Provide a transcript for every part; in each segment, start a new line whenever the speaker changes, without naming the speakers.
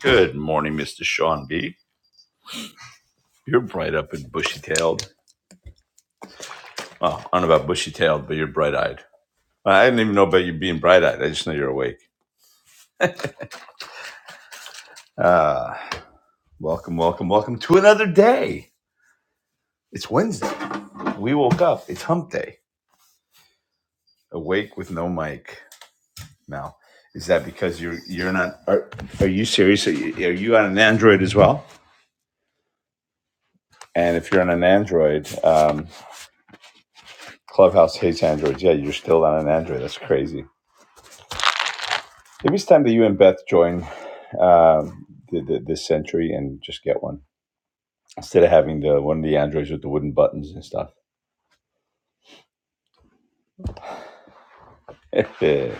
Good morning, Mr. Sean B. You're bright up and bushy tailed. Oh, I don't know about bushy tailed, but you're bright eyed. I didn't even know about you being bright eyed. I just know you're awake. Uh, welcome, welcome, welcome to another day. It's Wednesday. We woke up. It's hump day. Awake with no mic. Now, is that because you're you're not? Are, are you serious? Are you, are you on an Android as well? And if you're on an Android, um, Clubhouse hates Androids. Yeah, you're still on an Android. That's crazy. Maybe it's time that you and Beth join um, the, the, this century and just get one instead of having the one of the androids with the wooden buttons and stuff. anyway,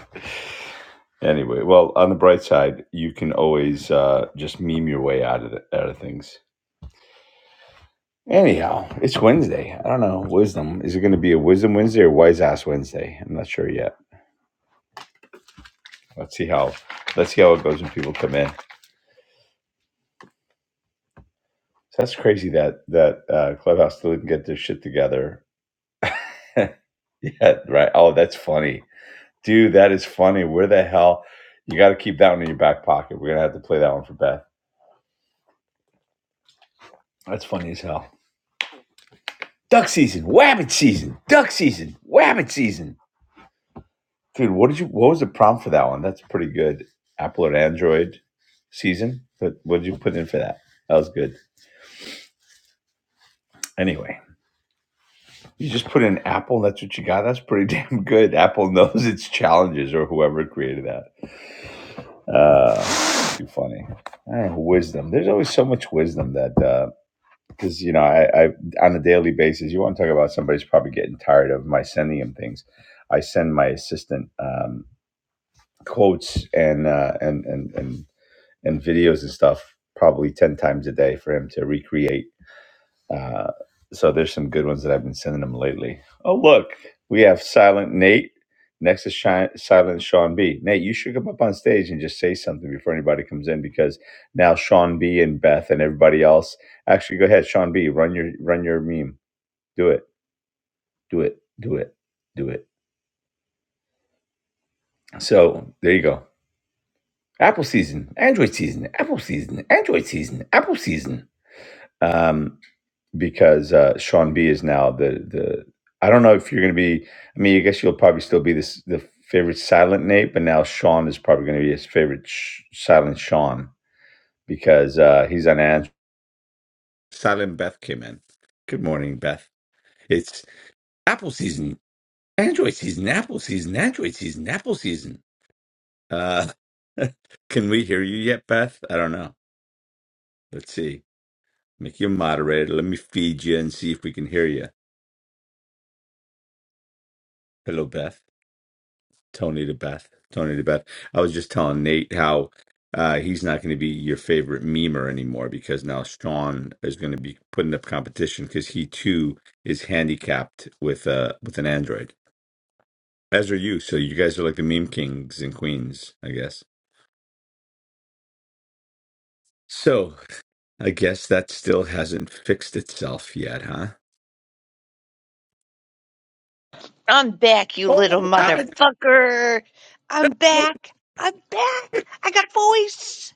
well, on the bright side, you can always uh, just meme your way out of the, out of things. Anyhow, it's Wednesday. I don't know wisdom. Is it going to be a wisdom Wednesday or wise ass Wednesday? I'm not sure yet. Let's see how let's see how it goes when people come in. So that's crazy that that uh, Clubhouse still didn't get their shit together yet, right? Oh, that's funny. Dude, that is funny. Where the hell? You got to keep that one in your back pocket. We're going to have to play that one for Beth. That's funny as hell. Duck season, wabbit season, duck season, wabbit season. Dude, what did you? What was the prompt for that one? That's pretty good. Apple and Android season. But what did you put in for that? That was good. Anyway, you just put in Apple. and That's what you got. That's pretty damn good. Apple knows its challenges, or whoever created that. Uh, too funny. I don't know, wisdom. There's always so much wisdom that uh, because you know I, I on a daily basis you want to talk about somebody's probably getting tired of my sending him things i send my assistant um, quotes and, uh, and and and and videos and stuff probably 10 times a day for him to recreate uh, so there's some good ones that I've been sending them lately. Oh, look, we have Silent Nate. Next is Shi- Silent Sean B. Nate, you should come up on stage and just say something before anybody comes in because now Sean B and Beth and everybody else. Actually, go ahead, Sean B. Run your run your meme. Do it. Do it. Do it. Do it. So there you go. Apple season, Android season, Apple season, Android season, Apple season. Um, because uh, Sean B is now the the. I don't know if you're going to be. I mean, I guess you'll probably still be this the favorite silent Nate, but now Sean is probably going to be his favorite sh- silent Sean because uh, he's on Android. Silent Beth came in. Good morning, Beth. It's Apple season, Android season, Apple season, Android season, Apple season. Uh, can we hear you yet, Beth? I don't know. Let's see. Make you a moderator. Let me feed you and see if we can hear you. Hello, Beth. Tony to Beth. Tony to Beth. I was just telling Nate how uh, he's not going to be your favorite memer anymore because now Sean is going to be putting up competition because he too is handicapped with uh with an Android, as are you. So you guys are like the meme kings and queens, I guess. So I guess that still hasn't fixed itself yet, huh?
I'm back, you
Oh
little
my god!
motherfucker. I'm back. I'm back. I got voice.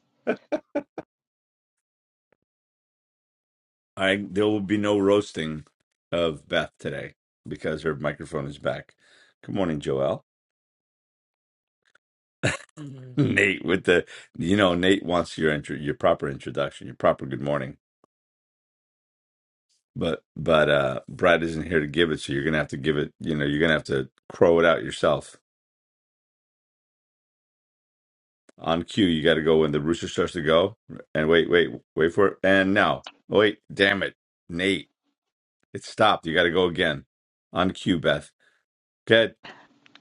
I there will be no roasting of Beth today because her microphone is back. Good morning, Joelle. Nate with the you know Nate wants your intro your proper introduction, your proper good morning. But but uh Brad isn't here to give it, so you're gonna have to give it, you know, you're gonna have to crow it out yourself. On cue, you gotta go when the rooster starts to go. And wait, wait, wait for it. And now. Wait, damn it. Nate, it stopped. You gotta go again. On cue, Beth. Good.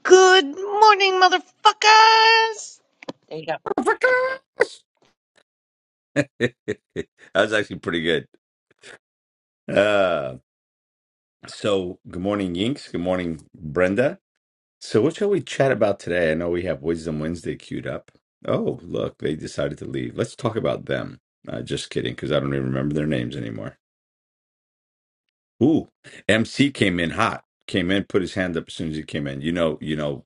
Good morning, motherfuckers. There you go.
that was actually pretty good. Uh so good morning, Yinks. Good morning, Brenda. So, what shall we chat about today? I know we have Wisdom Wednesday queued up. Oh, look, they decided to leave. Let's talk about them. Uh, just kidding, because I don't even remember their names anymore. Ooh, MC came in hot. Came in, put his hand up as soon as he came in. You know, you know,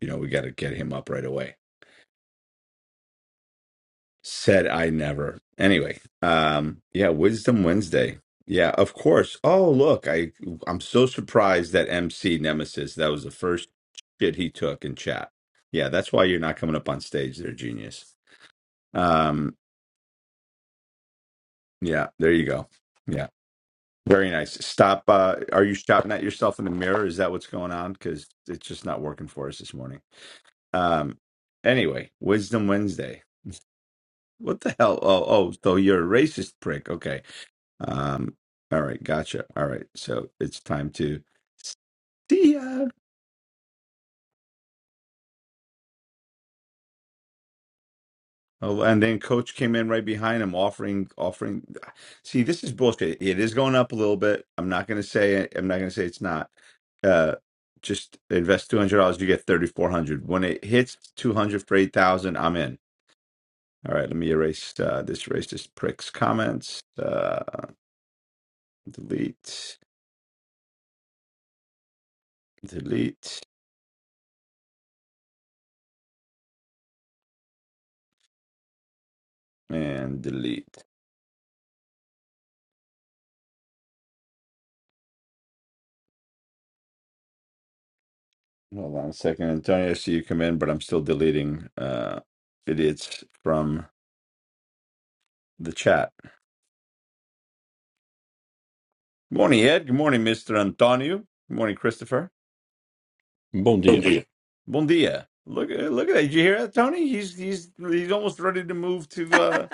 you know. We got to get him up right away. Said I never. Anyway, um, yeah, Wisdom Wednesday. Yeah, of course. Oh, look, I I'm so surprised that MC Nemesis, that was the first shit he took in chat. Yeah, that's why you're not coming up on stage there, genius. Um, yeah, there you go. Yeah. Very nice. Stop uh are you shouting at yourself in the mirror? Is that what's going on? Because it's just not working for us this morning. Um anyway, Wisdom Wednesday. What the hell? Oh, oh, so you're a racist prick. Okay. Um, all right, gotcha. All right, so it's time to see ya. Oh, and then coach came in right behind him, offering, offering. See, this is bullshit. It is going up a little bit. I'm not gonna say. I'm not gonna say it's not. Uh, just invest two hundred dollars, you get thirty four hundred. When it hits two hundred for eight thousand, I'm in. All right, let me erase uh, this racist prick's comments. Uh, delete, delete, and delete. Hold on a second, Antonio. I see you come in, but I'm still deleting uh, idiots from the chat. Good morning, Ed. Good morning, Mr. Antonio. Good morning, Christopher.
Bom
Bom
dia.
dia. Bon dia. Look, at look at that. Did you hear that, Tony? He's he's he's almost ready to move to uh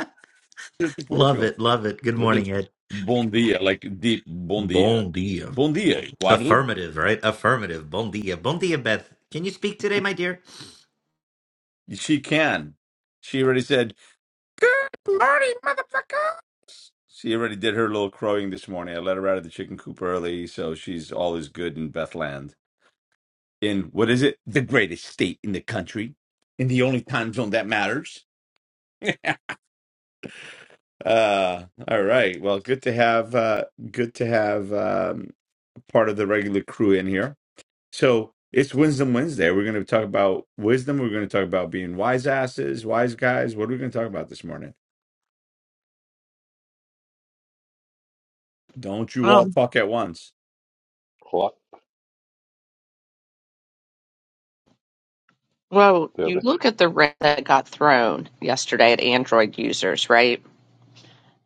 to, to
Love
Portugal
it, love it. Good
with his
morning, Ed.
bon dia, like deep bon dia.
Bon dia.
Bon dia, Eduardo.
Affirmative, right? Affirmative. Bon dia. Bon dia, Beth. Can you speak today, my dear?
She can. She already said, "Morning, motherfucker." She already did her little crowing this morning. I let her out of the chicken coop early, so she's all is good in Bethland. In what is it? The greatest state in the country. In the only time zone that matters. uh all right. Well, good to have uh good to have um part of the regular crew in here. So it's Wisdom Wednesday. We're gonna talk about wisdom. We're gonna talk about being wise asses, wise guys. What are we gonna talk about this morning? Don't you all
Um,
talk at once.
Clock
well, you
Tobin,
look at the rate that got thrown yesterday at Android users, right?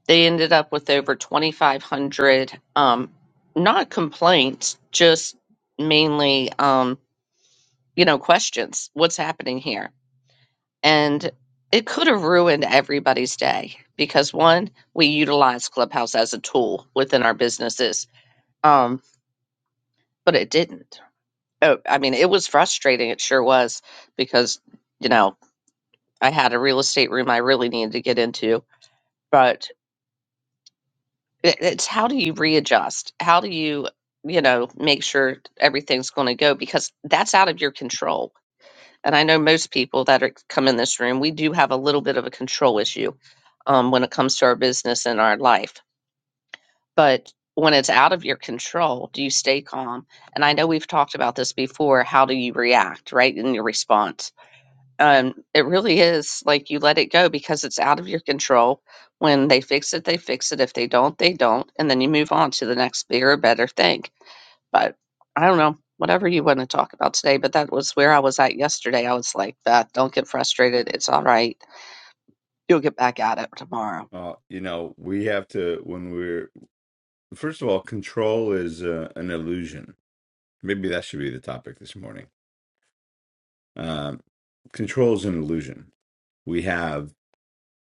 They ended up with over 2,500, um, not complaints, just mainly, um, you know, questions. What's happening here? and it could have ruined everybody's day because one we utilize clubhouse as a tool within our businesses um but it didn't Oh, i mean it was frustrating it sure was because you know i had a real estate room i really needed to get into but it, it's how do you readjust how do you you know make sure everything's going to go because that's out of your control and I know most people that are, come in this room, we do have a little bit of a control issue um, when it comes to our business and our life. But when it's out of your control, do you stay calm? And I know we've talked about this before. How do you react, right, in your response? Um, it really is like you let it go because it's out of your control. When they fix it, they fix it. If they don't, they don't. And then you move on to the next bigger, better thing but I don't know, whatever you want to talk about today, but that was where I was at yesterday. I was like that. Don't get frustrated. It's all right. You'll get back at it tomorrow.
Uh, you know, we have to when we're First of all, control is uh, an illusion. Maybe that should be the topic this morning. Um, control is an illusion. We have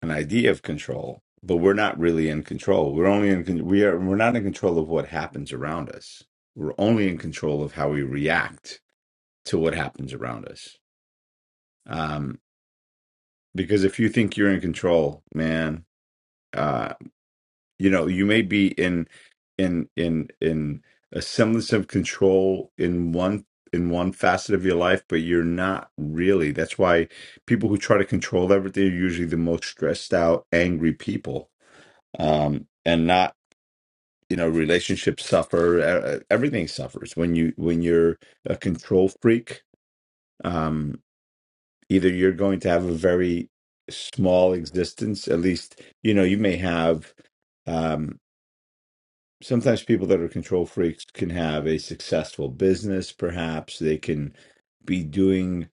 an idea of control, but we're not really in control. We're only in con- we are we're not in control of what happens around us. We're only in control of how we react to what happens around us. Um, because if you think you're in control, man. uh, you know you may be in in in in a semblance of control in one in one facet of your life but you're not really that's why people who try to control everything are usually the most stressed out angry people um and not you know relationships suffer uh, everything suffers when you when you're a control freak um either you're going to have a very small existence at least you know you may have Um, sometimes people that are control freaks can have a successful business perhaps they can be doing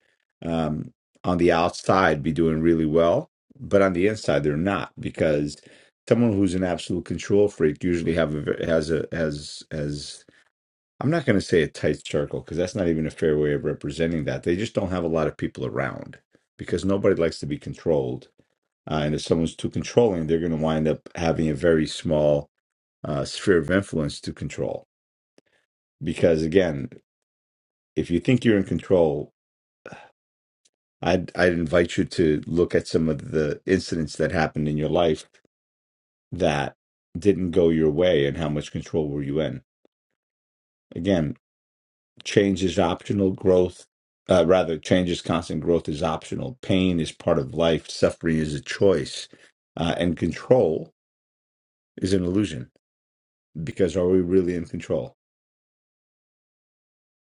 um, on the outside be doing really well but on the inside they're not because someone who's an absolute control freak usually have a, ve- has a has has i'm not going to say a tight circle because that's not even a fair way of representing that they just don't have a lot of people around because nobody likes to be controlled uh, and if someone's too controlling they're going to wind up having a very small uh, sphere of influence to control. Because again, if you think you're in control, I'd, I'd invite you to look at some of the incidents that happened in your life that didn't go your way and how much control were you in. Again, change is optional, growth, uh, rather, change is constant, growth is optional. Pain is part of life, suffering is a choice, uh, and control is an illusion because are we really in control?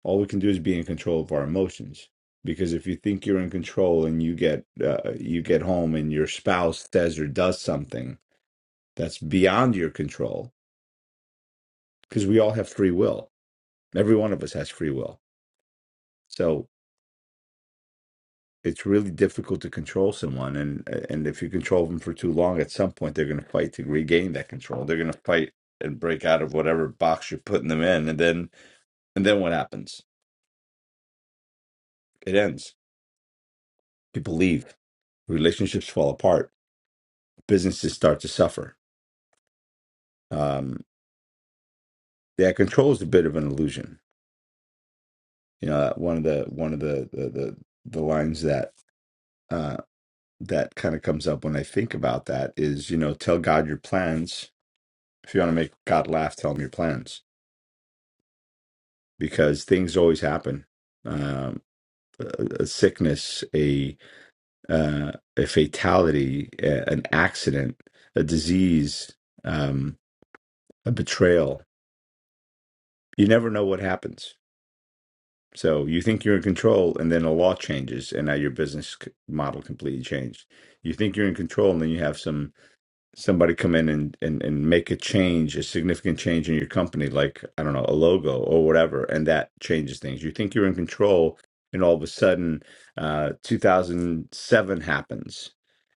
all we can do is be in control of our emotions because if you think you're in control and you get uh, you get home and your spouse says or does something that's beyond your control because we all have free will every one of us has free will so it's really difficult to control someone and and if you control them for too long at some point they're going to fight to regain that control they're going to fight and break out of whatever box you're putting them in and then and then what happens it ends people leave relationships fall apart businesses start to suffer. Um, yeah, control is a bit of an illusion. You know, uh, one of the one of the the the, the lines that uh, that kind of comes up when I think about that is, you know, tell God your plans. If you want to make God laugh, tell him your plans because things always happen. Um, a, a sickness, a uh, a fatality, a, an accident, a disease, um, a betrayal. You never know what happens So you think you're in control, and then a law changes, and now your business c- model completely changed. You think you're in control, and then you have some somebody come in and, and and make a change, a significant change in your company, like I don't know, a logo or whatever, and that changes things. You think you're in control, and all of a sudden, uh, 2007 happens,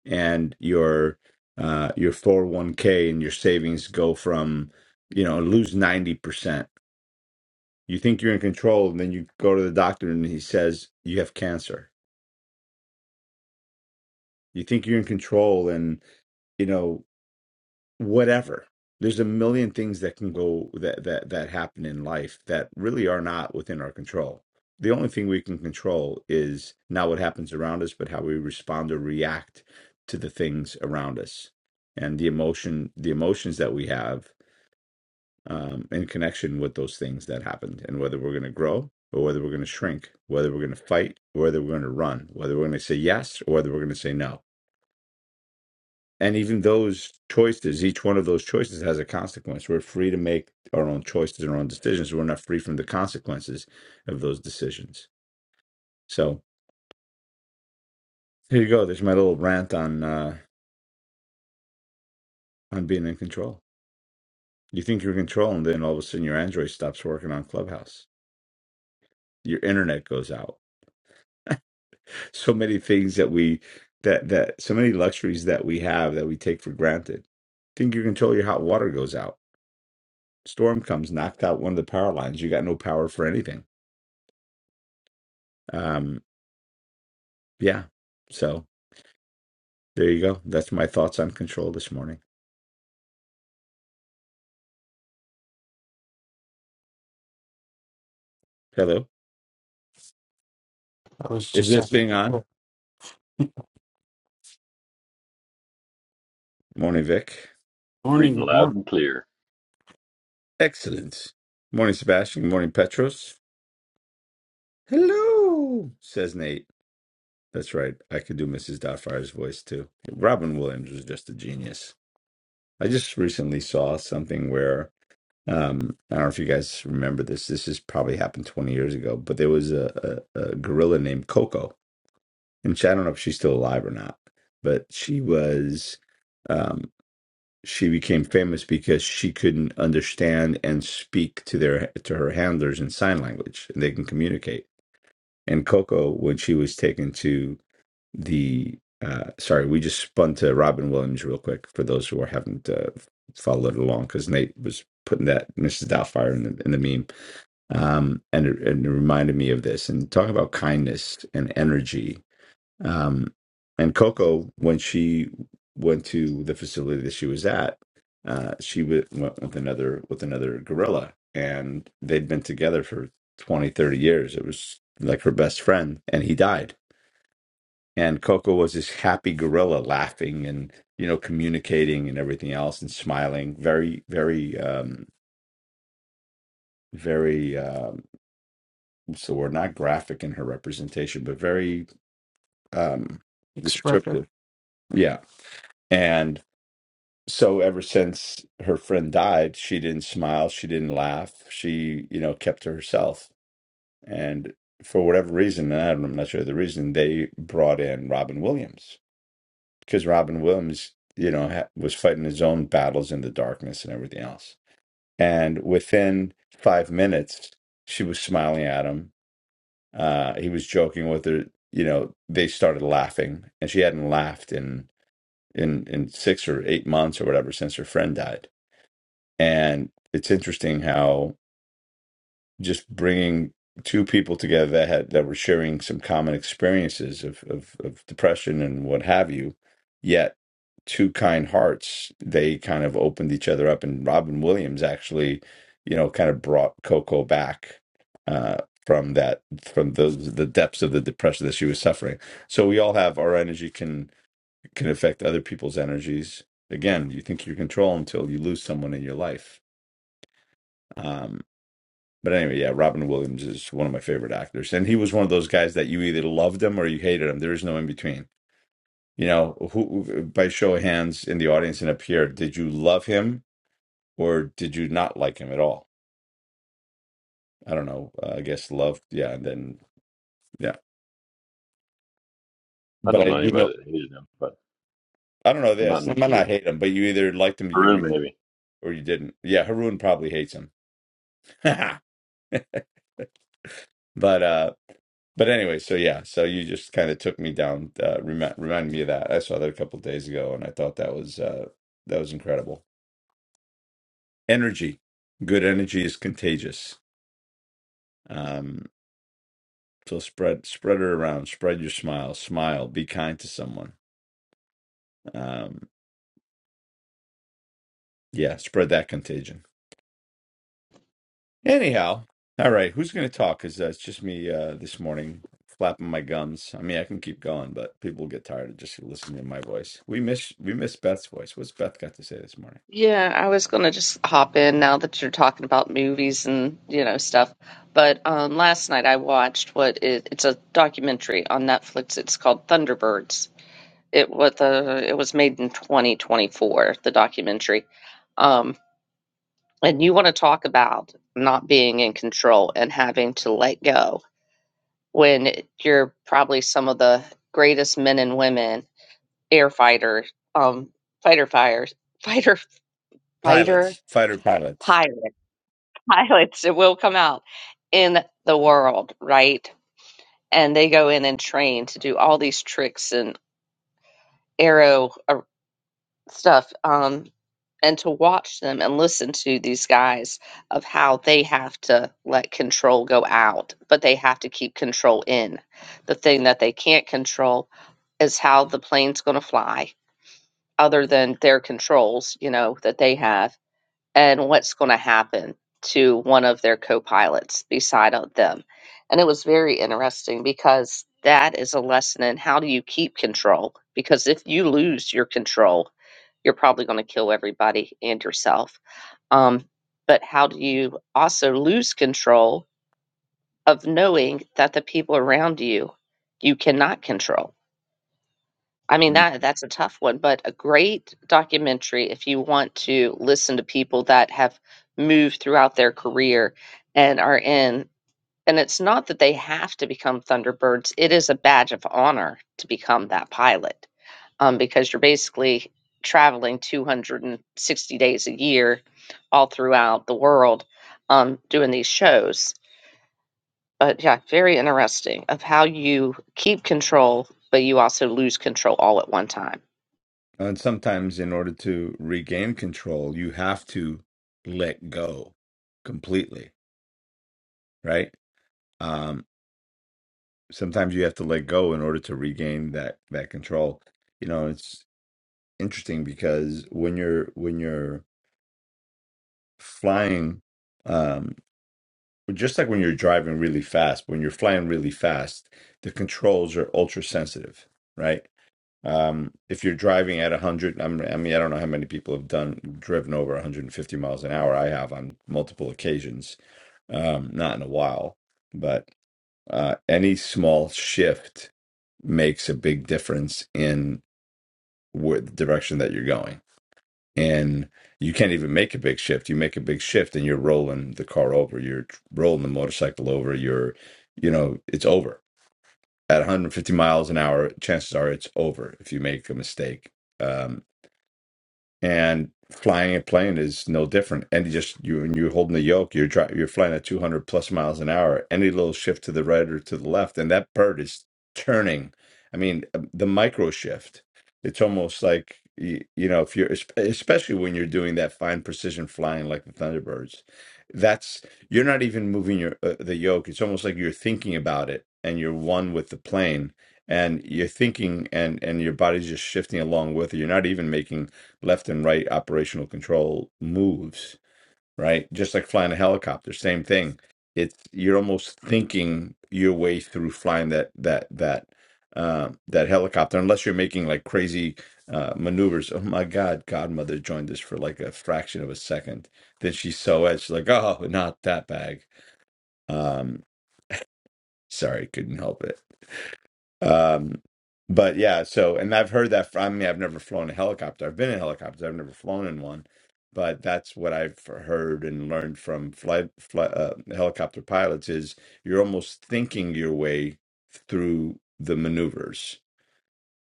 and your uh, your 401k and your savings go from you know lose 90% you think you're in control, and then you go to the doctor and he says you have cancer. You think you're in control, and you know whatever. There's a million things that can go that that that happen in life that really are not within our control. The only thing we can control is not what happens around us, but how we respond or react to the things around us and the emotion, the emotions that we have um, in connection with those things that happened and whether we're going to grow or whether we're going to shrink, whether we're going to fight or whether we're going to run, whether we're going to say yes or whether we're going to say no. And even those choices, each one of those choices has a consequence. We're free to make our own choices and our own decisions. We're not free from the consequences of those decisions. So here you go. There's my little rant on uh, on being in control. You think you're in control, and then all of a sudden your Android stops working on Clubhouse. Your internet goes out so many things that we that that so many luxuries that we have that we take for granted. Think you control your hot water goes out. Storm comes, knocked out one of the power lines. You got no power for anything. Um, yeah. So there you go. That's my thoughts on control this morning. Hello.
I was
Is
just
this
at the
thing
people.
on? Morning, Vic.
morning,
reading
good
loud
morning.
and clear.
Excellent. Morning, Sebastian. Morning, Petros. Hello, says Nate. That's right. I could do Mrs. Dotfire's voice too. Robin Williams was just a genius. I just recently saw something where um, I don't know if you guys remember this. This has probably happened 20 years ago, but there was a, a, a gorilla named Coco, and she, I don't know if she's still alive or not, but she was um, she became famous because she couldn't understand and speak to their to her handlers in sign language, and they can communicate. And Coco, when she was taken to the uh, sorry, we just spun to Robin Williams real quick for those who are haven't uh, followed along because Nate was putting that Mrs. Doubtfire in the, in the meme, um, and it, and it reminded me of this and talking about kindness and energy. Um, and Coco, when she went to the facility that she was at, uh, she w- went with another with another gorilla, and they'd been together for 20 30 years. It was like her best friend, and he died and Coco was this happy gorilla laughing and you know communicating and everything else and smiling very very um very um so we're not graphic in her representation but very um
Express
descriptive yeah and so ever since her friend died she didn't smile she didn't laugh she you know kept to herself and for whatever reason and I don't- I'm not sure the reason they brought in Robin Williams because Robin Williams, you know, ha- was fighting his own battles in the darkness and everything else. And within five minutes, she was smiling at him. Uh, he was joking with her. You know, they started laughing, and she hadn't laughed in in in six or eight months or whatever since her friend died. And it's interesting how just bringing two people together that had that were sharing some common experiences of of, of depression and what have you yet two kind hearts they kind of opened each other up and robin williams actually you know kind of brought coco back uh from that from those the depths of the depression that she was suffering so we all have our energy can can affect other people's energies again you think you control until you lose someone in your life Um, but anyway, yeah, Robin Williams is one of my favorite actors, and he was one of those guys that you either loved him or you hated him. There is no in between. You know, who by show of hands in the audience and up here, did you love him or did you not like him at all? I don't know. Uh, I guess love, yeah, and then yeah.
I
But
don't
I
know
do know,
anybody that hated him, but
I don't know
I'm not in
this. I
New
might not
Jersey.
hate him, but you either liked him or
Peru,
you
maybe.
or you didn't. Yeah, Haroon probably hates him, but uh, But anyway, so yeah, so you just kind of took me down, uh, remi- reminded me of that. I saw that a couple of days ago, and I thought that was uh, that was incredible. Energy, good energy is contagious. Um, so spread spread it around. Spread your smile. Smile. Be kind to someone. Um, yeah, spread that contagion. Anyhow, all right. Who's going to talk? Because uh, it's just me uh, this morning flapping my gums. I mean, I can keep going, but people get tired of just listening to my voice. We miss we miss Beth's voice. What's Beth got to say this morning?
Yeah, I was gonna just hop in now that you're talking about movies and you know stuff. But um, last night I watched what is, it's a documentary on Netflix. It's called Thunderbirds. It was uh, it was made in 2024. The documentary, um, and you want to talk about not being in control and having to let go when you're probably some of the greatest men and women air fighters, um, fighter fires, fighter fighter
pilots, fighter pilots.
pilot pilots it will come out in the world, right? And they go in and train to do all these tricks and aero stuff um, and to watch them and listen to these guys of how they have to let control go out, but they have to keep control in. The thing that they can't control is how the plane's going to fly, other than their controls, you know, that they have, and what's going to happen to one of their co pilots beside of them. And it was very interesting because that is a lesson in how do you keep control? Because if you lose your control, you're probably going to kill everybody and yourself. Um, but how do you also lose control of knowing that the people around you you cannot control? I mean
Mm.
that that's a tough one, but a great documentary if you want to listen to people that have moved throughout their career and are in and it's not that they have to become Thunderbirds, it is a badge of honor to become that pilot um, because you're basically traveling 260 days a year all throughout the world um, doing these shows. But yeah, very interesting of how you keep control, but you also lose control all at one time.
And sometimes, in order to regain control, you have to let go completely, right? Um, sometimes you have to let go in order to regain that that control. You know, it's interesting because when you're when you're flying, um, just like when you're driving really fast, when you're flying really fast, the controls are ultra sensitive, right? Um, if you're driving at 100, I'm, I mean, I don't know how many people have done driven over 150 miles an hour. I have on multiple occasions, um, not in a while, but uh, any small shift makes a big difference in where the direction that you're going. And you can't even make a big shift. You make a big shift and you're rolling the car over, you're rolling the motorcycle over, you're, you know, it's over. At 150 miles an hour, chances are it's over if you make a mistake Um, and flying a plane is no different. And you just you and you're holding the yoke, you're dri you're flying at 200 plus miles an hour. Any little shift to the right or to the left, and that bird is turning. I mean, um, the micro shift. It's almost like you, you know if you're espe- especially when you're doing that fine precision flying like the Thunderbirds. That's you're not even moving your uh, the yoke. It's almost like you're thinking about it and you're one with the plane. And you're thinking, and and your body's just shifting along with it. You're not even making left and right operational control moves, right? Just like flying a helicopter, same thing. It's you're almost thinking your way through flying that that that uh, that helicopter, unless you're making like crazy uh, maneuvers. Oh my God, Godmother joined us for like a fraction of a second. Then she's so edged, she's like, oh, not that bag. Um, sorry, couldn't help it. Um, but yeah, so and I've heard that from I mean, I've never flown a helicopter. I've been in helicopters. I've never flown in one, but that's what I've heard and learned from flight, flight uh, helicopter pilots is you're almost thinking your way through the maneuvers.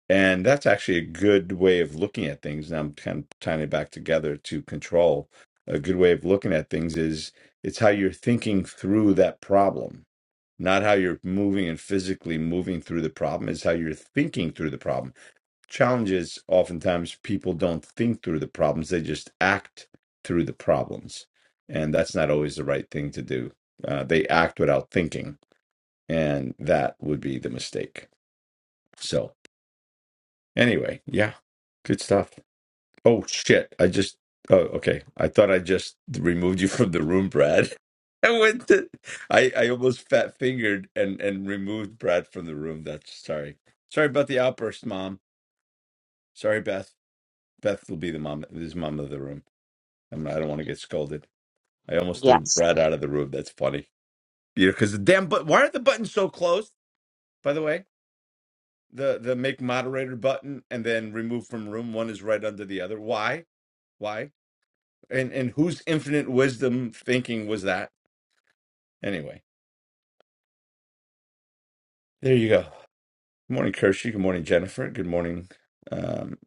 And that's actually a good way of looking at things. And I'm kind of tying it back together to control. A good way of looking at things is it's how you're thinking through that problem not how you're moving and physically moving through the problem is how you're thinking through the problem challenge is oftentimes people don't think through the problems they just act through the problems and that's not always the right thing to do uh, they act without thinking and that would be the mistake so anyway yeah good stuff Oh shit! I just. Oh, okay. I thought I just removed you from the room, Brad. I went. To, I I almost fat fingered and and removed Brad from the room. That's sorry. Sorry about the outburst, Mom. Sorry, Beth. Beth will be the mom. Is mom of the room. I'm, I don't want to get scolded. I almost threw
Yes.
Brad out of the room. That's funny. Yeah, because the damn. But why are the buttons so close? By the way, the the make moderator button and then remove from room. One is right under the other. Why? Why? And and whose infinite wisdom thinking was that? Anyway, there you go. Good morning, Kirsty. Good morning, Jennifer. Good morning, um,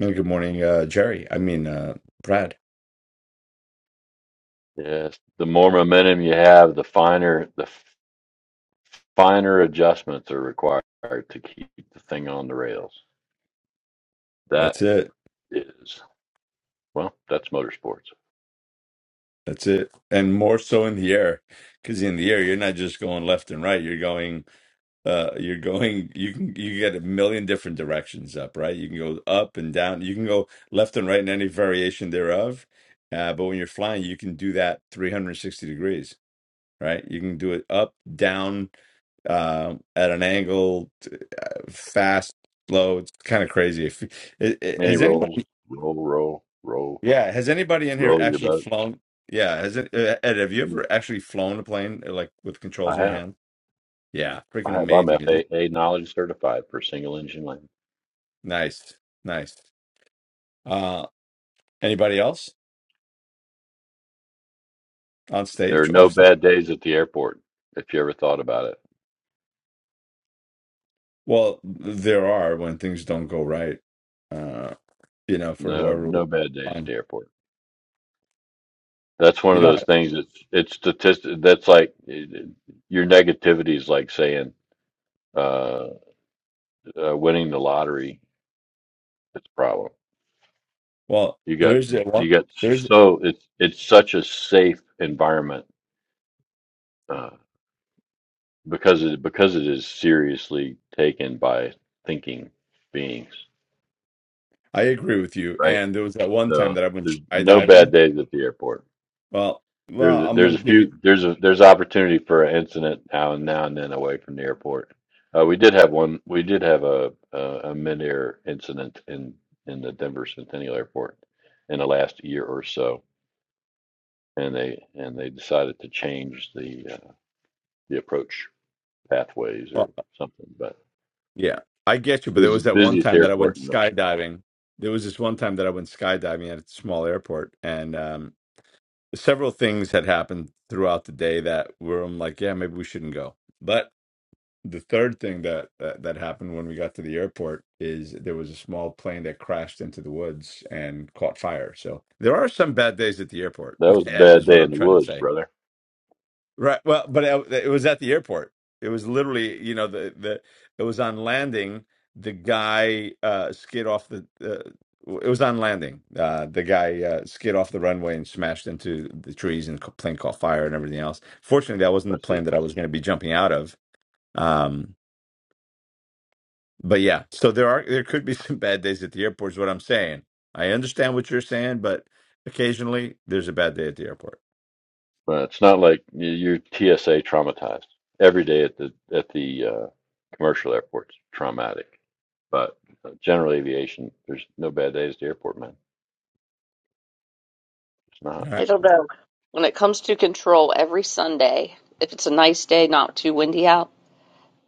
and good morning, uh, Jerry. I mean, uh, Brad.
Yes. The more momentum you have, the finer the finer adjustments are required to keep the thing on the rails. That
That's it.
is well, that's motorsports.
That's it. And more so in the air, because in the air you're not just going left and right. You're going. Uh, you're going. You can. You get a million different directions up. Right. You can go up and down. You can go left and right in any variation thereof. Uh, but when you're flying, you can do that 360 degrees right? You can do it up, down, uh, at an angle, t- uh, fast, slow. It's kind of crazy. If, i- i-
Many
has
rolls,
anybody,
roll, roll, roll,
yeah, has anybody in here
roll your
actually
boat.
flown? Yeah, has it, uh, Ed, have you
Mm,
ever actually flown a plane uh, like with controls
I
in your
have.
hand? Yeah, freaking
I have. I'm
amazing, isn't it?
FAA knowledge certified for single engine land.
Nice, nice. Uh, anybody else on
There are
stage,
no
off stage?
bad days at the airport, if you ever thought about it.
Well, there are when things don't go right, uh, you know, for
No,
whoever was
no bad days at
flying.
the airport. That's one
You
of
know,
those things. It's it's statistic. That's like it- it- your negativity is like saying uh, uh, winning the lottery. It's a problem.
well,
You got
there's that
you
one.
got
There's
so it's it's such a safe environment uh, because it because it is seriously taken by thinking beings,
I agree with you.
right?
And there was that one time
So
that I went
there's no bad
skydiving.
days at the airport.
Well,
There's
well, I'm
there's
gonna
a
give you.
few there's a there's opportunity for an incident now and now and then away from the airport. Uh, we did have one. We did have a a, a mid-air incident in in the Denver Centennial Airport in the last year or so, and they and they decided to change the uh, the approach pathways or
Well,
something. But
yeah, I get you. But
this
there
is the
was that one
busiest
time that I went
airport in the,
skydiving. There was this one time that I went skydiving at a small airport, and um, several things had happened throughout the day that were I'm like, yeah, maybe we shouldn't go. But the third thing that, that that happened when we got to the airport is there was a small plane that crashed into the woods and caught fire. So there are some bad days at the airport.
that was a
Ed
bad
is what
day in
I'm
the
trying to
woods,
say.
brother.
Right. Well, but it, it was at the airport. It was literally, you know, the the it was on landing. The guy uh skid off the. Uh, it was on landing. Uh, the guy uh, skid off the runway and smashed into the trees, and the plane caught fire and everything else. Fortunately, that wasn't the
Let's see.
plane that I was going to be jumping out of. um, but yeah, so there are there could be some bad days at the airport is what I'm saying. I understand what you're saying, but occasionally there's a bad day at the airport.
But it's not like y- you're TSA traumatized every day at the at the uh, commercial airports. Traumatic, but uh, general aviation, there's no bad days at the airport, man. It's not.
All
I
right.
don't know. When it comes to control, every Sunday, if it's a nice day, not too windy out.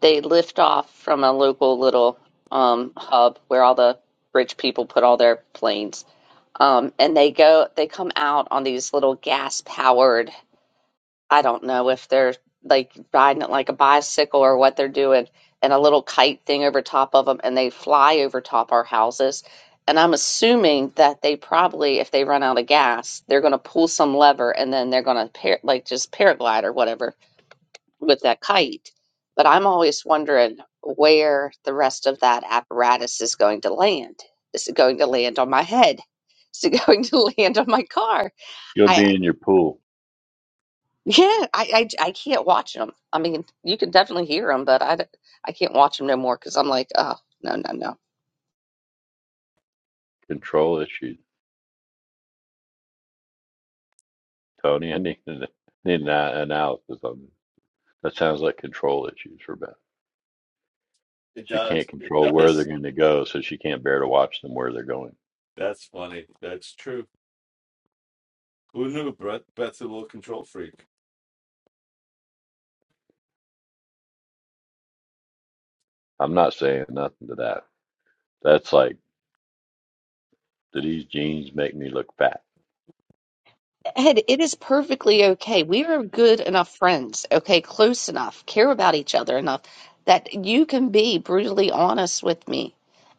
they lift off from a local little um, hub where all the rich people put all their planes. Um, and they go, they come out on these little gas powered, I don't know if they're like riding it like a bicycle or what they're doing, and a little kite thing over top of them, and they fly over top our houses. And I'm assuming that they probably, if they run out of gas, they're going to pull some lever and then they're going to par- like just paraglide or whatever with that kite. But I'm always wondering where the rest of that apparatus is going to land. Is it going to land on my head? Is it going to land on my car?
You'll
I I-
be in your pool.
yeah, I I, I can't watch them. I mean, you can definitely hear them, but I d- I can't watch them no more because I'm like, oh no no no.
Control issues, Tony. I need an, need an a- analysis on this. That sounds like control issues for Beth.
It
She can't
does. It
control where they're
does.
going to go, so she can't bear to watch them where they're going.
That's funny. That's true. Who knew Brett? Brett's a little control freak.
I'm not saying nothing to that. That's like, do these jeans make me look fat?
Ed, it is perfectly okay. We are good enough friends, okay, close enough, care about each other enough that you can be brutally honest with me.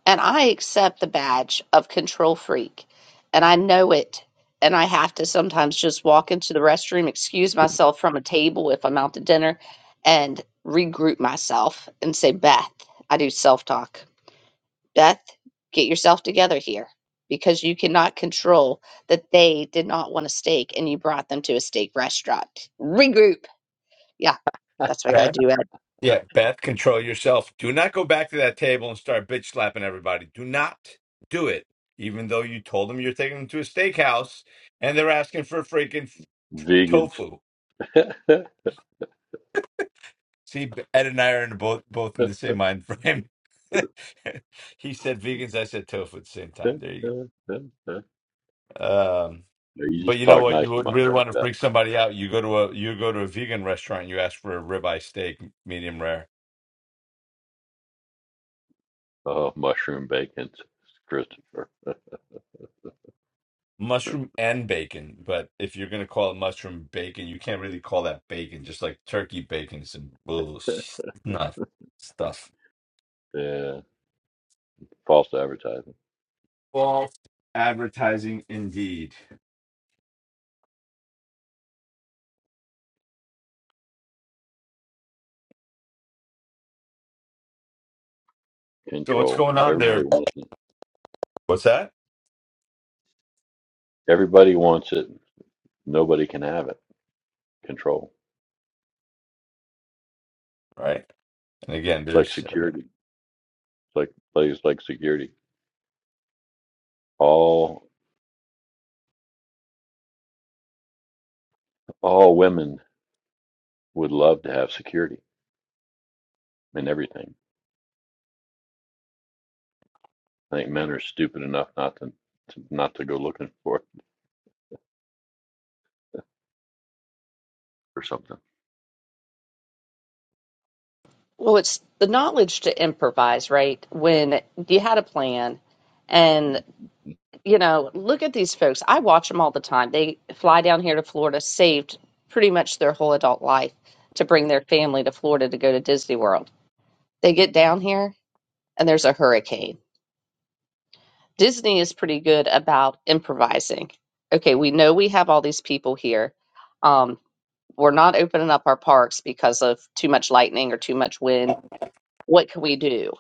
And I accept the badge of control freak. And I know it. And I have to sometimes just walk into the restroom, excuse myself from a table if I'm out to dinner, and regroup myself and say, Beth, I do self talk. Beth, get yourself together here because you cannot control that they did not want a steak and you brought them to a steak restaurant. Regroup. Yeah, that's what I got to do, Ed.
Yeah, Beth, control yourself. Do not go back to that table and start bitch slapping everybody. Do not do it, even though you told them you're taking them to a steakhouse and they're asking for freaking
Vegans.
tofu. See, Ed and I are in both both in the same mind frame. he said vegans, I said tofu at the same
Uh,
time. There
uh,
you
uh, uh.
go. Um,
No, you
but
just
you know
talk
what?
nice
You
to
would
my
really
friend
want to
about
freak somebody out. You go to a you go to a vegan restaurant. You ask for a ribeye steak, medium rare.
uh, mushroom bacon, Christopher.
mushroom and bacon. But if you're gonna call it mushroom bacon, you can't really call that bacon. Just like turkey bacon is some bullshit not stuff.
Yeah, false advertising,
False advertising indeed. So what's
control.
going on
Everybody
there?
wants it.
What's that?
Everybody wants it. Nobody can have it. Control.
Right. And again,
It's like
there's
security. It's like plays like security. All all women would love to have security in everything. I think men are stupid enough not to, to not to go looking for it or something.
Well, it's the knowledge to improvise, right? When you had a plan and, you know, look at these folks. I watch them all the time. They fly down here to Florida, saved pretty much their whole adult life to bring their family to Florida to go to Disney World. They get down here and there's a hurricane Disney is pretty good about improvising. Okay, we know we have all these people here. Um, we're not opening up our parks because of too much lightning or too much wind. What can we do?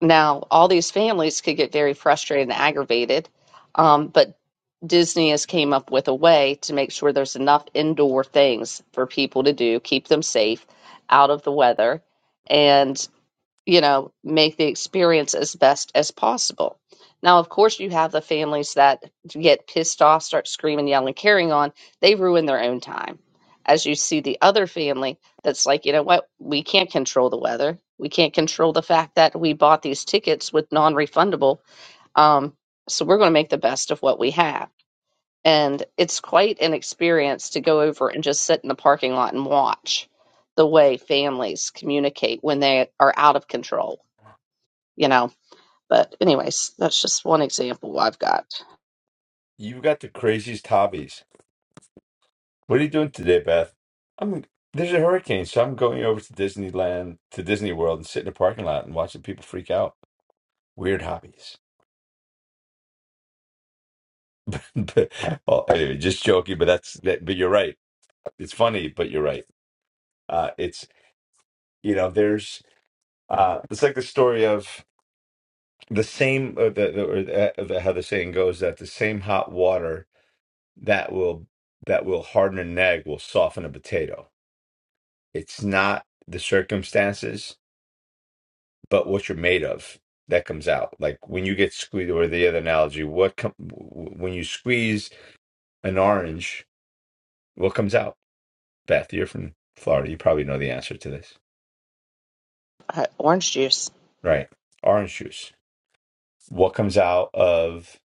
Now, all these families could get very frustrated and aggravated, um, but Disney has came up with a way to make sure there's enough indoor things for people to do, keep them safe out of the weather, and you know, make the experience as best as possible. Now, of course, you have the families that get pissed off, start screaming, yelling, carrying on. They ruin their own time. As you see the other family that's like, you know what, we can't control the weather. We can't control the fact that we bought these tickets with non refundable. Um, so we're going to make the best of what we have. And it's quite an experience to go over and just sit in the parking lot and watch the way families communicate when they are out of control you know. But anyways, that's just one example I've got.
you got the craziest hobbies. What are you doing today, Beth? I'm there's a hurricane, so I'm going over to Disneyland to Disney World and sit in a parking lot and watching people freak out. Weird hobbies. but, well, anyway, just joking. But that's that. But you're right. it's funny, but you're right. Uh, it's you know, there's uh, it's like the story of the same or the, the, or the, uh, the how the saying goes that the same hot water that will that will harden an egg will soften a potato. It's not the circumstances, but what you're made of that comes out. Like when you get squeezed, or the other analogy, what com- when you squeeze an orange, what comes out? Beth, you're from Florida. You probably know the answer to this,
Uh, orange juice,
right? Orange juice what comes out of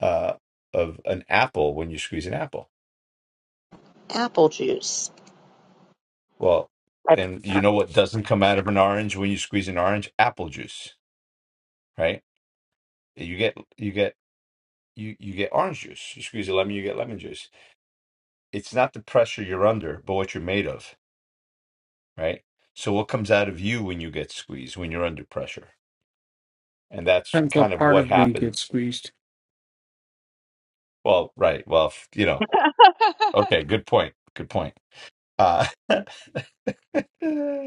uh of an apple when you squeeze an apple
apple juice.
well
I-
and you know what doesn't come out of an orange when you squeeze an orange apple juice right you get you get you you get orange juice you squeeze a lemon you get lemon juice it's not the pressure you're under but what you're made of right so what comes out of you when you get squeezed when you're under pressure and that's
until
kind of
part
what
of me
happened
gets squeezed.
well right well you know okay good point good point uh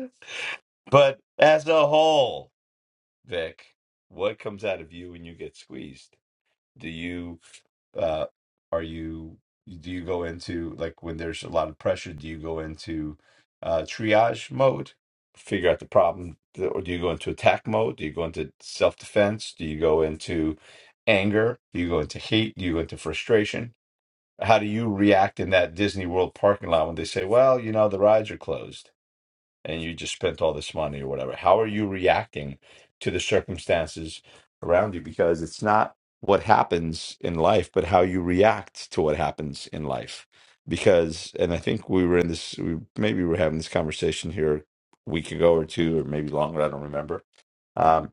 But as a whole, Vic, what comes out of you when you get squeezed? Do you uh are you do you go into like when there's a lot of pressure, do you go into uh triage mode, figure out the problem, or do you go into attack mode? Do you go into self-defense? Do you go into anger? Do you go into hate? Do you go into frustration? How do you react in that Disney World parking lot when they say, "Well, you know, the rides are closed"? and you just spent all this money or whatever. How are you reacting to the circumstances around you? Because it's not what happens in life, but how you react to what happens in life. Because, and I think we were in this, we, maybe we were having this conversation here a week ago or two, or maybe longer, I don't remember. Um,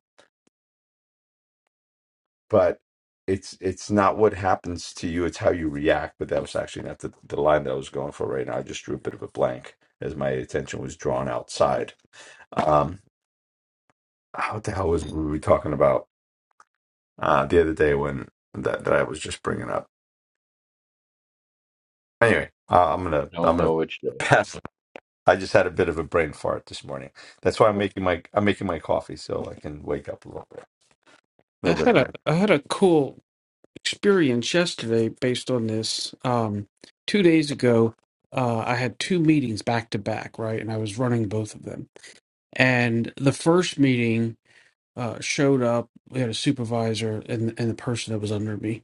but it's it's not what happens to you, it's how you react. But that was actually not the, the line that I was going for right now. I just drew a bit of a blank as my attention was drawn outside. Um, What the hell was we were talking about uh, the other day when that, that I was just bringing up? Anyway, uh, I'm gonna I'm
Don't know
gonna
which day.
pass. I just had a bit of a brain fart this morning. That's why I'm making my I'm making my coffee so I can wake up a little bit, a
I
little bit
had a
more.
I had a cool experience yesterday based on this. Um, two days ago, uh, I had two meetings back to back, right, and I was running both of them. And the first meeting uh, showed up. We had a supervisor and and the person that was under me,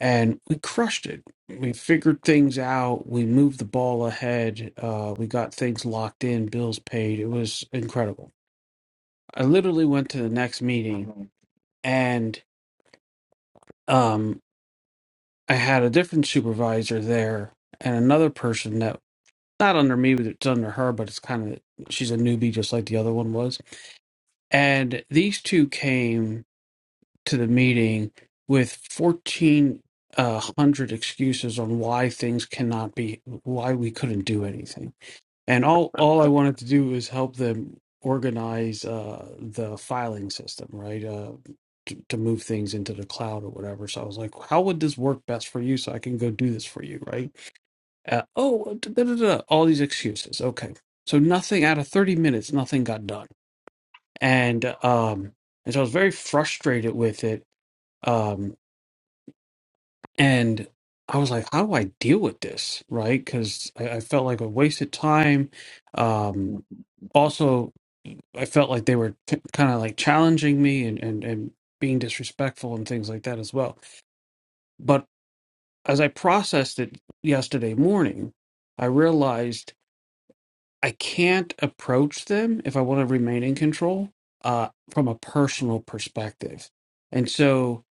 and we crushed it. We figured things out. We moved the ball ahead. Uh, we got things locked in. Bills paid. It was incredible. I literally went to the next meeting, and um, I had a different supervisor there and another person that not under me, but it's under her. But it's kind of she's a newbie, just like the other one was. And these two came. to the meeting with 1400 excuses on why things cannot be why we couldn't do anything and all all i wanted to do was help them organize uh the filing system right uh to, to move things into the cloud or whatever so i was like how would this work best for you so i can go do this for you right uh, oh da, da, da, da, all these excuses okay so nothing out of 30 minutes nothing got done and um and so i was very frustrated with it um. And I was like, how do I deal with this? Right? Because I, I felt like a wasted time. Um, also, I felt like they were t- kind of like challenging me and, and, and being disrespectful and things like that as well. But as I processed it yesterday morning, I realized I can't approach them if I want to remain in control uh, from a personal perspective. And so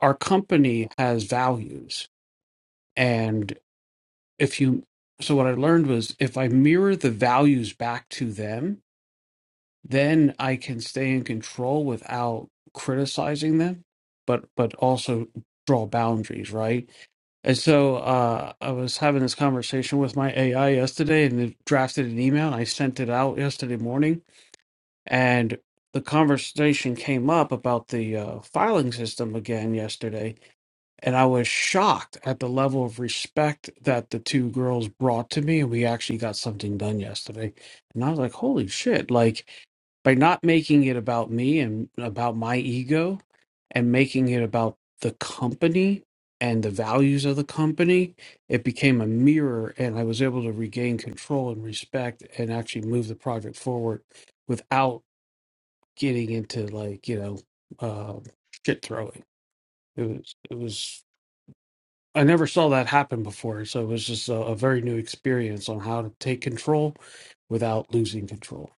our company has values if you so what i learned was if i mirror the values back to them then i can stay in control without criticizing them but but also draw boundaries right and so uh i was having this conversation with my ai yesterday and it drafted an email and i sent it out yesterday morning and the conversation came up about the uh, filing system again yesterday and I was shocked at the level of respect that the two girls brought to me. And we actually got something done yesterday. And I was like, holy shit. Like, by not making it about me and about my ego and making it about the company and the values of the company, it became a mirror. And I was able to regain control and respect and actually move the project forward without getting into, like, you know, uh, shit throwing. It was, it was. I never saw that happen before, so it was just a, a very new experience on how to take control without losing control.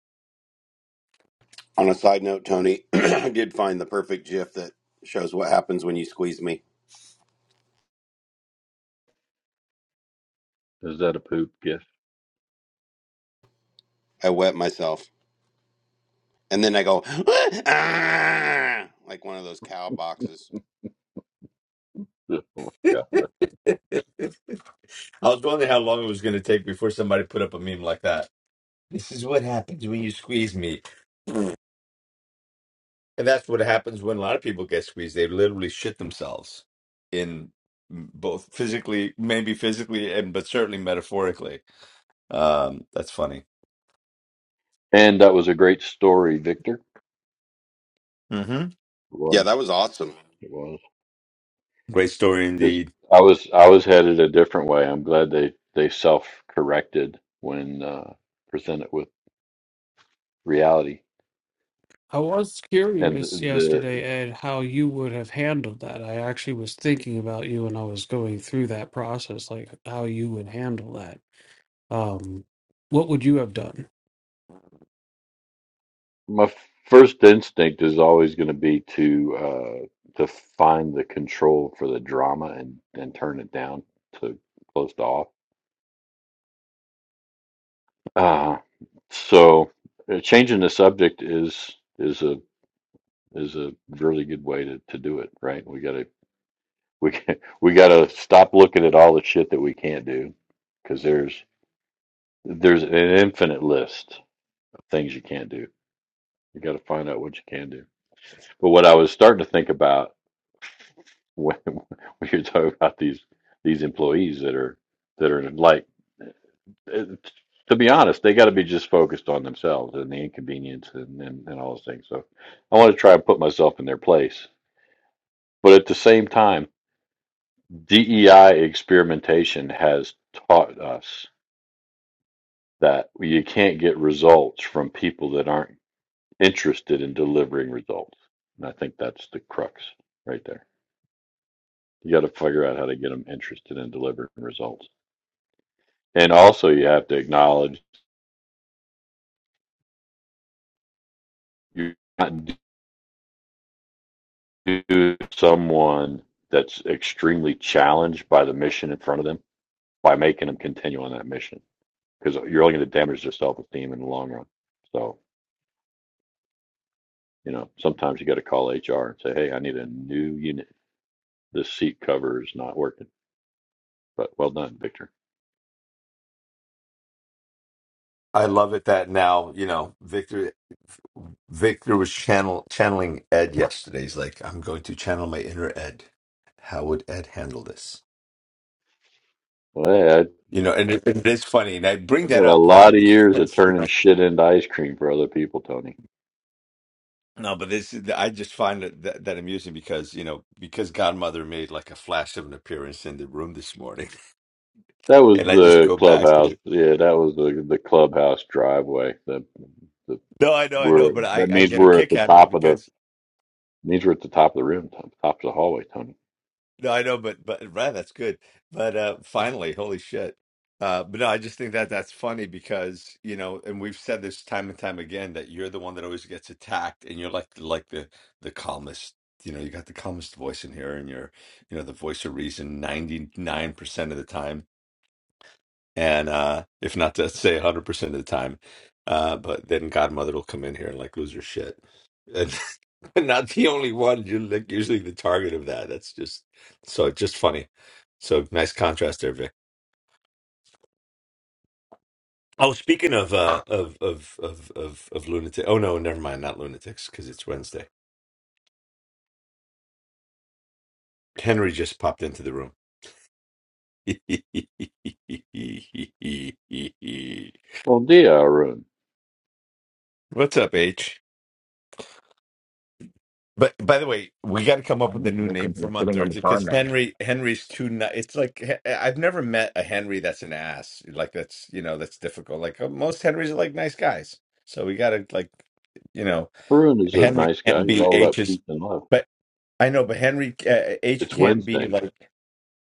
On a side note, Tony, I did find the perfect GIF that shows what happens when you squeeze me.
Is that a poop gift?
I wet myself, and then I go "Ah," like one of those cow boxes.
Oh my God.
I was wondering how long it was going to take before somebody put up a meme like that. This is what happens when you squeeze me. And that's what happens when a lot of people get squeezed. They literally shit themselves in both physically, maybe physically, and but certainly metaphorically. Um, that's funny.
And that was a great story, Victor.
hmm
It
Yeah,
was.
that was awesome.
It was.
Great story
Because
indeed.
I was I was headed a different way. I'm glad they they self corrected when uh, presented with reality.
I was
And the,
curious yesterday,
the
Ed, how you would have handled that. I actually was thinking about you and I was going through that process, like how you would handle that. Um, what would you have done?
my first instinct is always going to be to uh, to find the control for the drama and and turn it down to close to off. Uh, so uh, changing the subject is is a is a really good way to, to do it, right? We got to we we got to stop looking at all the shit that we can't do because there's there's an infinite list of things you can't do. You got to find out what you can do. But what I was starting to think about when when you're talking about these these employees that are that are like, eh, to be honest, they got to be just focused on themselves and the inconvenience and, and and all those things. So I want to try and put myself in their place. But at the same time, DEI experimentation has taught us that you can't get results from people that aren't interested in delivering results. And I think that's the crux right there. You got to figure out how to get them interested in delivering results. And also, you have to acknowledge you're not do someone that's extremely challenged by the mission in front of them by making them continue on that mission because you're only going to damage their self esteem in the long run. So, you know, sometimes you got to call HR and say, hey, I need a new unit. This seat cover is not working But well done, Victor.
I love it that now you know Victor. Victor was channel channeling Ed yesterday. He's like, I'm going to channel my inner Ed. How would Ed handle this?
Well, hey, I, I
You know, and it, it is funny, and I bring
did a
that up why
lot of years of
because
turning shit into ice cream for other people, Tony.
No, but this is, I just find that, that that amusing because, you know, because Godmother made like a flash of an appearance in the room this morning,
That was
and I just
the
go back
clubhouse.
to
Yeah, that was the the clubhouse driveway. The the
No, I know, I know,
we're
but I
that
I
means
get a
we're at
kick
the
out of it
top of the
because
means we're at the top of the room, top, top of the hallway, Tony.
no, I know, but but right, that's good. But uh finally, holy shit. Uh but no, I just think that that's funny because, you know, and we've said this time and time again that you're the one that always gets attacked and you're like like the the calmest, you know, you got the calmest voice in here and you're, you know, the voice of reason 99% of the time and uh if not to say 100% of the time uh but then godmother will come in here and like lose her shit and and not the only one you're like usually the target of that that's just so just funny so nice contrast there vic oh speaking of uh of of of of, of lunatic oh no never mind not lunatics because it's wednesday henry just popped into the room
Well, dia, Arun.
what's up h But by the way, we got to come up with a
I'm
new name
looking
for
here,
him on
sitting on the
Thursday
car
because
now.
Henry Henry's too. nu- It's like he- I've never met a Henry that's an ass. Like that's you know that's difficult. Like uh, most Henrys are like nice guys. So we got to like you know
Arun is a
Henry
nice guy.
can't
He's
be
all about
H's.
peace and love.
But I know, but Henry uh, H
It's
can't be
Wednesday.
like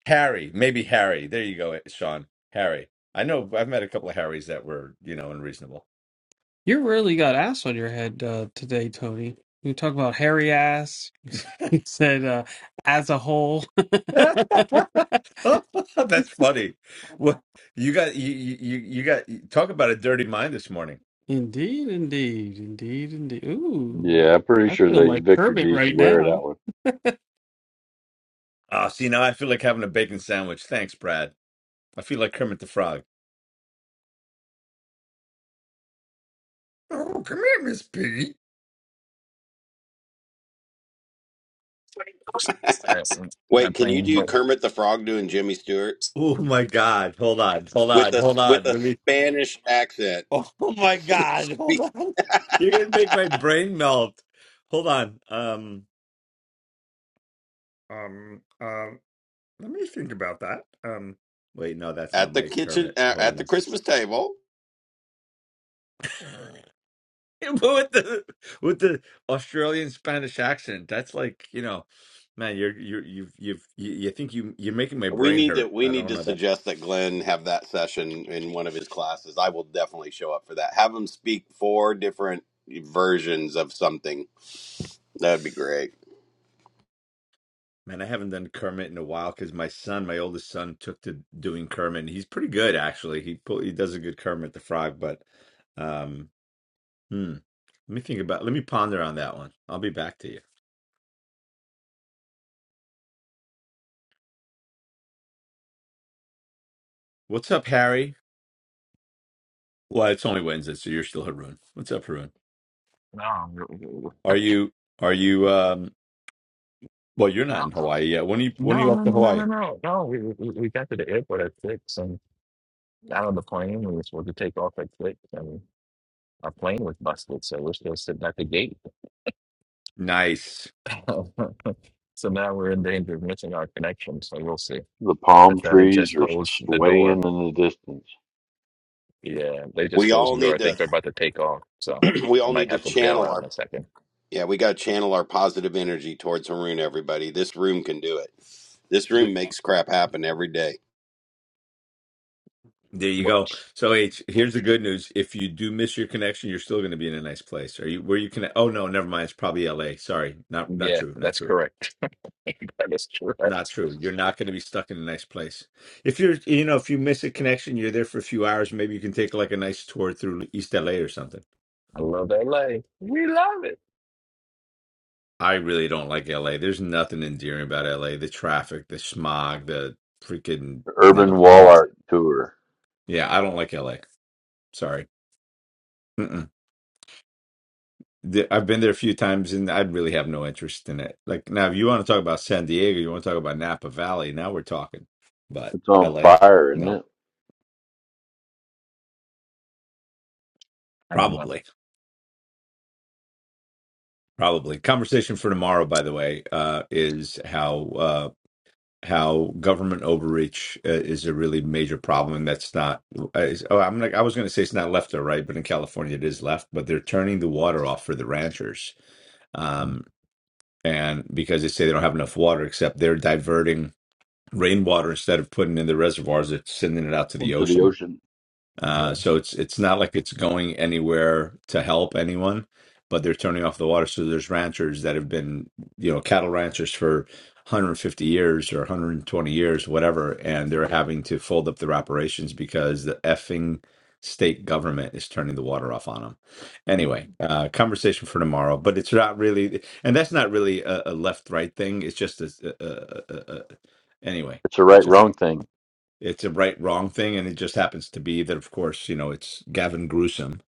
Harry. Maybe Harry. There you go, Sean. Harry. I know. I've met a couple of Harrys that were you know unreasonable.
You really got ass on your head uh, today, Tony. You talk about hairy ass. You said uh, as a whole.
That's funny. Well, you got you you you you got talk about a dirty mind this morning.
indeed, indeed, indeed, indeed. Ooh,
Yeah, I'm pretty
I
sure
feel
that
like
Victor
Kermit
needs to
right
wear it
now.
out one.
Ah, see now I feel like having a bacon sandwich. Thanks, Brad. I feel like Kermit the Frog. Oh, come here, Miss Piggy.
I, um, I'm
Wait,
not
can you
playing,
do
but
Kermit the Frog doing Jimmy Stewart
Oh my God! Hold on, hold
with
on,
a
hold
with
on.
a
Let me.
Spanish accent
Oh my God! Hold on. You're gonna make my brain melt. Hold on. Um. Um. Um. Let me think about that. Um. Wait, no, that's not
at the
my
kitchen
Kermit.
at
Hold
at the
on.
Christmas table?
but with the with the Australian Spanish accent, that's like you know, man, you're you're you've you've you, you think you you're making my
We
brain
need to
hurt.
we
I
need
don't
to
know that
suggest that Glenn have that session in one of his classes. I will definitely show up for that. Have him speak four different versions of something. That'd be great.
man. I haven't done Kermit in a while because my son, my oldest son, took to doing Kermit. and He's pretty good actually. He pull, he does a good Kermit the Frog, but um, hmm. Let me think about. Let me ponder on that one. I'll be back to you. What's up, Harry? Well, it's only Wednesday, so you're still Haroon. What's up, Haroon?
no, we- we- we-
Are you are you um? Well, you're not in Hawaii yet. When are you when are
no, no,
you off
no,
to
no, no, no,
Hawaii?
no. no, We, we we got to the airport at six and got on the plane and we were supposed to take off at six and our plane was busted, so we're still sitting at the gate.
Nice.
so now we're in danger of missing our connection. So we'll see.
The palm
But uh, they
trees
just
are
closed the door.
swaying in the distance.
Yeah, they just
We
closed
all
the door. I
need to
think they're about to take off, so
we
I
all need
might
to
have to bail
channel
out in
our
a second.
yeah, we got to channel our positive energy towards Haroon everybody. This room can do it. This
W-
room makes crap happen every day.
There you go.
Wh-
So H, here's the good news. If you do miss your connection, you're still going to be in a nice place. Are you where you can? Oh no, never mind. It's probably L.A. Sorry, not not
Yeah,
true, not
that's
true,
correct. that is
not
correct.
true. You're not going to be stuck in a nice place. If you're, you know, if you miss a connection, you're there for a few hours. Maybe you can take like a nice tour through East L.A. or something.
I love LA. We love it.
I really don't like L.A. There's nothing endearing about L.A. The traffic, the smog, the freaking
The Urban
no. I
wall
don't.
art tour.
Yeah, I don't like L.A. Sorry. the, I've been there a few times, and I'd really have no interest in it. Like now, if you want to talk about San Diego, you want to talk about Napa Valley. Now we're talking. But
It's on
L.A.
fire, isn't
No,
it?
I don't know.
probably, probably. Conversation for tomorrow, by the way, uh, is how uh, how government overreach uh, is a really major problem, and that's not. uh, Is, oh, I'm like I was going to say it's not left or right, but in California it is left. But they're turning the water off for the ranchers.
Mm,
Um, and because they say they don't have enough water, except they're diverting rainwater instead of putting in the reservoirs, it's sending it out to the
Into the
ocean.
ocean.
yeah.
Uh, so it's it's not like it's going anywhere to help anyone, but they're turning off the water. So there's ranchers that have been, you know, cattle ranchers for 150 years or 120 years, whatever, and they're having to fold up their operations because the effing state government is turning the water off on them. Anyway, uh, conversation for tomorrow, but it's not really, and that's not really a, a left right thing. It's just a, a, a, a, a anyway.
It's a
It's
right
just
wrong thing.
it's a right wrong thing and it just happens to be that of course you know it's gavin gruesome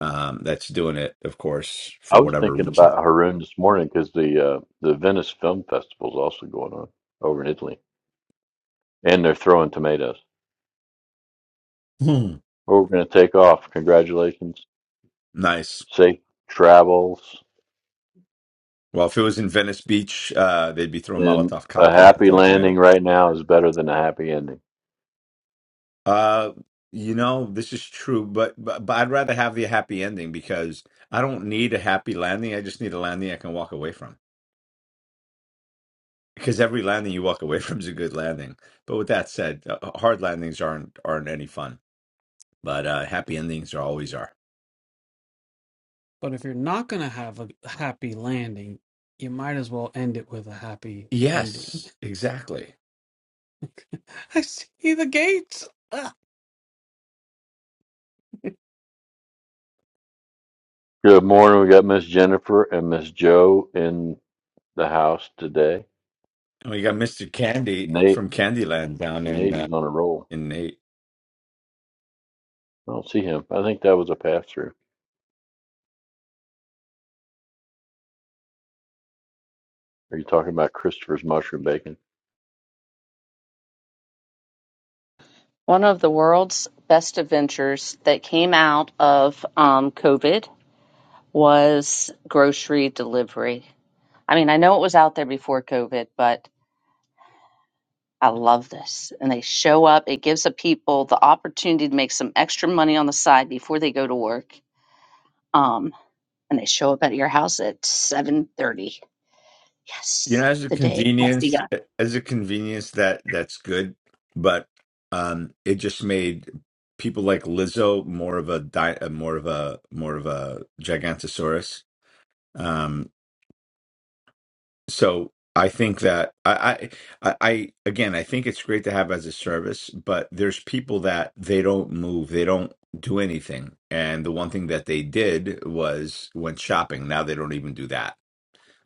um that's doing it of course for
I was
whatever
thinking
reason
about Haroon this morning because the uh, the Venice Film Festival is also going on over in Italy, and they're throwing tomatoes.
Hmm.
We're going to take off. Congratulations,
nice
safe travels,
well if it was in venice beach uh they'd be throwing
and
molotov
a
cocktails
happy
instead of
landing
tomato
right now is better than a happy ending.
uh you know this is true but, but but i'd rather have the happy ending because i don't need a happy landing i just need a landing i can walk away from because every landing you walk away from is a good landing but with that said uh, hard landings aren't aren't any fun but uh happy endings are always are
But if you're not going to have a happy landing, you might as well end it with a happy ending.
Yes, exactly.
I see the gates. Ah.
Good morning. We got Miss Jennifer and Miss Joe in the house today.
And we got Mr. Candy
Nate
from Candyland down in
Nate
uh,
is on a roll.
in eight.
I don't see him. I think that was a pass through. Are you talking about Christopher's mushroom bacon?
One of the world's best adventures that came out of um, COVID was grocery delivery. I mean, I know it was out there before COVID, but I love this. And they show up. It gives the people the opportunity to make some extra money on the side before they go to work. Um, and they show up at your house at seven thirty.
You
Yes,
know, as a
the day has
convenience,
begun.
as a convenience that that's good, but um, it just made people like Lizzo more of a di- uh, more of a more of a Gigantosaurus. Um, so I think that I, I I again I think it's great to have as a service, but there's people that they don't move, they don't do anything, and the one thing that they did was went shopping. Now they don't even do that.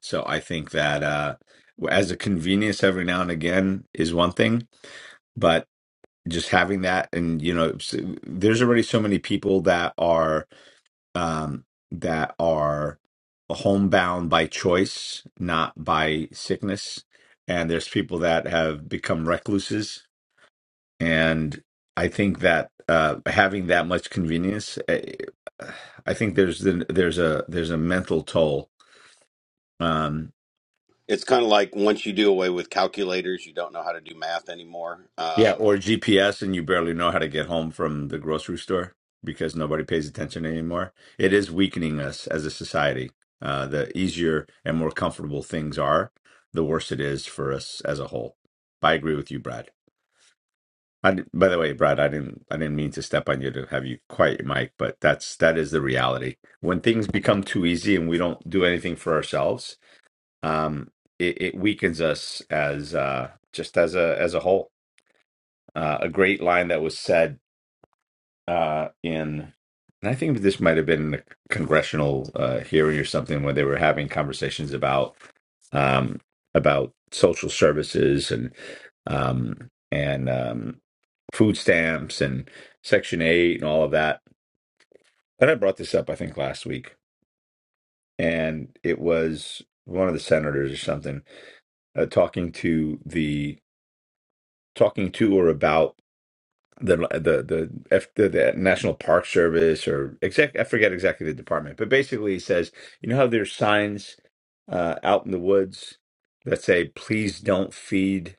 So I think that uh, as a convenience every now and again is one thing, but just having that and you know s- there's already so many people that are um, that are homebound by choice, not by sickness. And there's people that have become recluses. And I think that uh, having that much convenience, eh, I think there's the, there's a there's a mental toll. Um,
It's kind of like once you do away with calculators, you don't know how to do math anymore.
Yeah,
Um,
or GPS and you barely know how to get home from the grocery store because nobody pays attention anymore. It is weakening us as a society. Uh, the easier and more comfortable things are, the worse it is for us as a whole. I agree with you, Brad. I, di- by the way, Brad, I didn't I didn't mean to step on you to have you quiet your mic, but that's that is the reality. When things become too easy and we don't do anything for ourselves, um, it, it weakens us as uh, just as a as a whole uh, a great line that was said. uh, in, and I think this might have been a congressional uh, hearing or something where they were having conversations about um, about social services and um, and um, food stamps and Section Eight and all of that. And I brought this up, I think, last week, and it was one of the senators or something uh, talking to the talking to or about the the the F, the, the National Park Service or exact I forget exactly the department, but basically he says you know how there's signs uh, out in the woods that say please don't feed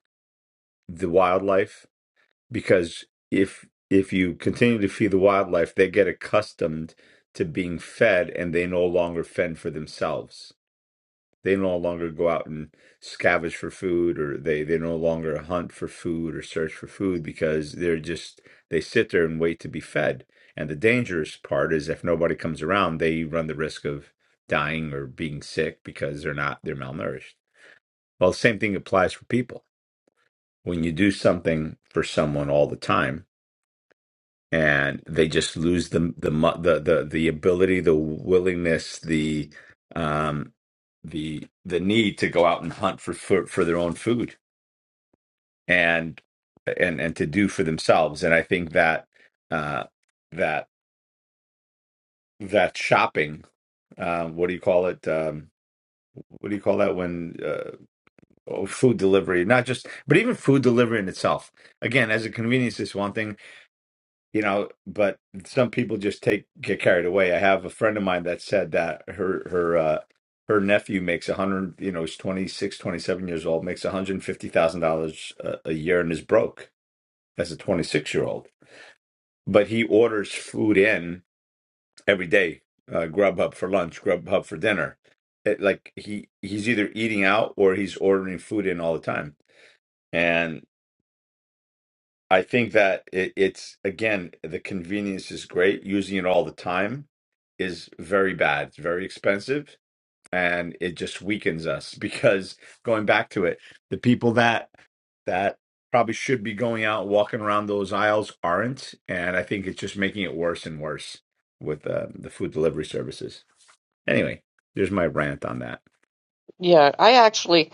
the wildlife because if if you continue to feed the wildlife, they get accustomed to being fed and they no longer fend for themselves they no longer go out and scavenge for food, or they they no longer hunt for food or search for food because they're just they sit there and wait to be fed. And the dangerous part is if nobody comes around, they run the risk of dying or being sick because they're not they're malnourished. Well, the same thing applies for people. When you do something for someone all the time, and they just lose the the mu- the the, the ability, the willingness, the um, the the need to go out and hunt for, for for their own food and and and to do for themselves. And I think that uh, that that shopping, uh, what do you call it? Um, what do you call that when uh, oh, food delivery? Not just, but even food delivery in itself. Again, as a convenience is one thing you know but some people just take get carried away i have a friend of mine that said that her her uh her nephew makes 100 you know he's 26, 27 years old makes $150000 a a year and is broke as a 26 year old but he orders food in every day uh, grubhub for lunch grubhub for dinner it, like he he's either eating out or he's ordering food in all the time I think that it, it's again the convenience is great. Using it all the time is very bad. It's very expensive, and it just weakens us because going back to it, the people that that probably should be going out walking around those aisles aren't, and I think it's just making it worse and worse with uh, the food delivery services. Anyway, there's my rant on that.
Yeah, I actually,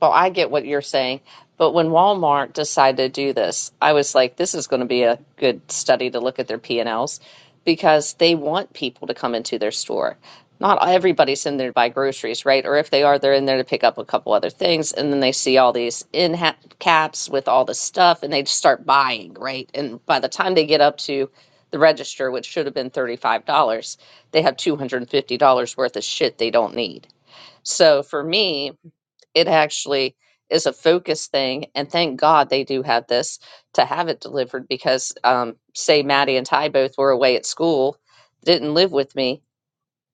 well, I get what you're saying, but when Walmart decided to do this, I was like, this is going to be a good study to look at their P&Ls because they want people to come into their store. Not everybody's in there to buy groceries, right? Or if they are, they're in there to pick up a couple other things, and then they see all these in ha- caps with all the stuff, and they just start buying, right? And by the time they get up to the register, which should have been $35, they have $250 worth of shit they don't need so for me, it actually is a focus thing. And thank God they do have this to have it delivered because, um, say, Maddie and Ty both were away at school, didn't live with me.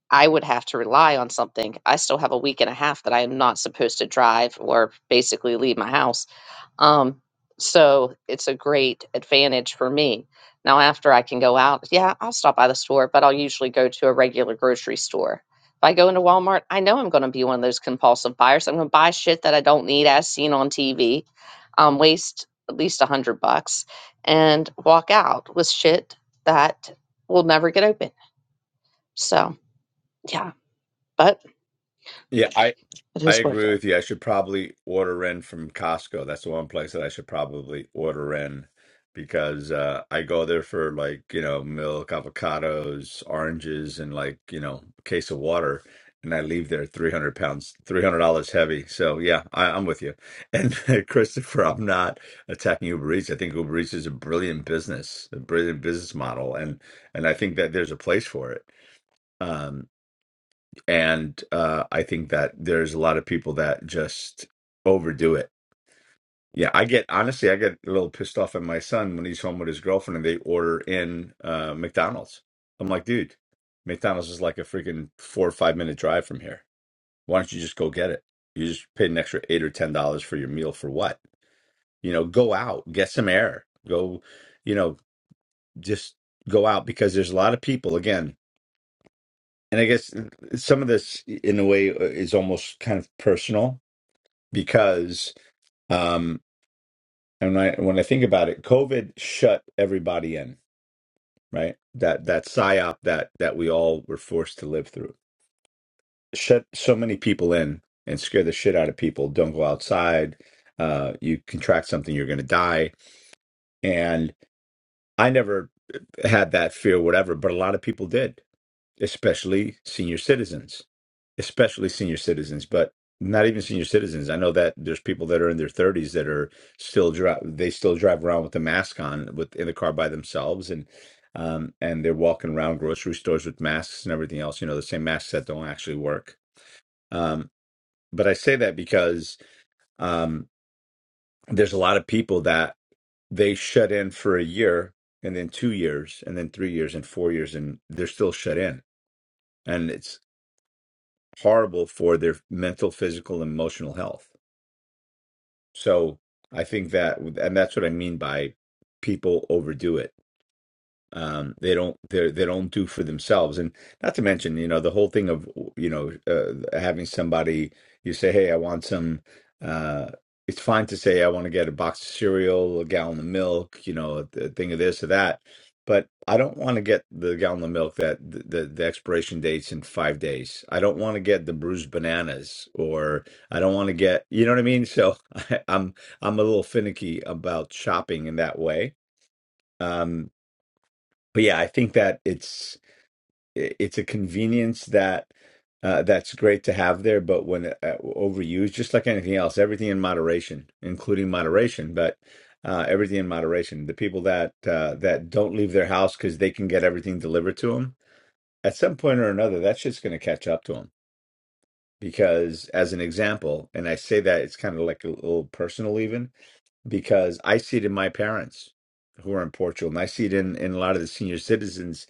I would have to rely on something. I still have a week and a half that I am not supposed to drive or basically leave my house um, so it's a great advantage for me. Now, after I can go out, yeah, I'll stop by the store, but I'll usually go to a regular grocery store. If I go into Walmart, I know I'm going to be one of those compulsive buyers. I'm going to buy shit that I don't need, as seen on TV, um, waste at least a hundred bucks, and walk out with shit that will never get open. So, yeah, but
Yeah, I.
it
I
is what it is.
agree with you. I should probably order in from Costco. That's the one place that I should probably order in because uh, I go there for like, you know, milk, avocados, oranges, and like, you know, a case of water. And I leave there 300 pounds, $300 heavy. So yeah, I, I'm with you. And Christopher, I'm not attacking Uber Eats. I think Uber Eats is a brilliant business, a brilliant business model. And, and I think that there's a place for it. Um, and uh, I think that there's a lot of people that just overdo it. Yeah, I get honestly, I get a little pissed off at my son when he's home with his girlfriend and they order in uh, McDonald's. I'm like, dude, McDonald's is like a freaking four or five minute drive from here. Why don't you just go get it? You just paid an extra eight or ten dollars for your meal for what? You know, go out, get some air, go, you know, just go out because there's a lot of people again. And I guess uh, some of this, in a way, uh, is almost kind of personal because um and when I when I think about it, COVID shut everybody in, right? That that psyop that that we all were forced to live through shut so many people in and scare the shit out of people. Don't go outside. Uh, you contract something, you're going to die. And I never had that fear, whatever, but a lot of people did. especially senior citizens, especially senior citizens, but not even senior citizens. I know that there's people that are in their 30s that are still drive they still drive around with a mask on with in the car by themselves and um and they're walking around grocery stores with masks and everything else, you know, the same masks that don't actually work. Um but I say that because um there's a lot of people that they shut in for a year and then 2 years and then 3 years and 4 years and they're still shut in. And it's horrible for their mental, physical, and emotional health. So I think that, and that's what I mean by people overdo it um, they don't they they don't do for themselves and not to mention you know the whole thing of you know uh, having somebody you say hey i want some uh, it's fine to say i want to get a box of cereal a gallon of milk you know a, a thing of this or that but i don't want to get the gallon of milk that the, the, the expiration dates in five days i don't want to get the bruised bananas or i don't want to get you know what i mean so I, i'm i'm a little finicky about shopping in that way Um, but yeah, I think that it's it's a convenience that uh, that's great to have there, but when uh, overused, just like anything else, everything in moderation, including moderation, but uh, everything in moderation. The people that uh, that don't leave their house because they can get everything delivered to them at some point or another, that shit's going to catch up to them. Because, as an example, and I say that it's kind of like a little personal, even because I see it in my parents who are in Portugal, and I see it in, in a lot of the senior citizens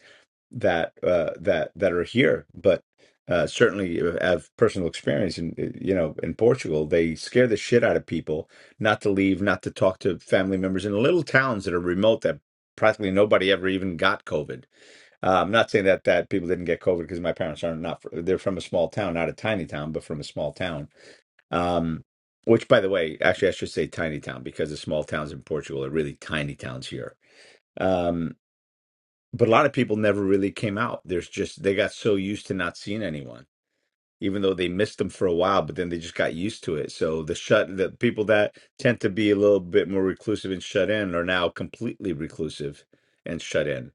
that uh, that that are here, but uh, certainly uh, have personal experience. In uh, you know, in Portugal, they scare the shit out of people not to leave, not to talk to family members in little towns that are remote that practically nobody ever even got COVID. Uh, I'm not saying that that people didn't get COVID because my parents are not fr- they're from a small town, not a tiny town, but from a small town. Um, which, by the way, actually, I should say tiny town because the small towns in Portugal are really tiny towns here. Um, but a lot of people never really came out. There's just they got so used to not seeing anyone, even though they missed them for a while, but then they just got used to it. So the shut the people that tend to be a little bit more reclusive and shut in are now completely reclusive and shut in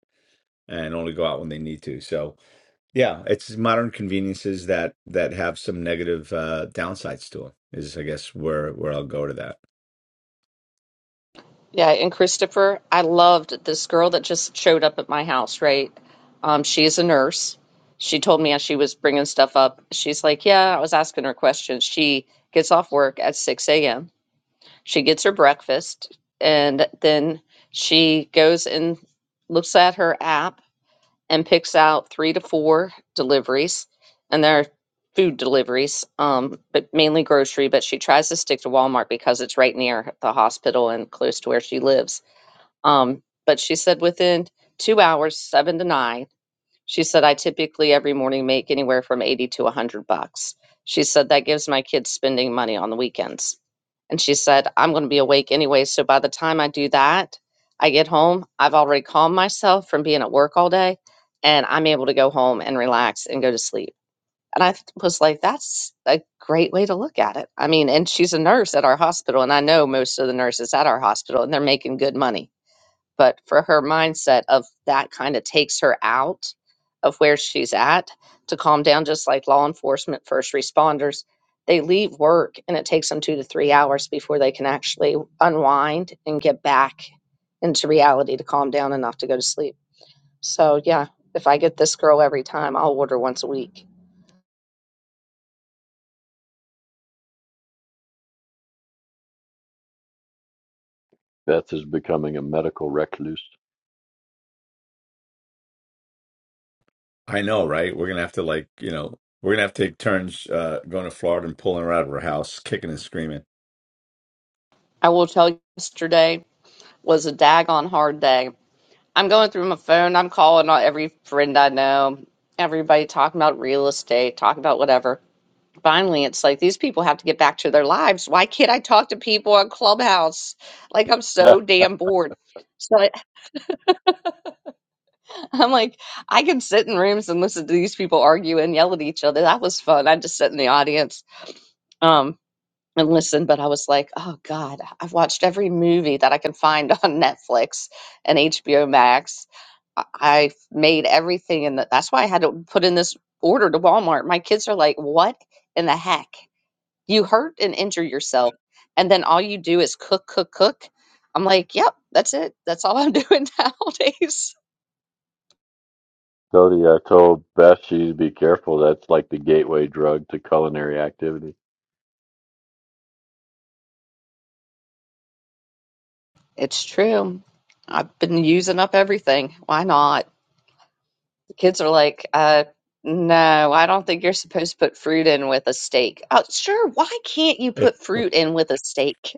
and only go out when they need to. So yeah, it's modern conveniences that that have some negative uh downsides to them is I guess where where I'll go to that.
Yeah, and Christopher, I loved this girl that just showed up at my house, right? Um, she is a nurse. She told me as she was bringing stuff up, she's like, Yeah, I was asking her questions. She gets off work at 6 a.m., she gets her breakfast, and then she goes and looks at her app and picks out three to four deliveries, and they're food deliveries, um, but mainly grocery. But she tries to stick to Walmart because it's right near the hospital and close to where she lives um, but she said within two hours, seven to nine, she said, I typically every morning make anywhere from 80 to 100 bucks. She said, that gives my kids spending money on the weekends. And she said, I'm going to be awake anyway. So by the time I do that, I get home, I've already calmed myself from being at work all day and I'm able to go home and relax and go to sleep. And I th- was like, that's a great way to look at it. I mean, and she's a nurse at our hospital, and I know most of the nurses at our hospital, and they're making good money but for her mindset of that kind of takes her out of where she's at to calm down just like law enforcement first responders they leave work and it takes them two to three hours before they can actually unwind and get back into reality to calm down enough to go to sleep so yeah if i get this girl every time i'll order once a week
Beth is becoming a medical recluse.
I know, right? We're gonna have to like, you know, we're gonna have to take turns uh going to Florida and pulling her out of her house, kicking and screaming.
i will tell you yesterday was a daggone hard day I'm going through my phone. I'm calling on every friend I know. Everybody talking about real estate, talking about whatever. Finally, it's like these people have to get back to their lives. Why can't I talk to people on Clubhouse? Like I'm so damn bored. So I, I'm like, I can sit in rooms and listen to these people argue and yell at each other. That was fun. I just sit in the audience. Um, and listen, but I was like, oh God, I've watched every movie that I can find on Netflix and HBO Max. I I made everything, and that's why I had to put in this order to Walmart. My kids are like, what in the heck? You hurt and injure yourself, and then all you do is cook, cook, cook. I'm like, yep, that's it. That's all I'm doing nowadays.
Cody, I told Beth she'd be careful. That's like the gateway drug to culinary activity.
It's true. I've been using up everything. Why not? The kids are like, uh, no, I don't think you're supposed to put fruit in with a steak. Oh, sure, why can't you
Eh,
put fruit in with a steak?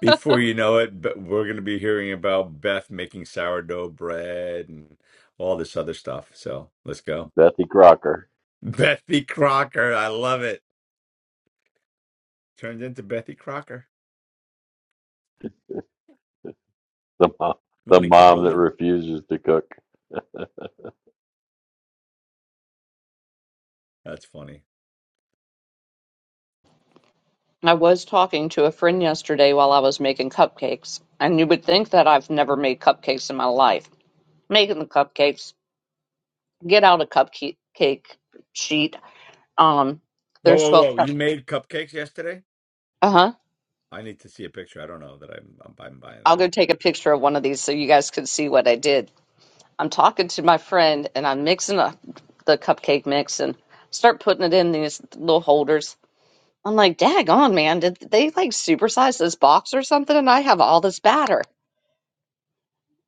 Before you know it, but we're going to be hearing about Beth making sourdough bread and all this other stuff. So let's go.
Bethy Crocker,
Bethy Crocker. I love it. Turned into Bethy Crocker.
the mom, the
Morning,
mom that
Kimberly.
refuses to cook.
That's funny.
I was talking to a friend yesterday while I was making cupcakes, and you would think that I've never made cupcakes in my life. Making the cupcakes, get out a cupcake sheet. Um,
Whoa,
there's
whoa,
12
whoa. You made cupcakes yesterday?
Uh-huh.
I need to see a picture. I don't know that I'm, I'm, I'm buying
I'll
that.
go take a picture of one of these so you guys can see what I did. I'm talking to my friend and I'm mixing up the cupcake mix and start putting it in these little holders. I'm like, dag on, man. Did they like supersize this box or something? And I have all this batter.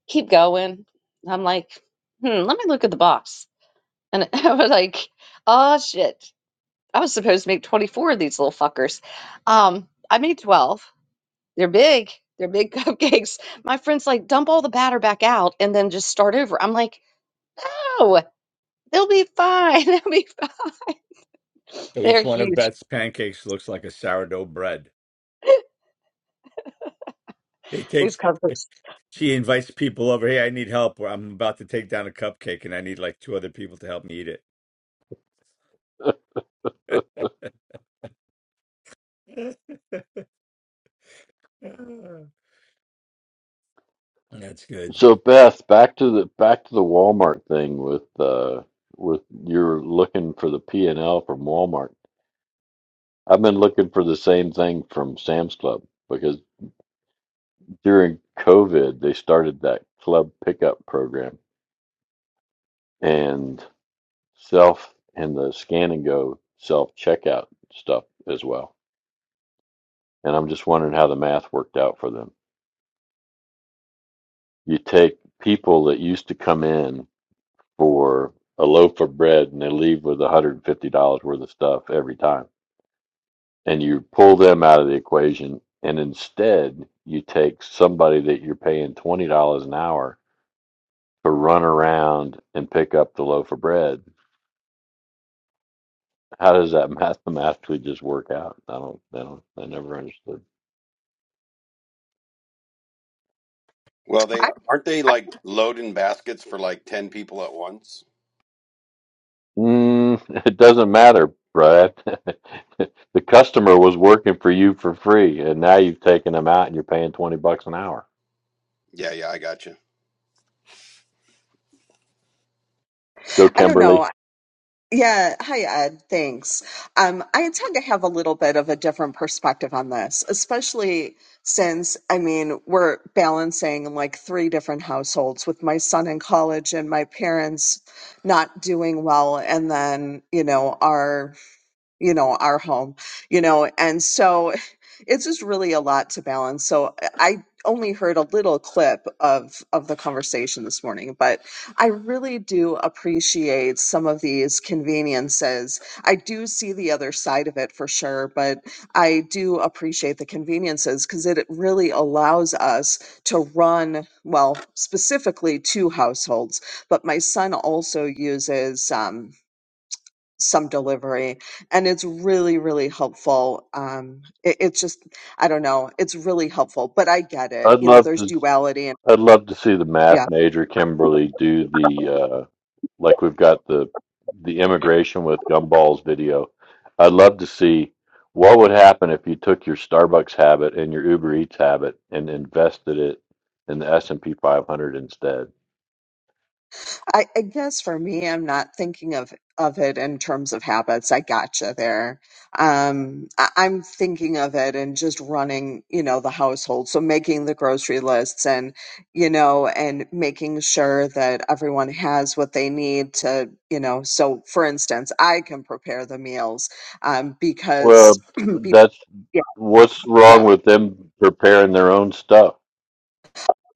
Keep going. I'm like, hmm, let me look at the box. And I was like, oh shit. I was supposed to make 24 of these little fuckers. Um, I made 12. They're big. They're big cupcakes. My friend's like, dump all the batter back out and then just start over. I'm like, no, they'll be fine. They'll be
So each
They're
one of
huge.
Beth's pancakes looks like a sourdough bread. It
These
takes,
cupcakes.
she invites people over. Hey, I need help. I'm about to take down a cupcake and I need like two other people to help me eat it. That's good.
So Beth, back to the back to the Walmart thing with uh with you're looking for the P and L from Walmart. I've been looking for the same thing from Sam's Club because during COVID they started that club pickup program. And self and the scan and go self checkout stuff as well. And I'm just wondering how the math worked out for them. You take people that used to come in for a loaf of bread and they leave with $150 worth of stuff every time, and you pull them out of the equation. And instead, you take somebody that you're paying $20 an hour to run around and pick up the loaf of bread. How does that mathematically just work out? I don't, I don't, I never understood.
well, they
I,
aren't they
I
like loading baskets for like 10 people at once?
Mm, it doesn't matter, Brad. The customer was working for you for free, and now you've taken them out and you're paying 20 bucks an hour.
Yeah, yeah, I got you.
Go,
I don't
Kimberly.
know. Yeah. Hi, Ed. Thanks. Um, I tend to have a little bit of a different perspective on this, especially since, I mean, we're balancing like three different households with my son in college and my parents not doing well, and then, you know, our you know our home you know and so it's just really a lot to balance so eh, i only heard a little clip of of the conversation this morning but i really do appreciate some of these conveniences i do see the other side of it for sure but i do appreciate the conveniences because it really allows us to run well specifically two households but my son also uses um, some delivery and it's really really helpful um it, it's just i don't know it's really helpful but i get it
I'd
you know
love
there's
to
duality and
I'd love to see the math
yeah
major Kimberly do the like we've got the the immigration with gumballs video i'd love to see what would happen if you took your starbucks habit and your uber eats habit and invested it in the s&p 500 instead
I, I guess for me, I'm not thinking of of it in terms of habits. I gotcha there. Um, I, I'm thinking of it and just running, you know, the household. So making the grocery lists and, you know, and making sure that everyone has what they need to, you know. So for instance, I can prepare the meals um, because,
well
be,
that's
yeah,
what's
yeah.
wrong with them preparing their own stuff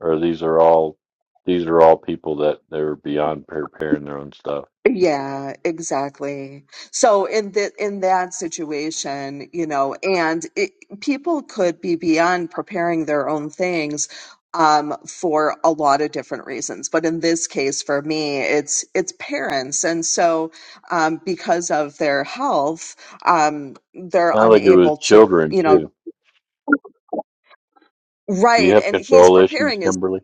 or these are all these are all people that they were beyond preparing their own stuff.
Yeah, exactly. So in that in that situation, you know, and it, people could be beyond preparing their own things um, for a lot of different reasons. But in this case, for me, it's it's parents, and so um, because of their health, um, they're
Sounds like it was
unable to,
children
you know,
too. Do you
write.
have
And he's
control issues,
preparing his.
Kimberly?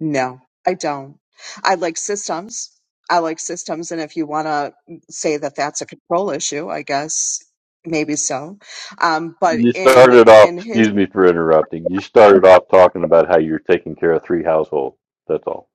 No, I don't. I like systems. I like systems. And if you want to say that that's a control issue, I guess maybe so. Um, but
You
in,
started off.
in his
Excuse me for interrupting. You started off talking about how you're taking care of three households. That's all.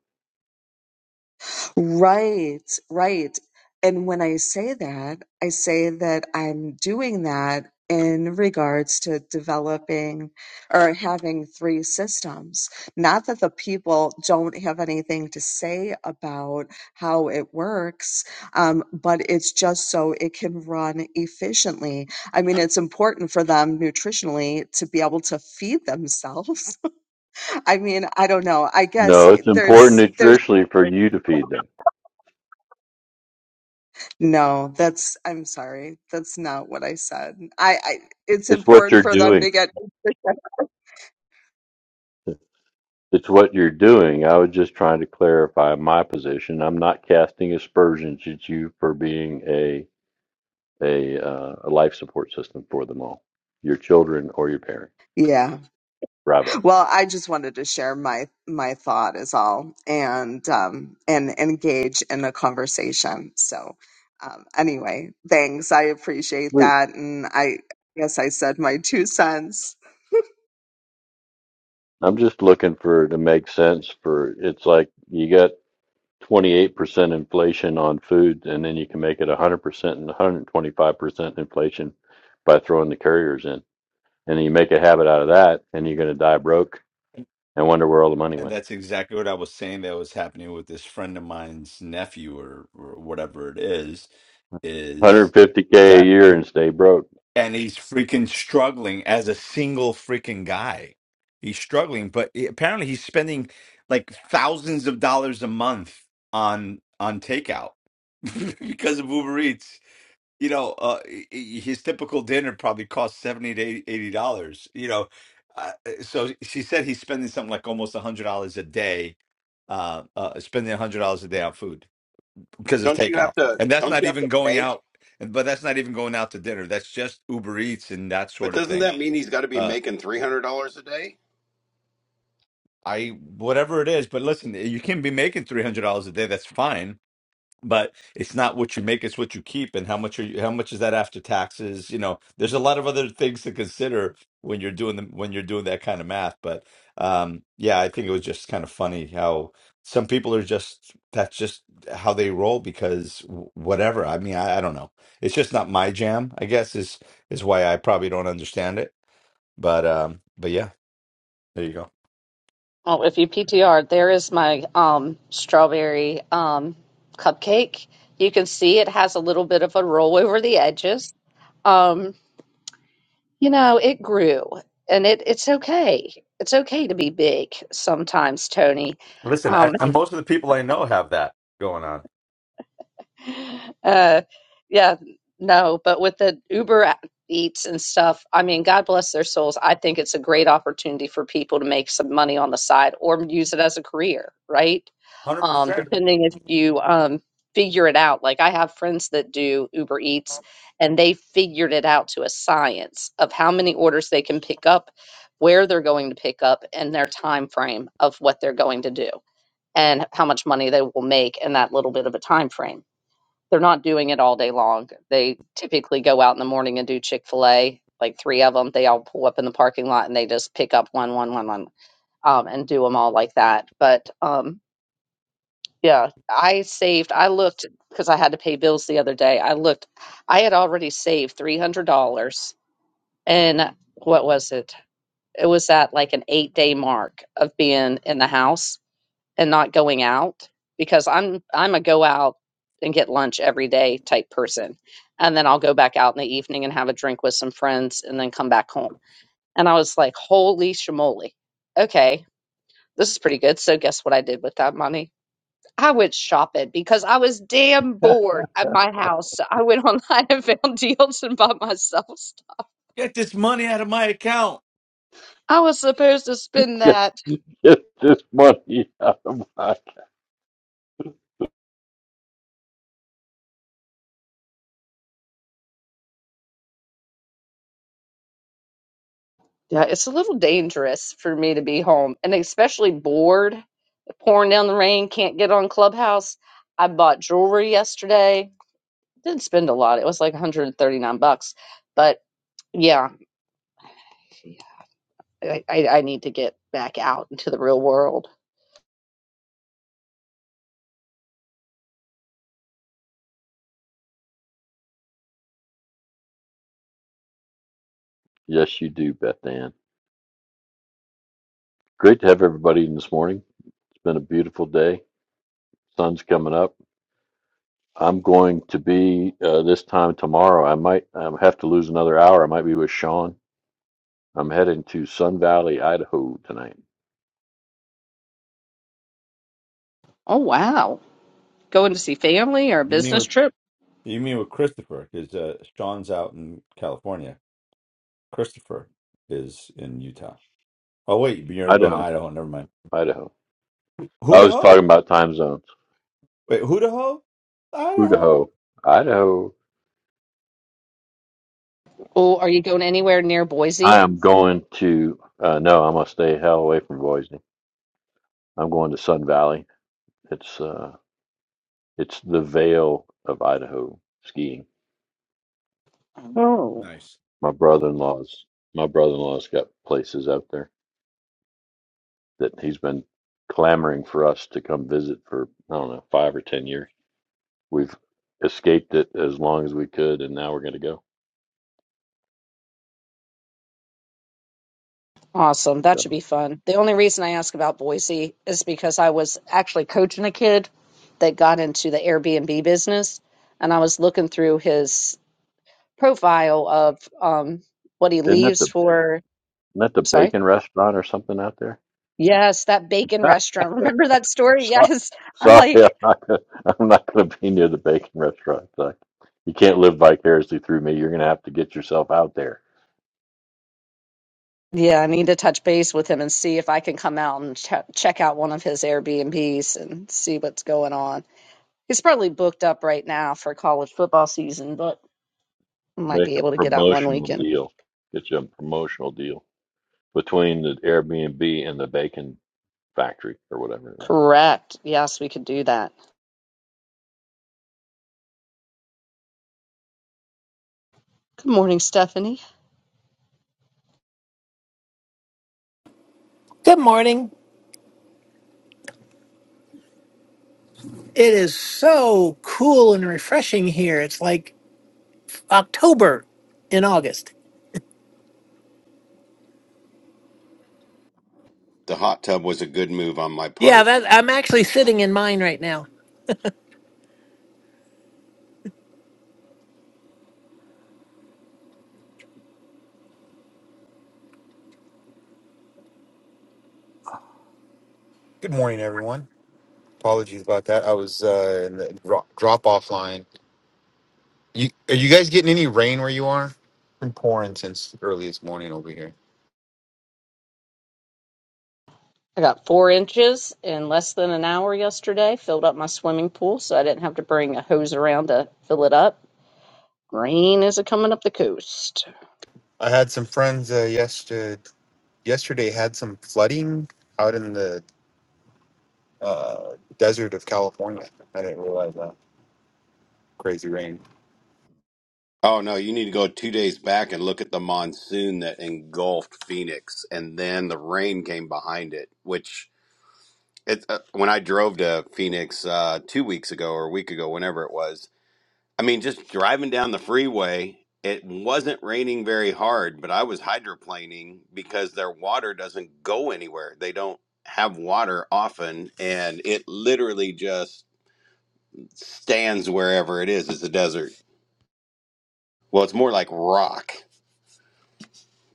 Right, right. And when I say that, I say that I'm doing that in regards to developing or having three systems. Not that the people don't have anything to say about how it works, um, but it's just so it can run efficiently. I mean, it's important for them nutritionally to be able to feed themselves. I mean, I don't know. I guess
No, it's important
there's there's
nutritionally for you to feed them.
No, that's, I'm sorry. That's not what I said. I, I, it's
It's what
important
you're
for them
doing.
to get,
It's what you're doing. I was just trying to clarify my position. I'm not casting aspersions at you for being a a, uh, a life support system for them all, your children or your parents.
yeah.
Bravo.
Well, I just wanted to share my, my thought is all and, um, and engage in a conversation. So, um, anyway, thanks. I appreciate
Sweet.
that. And I guess I said my two cents.
I'm just looking for to make sense for it's like you got 28% inflation on food, and then you can make it 100% and 125% inflation by throwing the couriers in. And you make a habit out of that, and you're going to die broke and wonder where all the money
And
went.
that's exactly what I was saying that was happening with this friend of mine's nephew or, or whatever it is, is
150K a
that,
year and stay broke.
and he's freaking struggling as a single freaking guy. He's struggling, but he- apparently he's spending like thousands of dollars a month on on takeout because of Uber Eats. you know, uh, i- i- his typical dinner probably costs seventy to eighty dollars. You know, uh, uh, so she said he's spending something like almost a hundred dollars a day, uh, uh, spending a hundred dollars a day on food because of
Don't you
takeout,
have to?
and that's
Don't
not
you have to
even going
make?
out. and- But that's not even going out to dinner. That's just Uber Eats and that
But
sort of
doesn't
thing.
that mean he's got to be
Uh,
making three hundred dollars a day?
I whatever it is, but listen, you can be making three hundred dollars a day. That's fine but it's not what you make it's what you keep and how much are you how much is that after taxes you know there's a lot of other things to consider when you're doing the when you're doing that kind of math but um yeah i think it was just kind of funny how some people are just that's just how they roll because w- whatever i mean I, I don't know it's just not my jam i guess is is why i probably don't understand it but um but yeah there you go
Oh, if you PTR, there is my um strawberry um cupcake. You can see it has a little bit of a roll over the edges. Um, you know, it grew and it it's okay. It's okay to be big sometimes, Tony.
listen
Um,
I, and most of the people i know have that going on
Uh, yeah, no, but with the Uber Eats and stuff, I mean, God bless their souls. I think it's a great opportunity for people to make some money on the side or use it as a career, right? Um,
100%
depending if you um, figure it out. Like I have friends that do Uber Eats and they figured it out to a science of how many orders they can pick up, where they're going to pick up, and their time frame of what they're going to do and how much money they will make in that little bit of a time frame they're not doing it all day long. They typically go out in the morning and do Chick fil A, like three of them. They all pull up in the parking lot and they just pick up one, one, one, one, um, and do them all like that. But um, yeah, I saved, I looked because I had to pay bills the other day. I looked, I had already saved $300. And what was it? It was at like an eight day mark of being in the house and not going out because I'm I'm a go out and get lunch every day type person. And then I'll go back out in the evening and have a drink with some friends and then come back home. And I was like, holy shamoly. Okay, this is pretty good. So guess what I did with that money? I went shopping because I was damn bored at my house. So I went online and found deals and bought myself stuff.
Get this money out of my account.
I was supposed to spend
Get
that.
get this money out of my.
Yeah, it's a little dangerous for me to be home and especially bored pouring down the rain, can't get on Clubhouse. I bought jewelry yesterday. Didn't spend a lot. It was like 139 bucks. But yeah, I, I, I need to get back out into the real world.
Yes, you do, Beth Ann. Great to have everybody in this morning. It's been a beautiful day. Sun's coming up. I'm going to be uh, this time tomorrow. I might um, have to lose another hour. I might be with Sean. I'm heading to Sun Valley, Idaho tonight.
Oh, wow. Going to see family or a
You mean
business
with
trip?
you mean with Christopher? Because uh, Sean's out in California. Christopher is in Utah. Oh wait, you're going to
Idaho,
Idaho. Never mind.
Idaho. I was talking
Idaho?
about time zones.
Wait, Idaho?
Idaho,
Idaho.
Idaho.
Oh, are you going anywhere near
I
Boise?
am going to. Uh, no, I'm gonna stay hell away from Boise. I'm going to Sun Valley. It's uh, it's the Vale of Idaho skiing.
Oh,
Nice.
My brother-in-law's my brother-in-law's got places out there that he's been clamoring for us to come visit for I don't know five or ten years. We've escaped it as long as we could, and now we're going to go.
awesome. That should
So
be fun. The only reason I ask about Boise is because I was actually coaching a kid that got into the Airbnb business and I was looking through his profile of um, what he
isn't that the
leaves for.
isn't that the
I'm sorry.
bacon restaurant or something out there?
Yes, that bacon restaurant. Remember that story?
So-
Yes. I'm
Sorry, I'm
like,
not gonna, I'm not going to be near the bacon restaurant. Like, you can't live vicariously through me. You're going to have to get yourself out there.
yeah, I need to touch base with him and see if I can come out and ch- check out one of his Airbnbs and see what's going on. He's probably booked up right now for college football season, but might
Make
be
a
able to get out one
promotional
weekend.
deal. Get you a promotional deal. between the Airbnb and the bacon factory or whatever. it was.
Correct. Yes, we could do that. Good morning, Stephanie.
Good morning. It is so cool and refreshing here. It's like October in August.
The hot tub was a good move on my
Yeah,
part.
that I'm actually sitting in mine right now.
Good morning, everyone. Apologies about that. I was uh, in the drop, drop off line. You, are you guys getting any rain where you are? Been pouring since early this morning over here.
I got four inches in less than an hour yesterday, filled up my swimming pool so I didn't have to bring a hose around to fill it up. Rain is a coming up the coast.
I had some friends uh, yesterday. Yesterday had some flooding out in the uh, desert of California. I didn't realize that crazy rain.
Oh no, you need to go two days back and look at the monsoon that engulfed Phoenix, and then the rain came behind it. Which it uh, when I drove to Phoenix uh, two weeks ago or a week ago, whenever it was, I mean, just driving down the freeway, it wasn't raining very hard, but I was hydroplaning because their water doesn't go anywhere. They don't have water often, and it literally just stands wherever it is. It's a desert. Well, it's more like rock.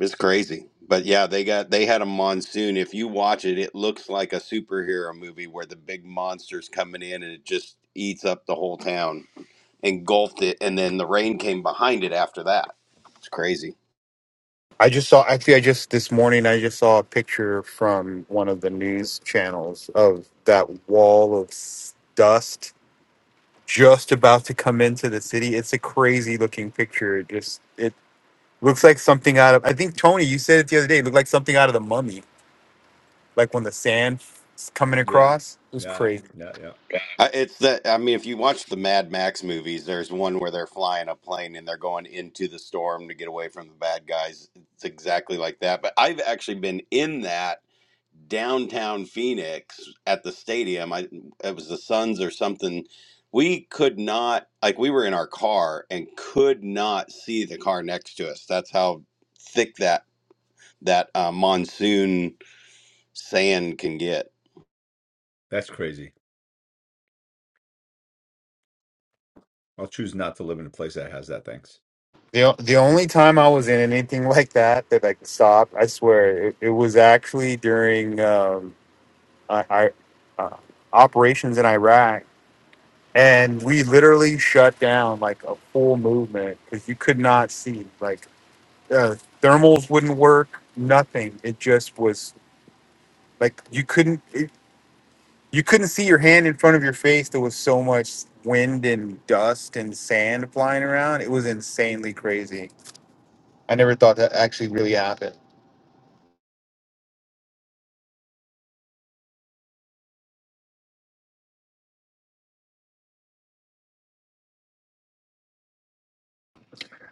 It's crazy. But yeah, they got they had a monsoon. If you watch it, it looks like a superhero movie where the big monster's coming in and it just eats up the whole town, engulfed it, and then the rain came behind it after that. It's crazy.
I just saw. Actually, I just this morning I just saw a picture from one of the news channels of that wall of dust just about to come into the city. It's a crazy looking picture. It just it looks like something out of I think Tony, you said it the other day, it looked like something out of the mummy. Like when the sand coming
Yeah.
across. It was
Yeah.
crazy.
Yeah. Yeah.
Uh, It's that I mean, if you watch the Mad Max movies, there's one where they're flying a plane and they're going into the storm to get away from the bad guys. It's exactly like that. But I've actually been in that downtown Phoenix at the stadium. I it was the Suns or something. We could not like we were in our car and could not see the car next to us. That's how thick that that uh, monsoon sand can get.
That's crazy. I'll choose not to live in a place that has that. Thanks.
The, o- the only time I was in anything like that that I could stop, I swear, it, it was actually during um, I, I, uh, operations in Iraq. And we literally shut down like a full movement because you could not see. Like uh, thermals wouldn't work. Nothing. It just was like you couldn't it, you couldn't see your hand in front of your face. There was so much wind and dust and sand flying around. It was insanely crazy. I never thought that actually really happened.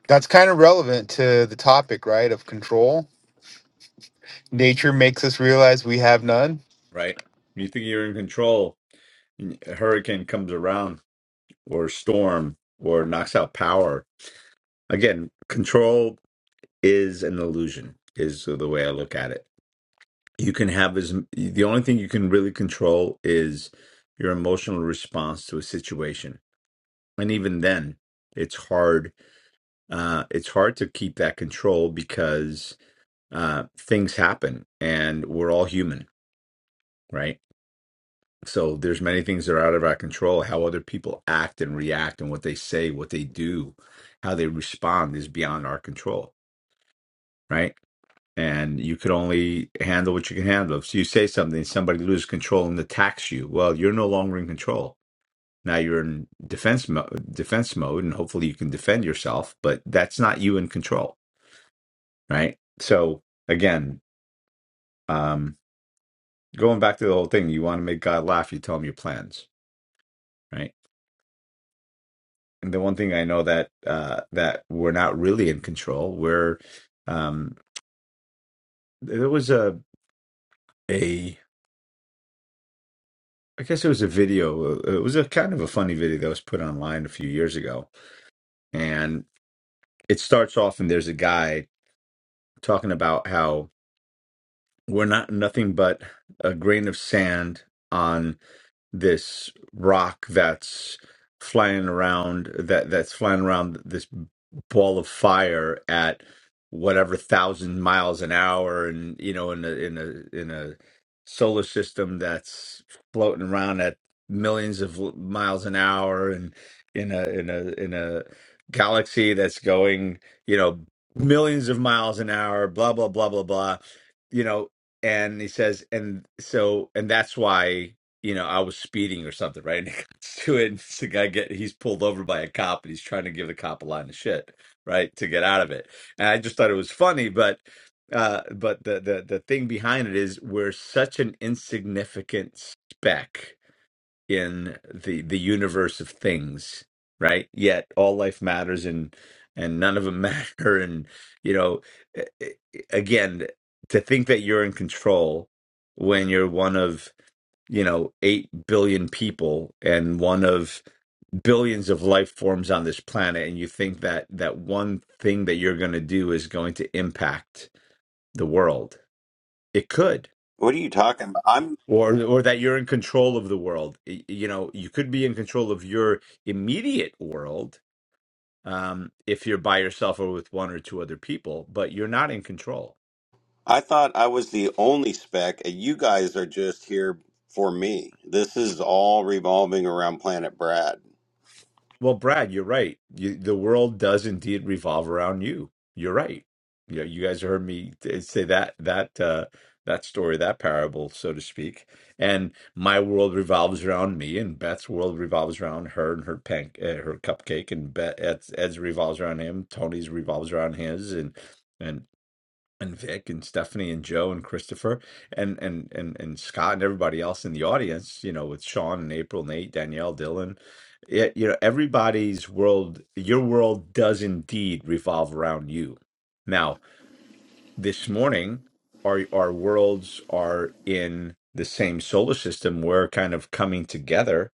That's kind of relevant to the topic, right? Of control. Nature makes us realize we have none.
Right. You think you're in control? and A hurricane comes around. or storm or knocks out power. Again, control is an illusion, is the way I look at it. You can have as the only thing you can really control is your emotional response to a situation, and even then, it's hard. Uh, it's hard to keep that control because uh, things happen, and we're all human, right? So there's many things that are out of our control. How other people act and react and what they say, what they do, how they respond is beyond our control, right? And you could only handle what you can handle. If you say something, somebody loses control and attacks you, well, you're no longer in control. Now you're in defense mo- defense mode, and hopefully you can defend yourself. But that's not you in control, right? So again, um, going back to the whole thing, you want to make God laugh, you tell him your plans, right? and the one thing I know that uh, that we're not really in control. We're um, there was a a I guess it was a video. uh, It was a kind of a funny video that was put online a few years ago, and it starts off and there's a guy talking about how we're not nothing but a grain of sand on. this rock that's flying around that that's flying around this ball of fire at whatever thousand miles an hour and you know in a in a in a solar system that's floating around at millions of l- miles an hour and in a in a in a galaxy that's going you know millions of miles an hour blah blah blah blah blah you know and he says and so and that's why you know, I was speeding or something, right? And it comes to it, and it's the guy get he's pulled over by a cop, and he's trying to give the cop a line of shit, right, to get out of it. And I just thought it was funny, but uh, but the the the thing behind it is we're such an insignificant speck in the the universe of things, right? Yet all life matters, and and none of them matter, and you know, eh, eh, again, to think that you're in control when you're one of you know, 8 billion people and one of billions of life forms on this planet and you think that that one thing that you're going to do is going to impact the world. It could
What are you talking about? I'm.
or or that you're in control of the world. Y- You know, you could be in control of your immediate world um if you're by yourself or with one or two other people, but you're not in control
I thought I was the only spec, and you guys are just here for me. This is all revolving around Planet Brad.
Well, Brad, you're right. You, the world does indeed revolve around you. You're right. You know, you guys heard me t- say that that uh, that story, that parable, so to speak. And my world revolves around me, and Beth's world revolves around her and her pan, uh, her cupcake, and Beth, Ed's, Ed's revolves around him. Tony's revolves around his, and and and Vic and Stephanie and Joe and Christopher and and and and Scott and everybody else in the audience, you know, with Sean and April, Nate, Danielle, Dylan. It, you know, everybody's world, your world does indeed revolve around you. Now, this morning, our our worlds are in the same solar system. We're kind of coming together,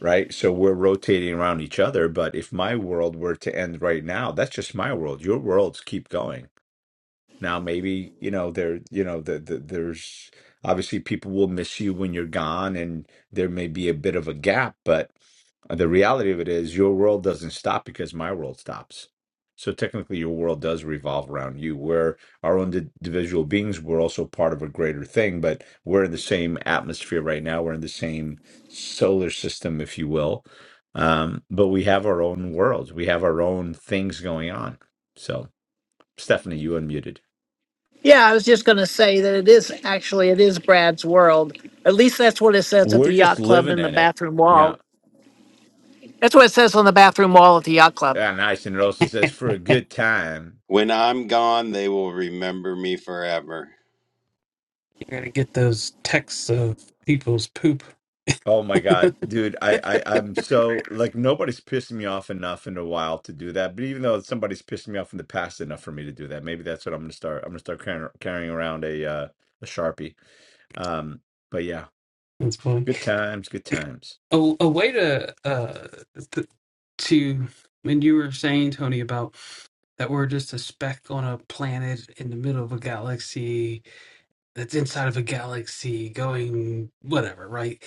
right? So we're rotating around each other. But if my world were to end right now, that's just my world. Your worlds keep going now maybe, you know, there, you know, the, the, there's obviously people will miss you when you're gone and there may be a bit of a gap, but the reality of it is your world doesn't stop because my world stops. So technically your world does revolve around you. We're our own di- individual beings. We're also part of a greater thing, but we're in the same atmosphere right now. We're in the same solar system, if you will. Um, but we have our own worlds. We have our own things going on. So Stephanie, you unmuted.
Yeah, I was just going to say that it is actually it is Brad's world. At least that's what it says at the
We're just
yacht club
living
in the
in it.
bathroom wall.
Yeah.
That's what it says on the bathroom wall at the yacht club.
Yeah, nice. And it also says for a good time.
When I'm gone, they will remember me forever.
You're going to get those texts of people's poop.
Oh my God, dude, I, I I'm so like nobody's pissed me off enough in a while to do that. But even though somebody's pissed me off in the past enough for me to do that, maybe that's what I'm gonna start. I'm gonna start carrying, carrying around a uh, a sharpie. Um, but yeah,
That's funny.
good times, good times.
A, a way to, uh, th- to, when you were saying, Tony, about that we're just a speck on a planet in the middle of a galaxy that's inside of a galaxy going whatever, right?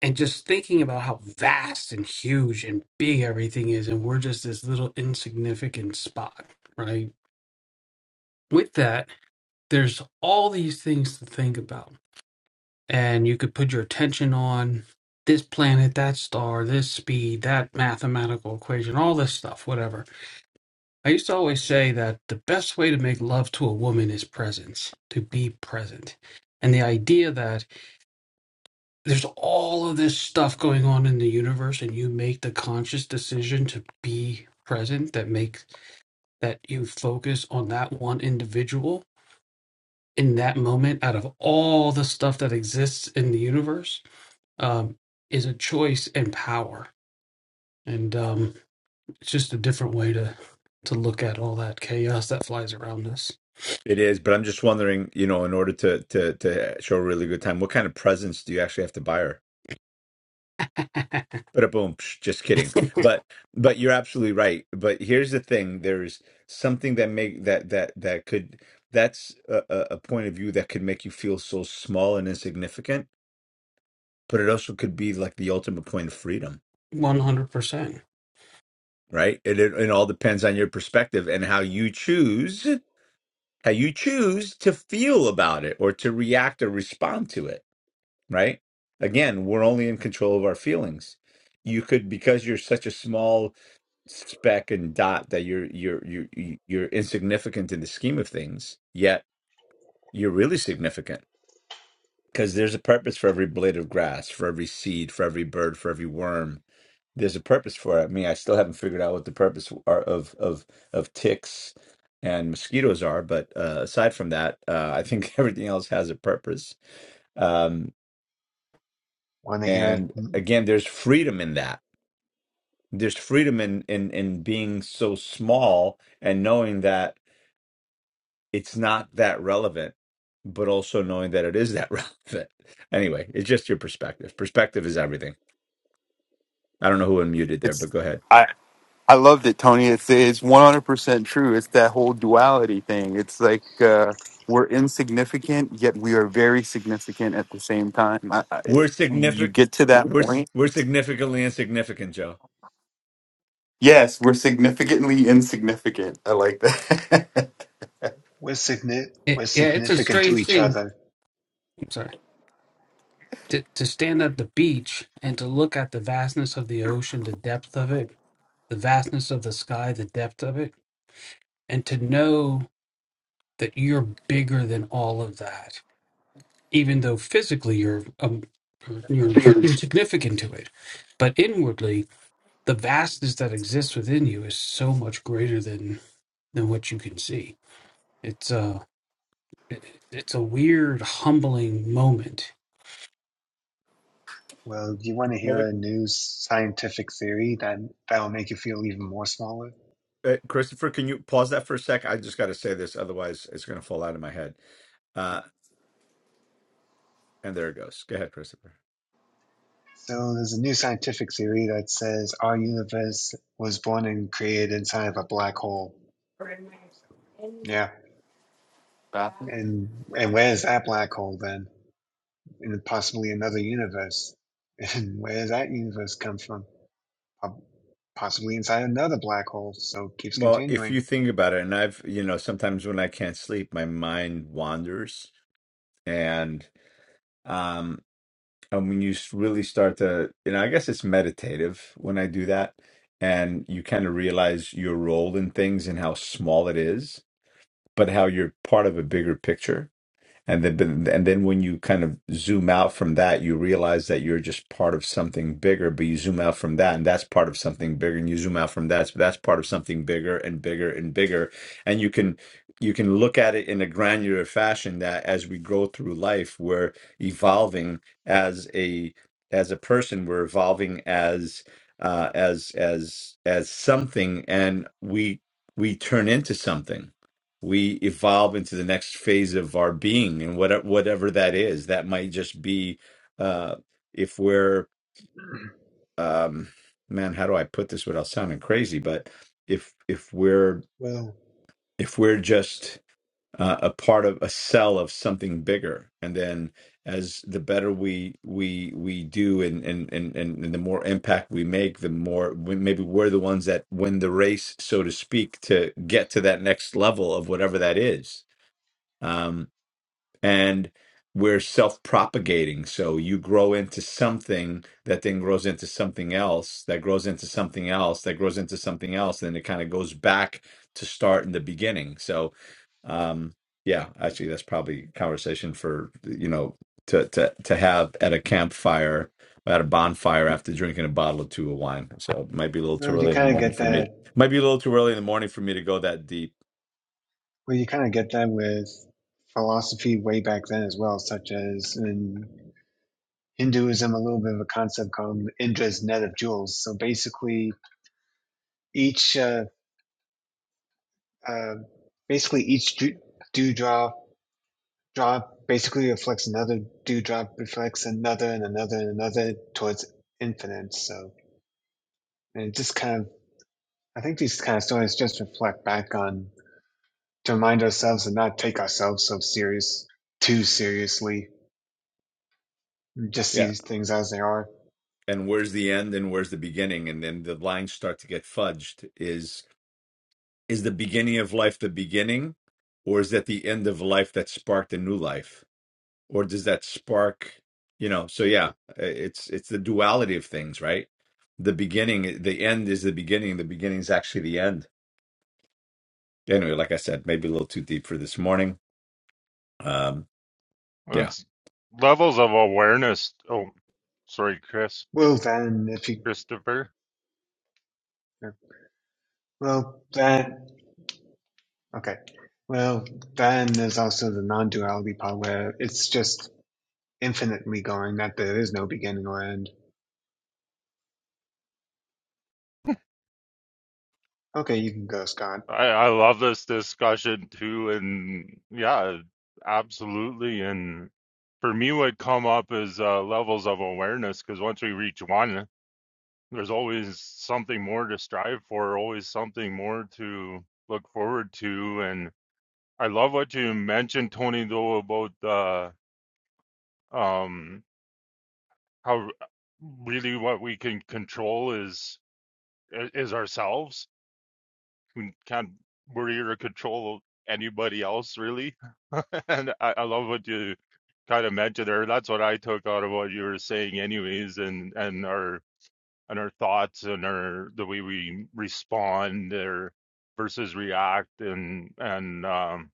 and just thinking about how vast and huge and big everything is and we're just this little insignificant spot right with that there's all these things to think about and you could put your attention on this planet that star this speed that mathematical equation all this stuff whatever i used to always say that the best way to make love to a woman is presence to be present and the idea that there's all of this stuff going on in the universe and you make the conscious decision to be present that makes that you focus on that one individual in that moment out of all the stuff that exists in the universe um, is a choice and power and um, it's just a different way to to look at all that chaos that flies around us
It is, but I'm just wondering, you know, in order to to to show a really good time, what kind of presents do you actually have to buy her? But a boom, just kidding. But but you're absolutely right. But here's the thing: there's something that make that that that could that's a, a a point of view that could make you feel so small and insignificant. But it also could be like the ultimate point of freedom,
100%
right? It it, it all depends on your perspective and how you choose how you choose to feel about it or to react or respond to it, right? Again, we're only in control of our feelings. You could because you're such a small speck and dot that you're you're you're you- you're insignificant in the scheme of things yet you're really significant because there's a purpose for every blade of grass for every seed for every bird for every worm there's a purpose for it i mean i still haven't figured out what the purpose are of of of ticks and mosquitoes are but uh, aside from that uh, i think everything else has a purpose um,
Want to hear?
and again there's freedom in that there's freedom in in in being so small and knowing that it's not that relevant, but also knowing that it is that relevant. Anyway, it's just your perspective. Perspective is everything. I don't know who unmuted there, but
It's.
go ahead.
I. I loved it, Tony. It's it's one hundred percent true. It's that whole duality thing. It's like uh, we're insignificant, yet we are very significant at the same time. I, I,
We're
you
significant.
get to that
We're s-
point.
we're significantly insignificant, Joe.
Yes, we're significantly insignificant. I like that.
We're significant.
it,
We're
yeah it's a
significant to
strange
each
thing
other.
I'm sorry to, to stand at the beach and to look at the vastness of the ocean, the depth of it, the vastness of the sky, the depth of it, and to know that you're bigger than all of that, even though physically you're um, you're insignificant to it, but inwardly the vastness that exists within you is so much greater than than what you can see. It's a it's a weird humbling moment
Well, you want to
Well,
hear a new scientific theory that that'll make you feel even more smaller.
the, uh, Christopher, can you pause that for a sec? I just got to say this, otherwise it's going to fall out of my head. Uh, and there it goes. Go ahead, Christopher.
So there's a new scientific theory that says our universe was born and created inside of a black hole. So, Yeah,
Bathroom?
and and where is that black hole then? In possibly another universe. And where does that universe come from? Po- Possibly inside another black hole. So it keeps
Well, if
continuing.
you think about it, and I've, you know, sometimes when I can't sleep, my mind wanders, and um, and when you s- really start to you know i guess it's meditative when i do that and you kind of realize your role in things and how small it is but how you're part of a bigger picture and then, but- and then when you kind of zoom out from that, you realize that you're just part of something bigger. But you zoom out from that, and that's part of something bigger. And you zoom out from that, so that's part of something bigger and bigger and bigger. And you can you can look at it in a granular fashion that as we go through life, we're evolving as a as a person. We're evolving as uh, as as as something, and we we turn into something we evolve into the next phase of our being and whatever whatever that is that might just be uh if we're um man how do i put this without sounding crazy but if if we're
Well,
if we're just uh, a part of a cell of something bigger and then as the better we we we do and and and and and the more impact we make the more we, maybe we're the ones that win the race so to speak to get to that next level of whatever that is Um, and we're self-propagating so you grow into something that then grows into something else that grows into something else that grows into something else and then it kind of goes back to start in the beginning so um yeah actually that's probably a conversation for you know to to to have at a campfire at a bonfire after drinking a bottle or two of wine so it might be a little too
well, you
early in the
kind of
morning
get
for me
that
might be a little too early in the morning for me to go that deep
Well, you kind of get that with philosophy way back then as well, such as in Hinduism, a little bit of a concept called Indra's net of jewels. So basically, each uh, uh, basically each dew- dewdrop drop basically reflects another dewdrop reflects another and another and another towards infinite. So and it just kind of I think these kind of stories just reflect back on to remind ourselves and not take ourselves so serious too seriously. Just see
Yeah.
these things as they are.
and where's the end and where's the beginning and then the lines start to get fudged is is the beginning of life the beginning or is that the end of life that sparked a new life or does that spark you know so yeah it's it's the duality of things right the beginning the end is the beginning the beginning is actually the end anyway like i said maybe a little too deep for this morning um yeah
It's levels of awareness. Oh, sorry, Chris,
Well, then, if you,
Christopher.
well, then, okay. Well, then there's also the non-duality part where it's just infinitely going, that there is no beginning or end. Okay, you can go, Scott.
I, I love this discussion too. And yeah, absolutely. And for me, what come up is uh, levels of awareness because once we reach one, there's always something more to strive for, always something more to look forward to. And I love what you mentioned, Tony, though, about uh, um, how really what we can control is is ourselves. We can't we're here to control anybody else really. and I, I love what you kind of mentioned there. That's what I took out of what you were saying anyways and and our and our thoughts and our the way we respond or versus react and and um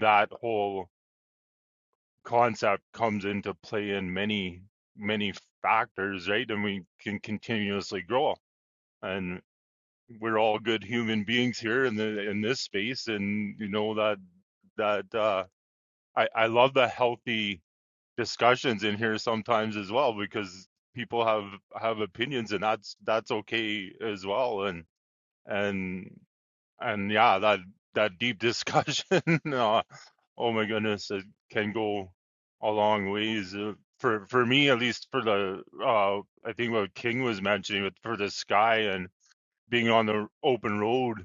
that whole concept comes into play in many many factors, right? And we can continuously grow. and. we're all good human beings here in the in this space and you know that that uh I I love the healthy discussions in here sometimes as well because people have have opinions and that's that's okay as well and and and yeah that that deep discussion uh, oh my goodness it can go a long ways uh, for for me at least for the uh I think what King was mentioning with for the sky and being on the open road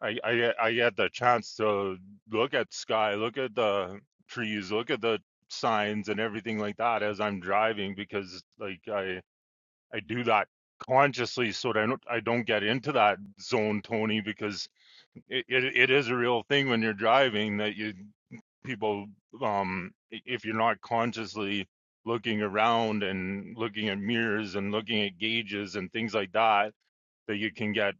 I, I I had the chance to look at sky, look at the trees, look at the signs and everything like that as I'm driving because like I I do that consciously so that I don't I don't get into that zone, Tony, because it, it, it is a real thing when you're driving that you people um if you're not consciously looking around and looking at mirrors and looking at gauges and things like that that you can get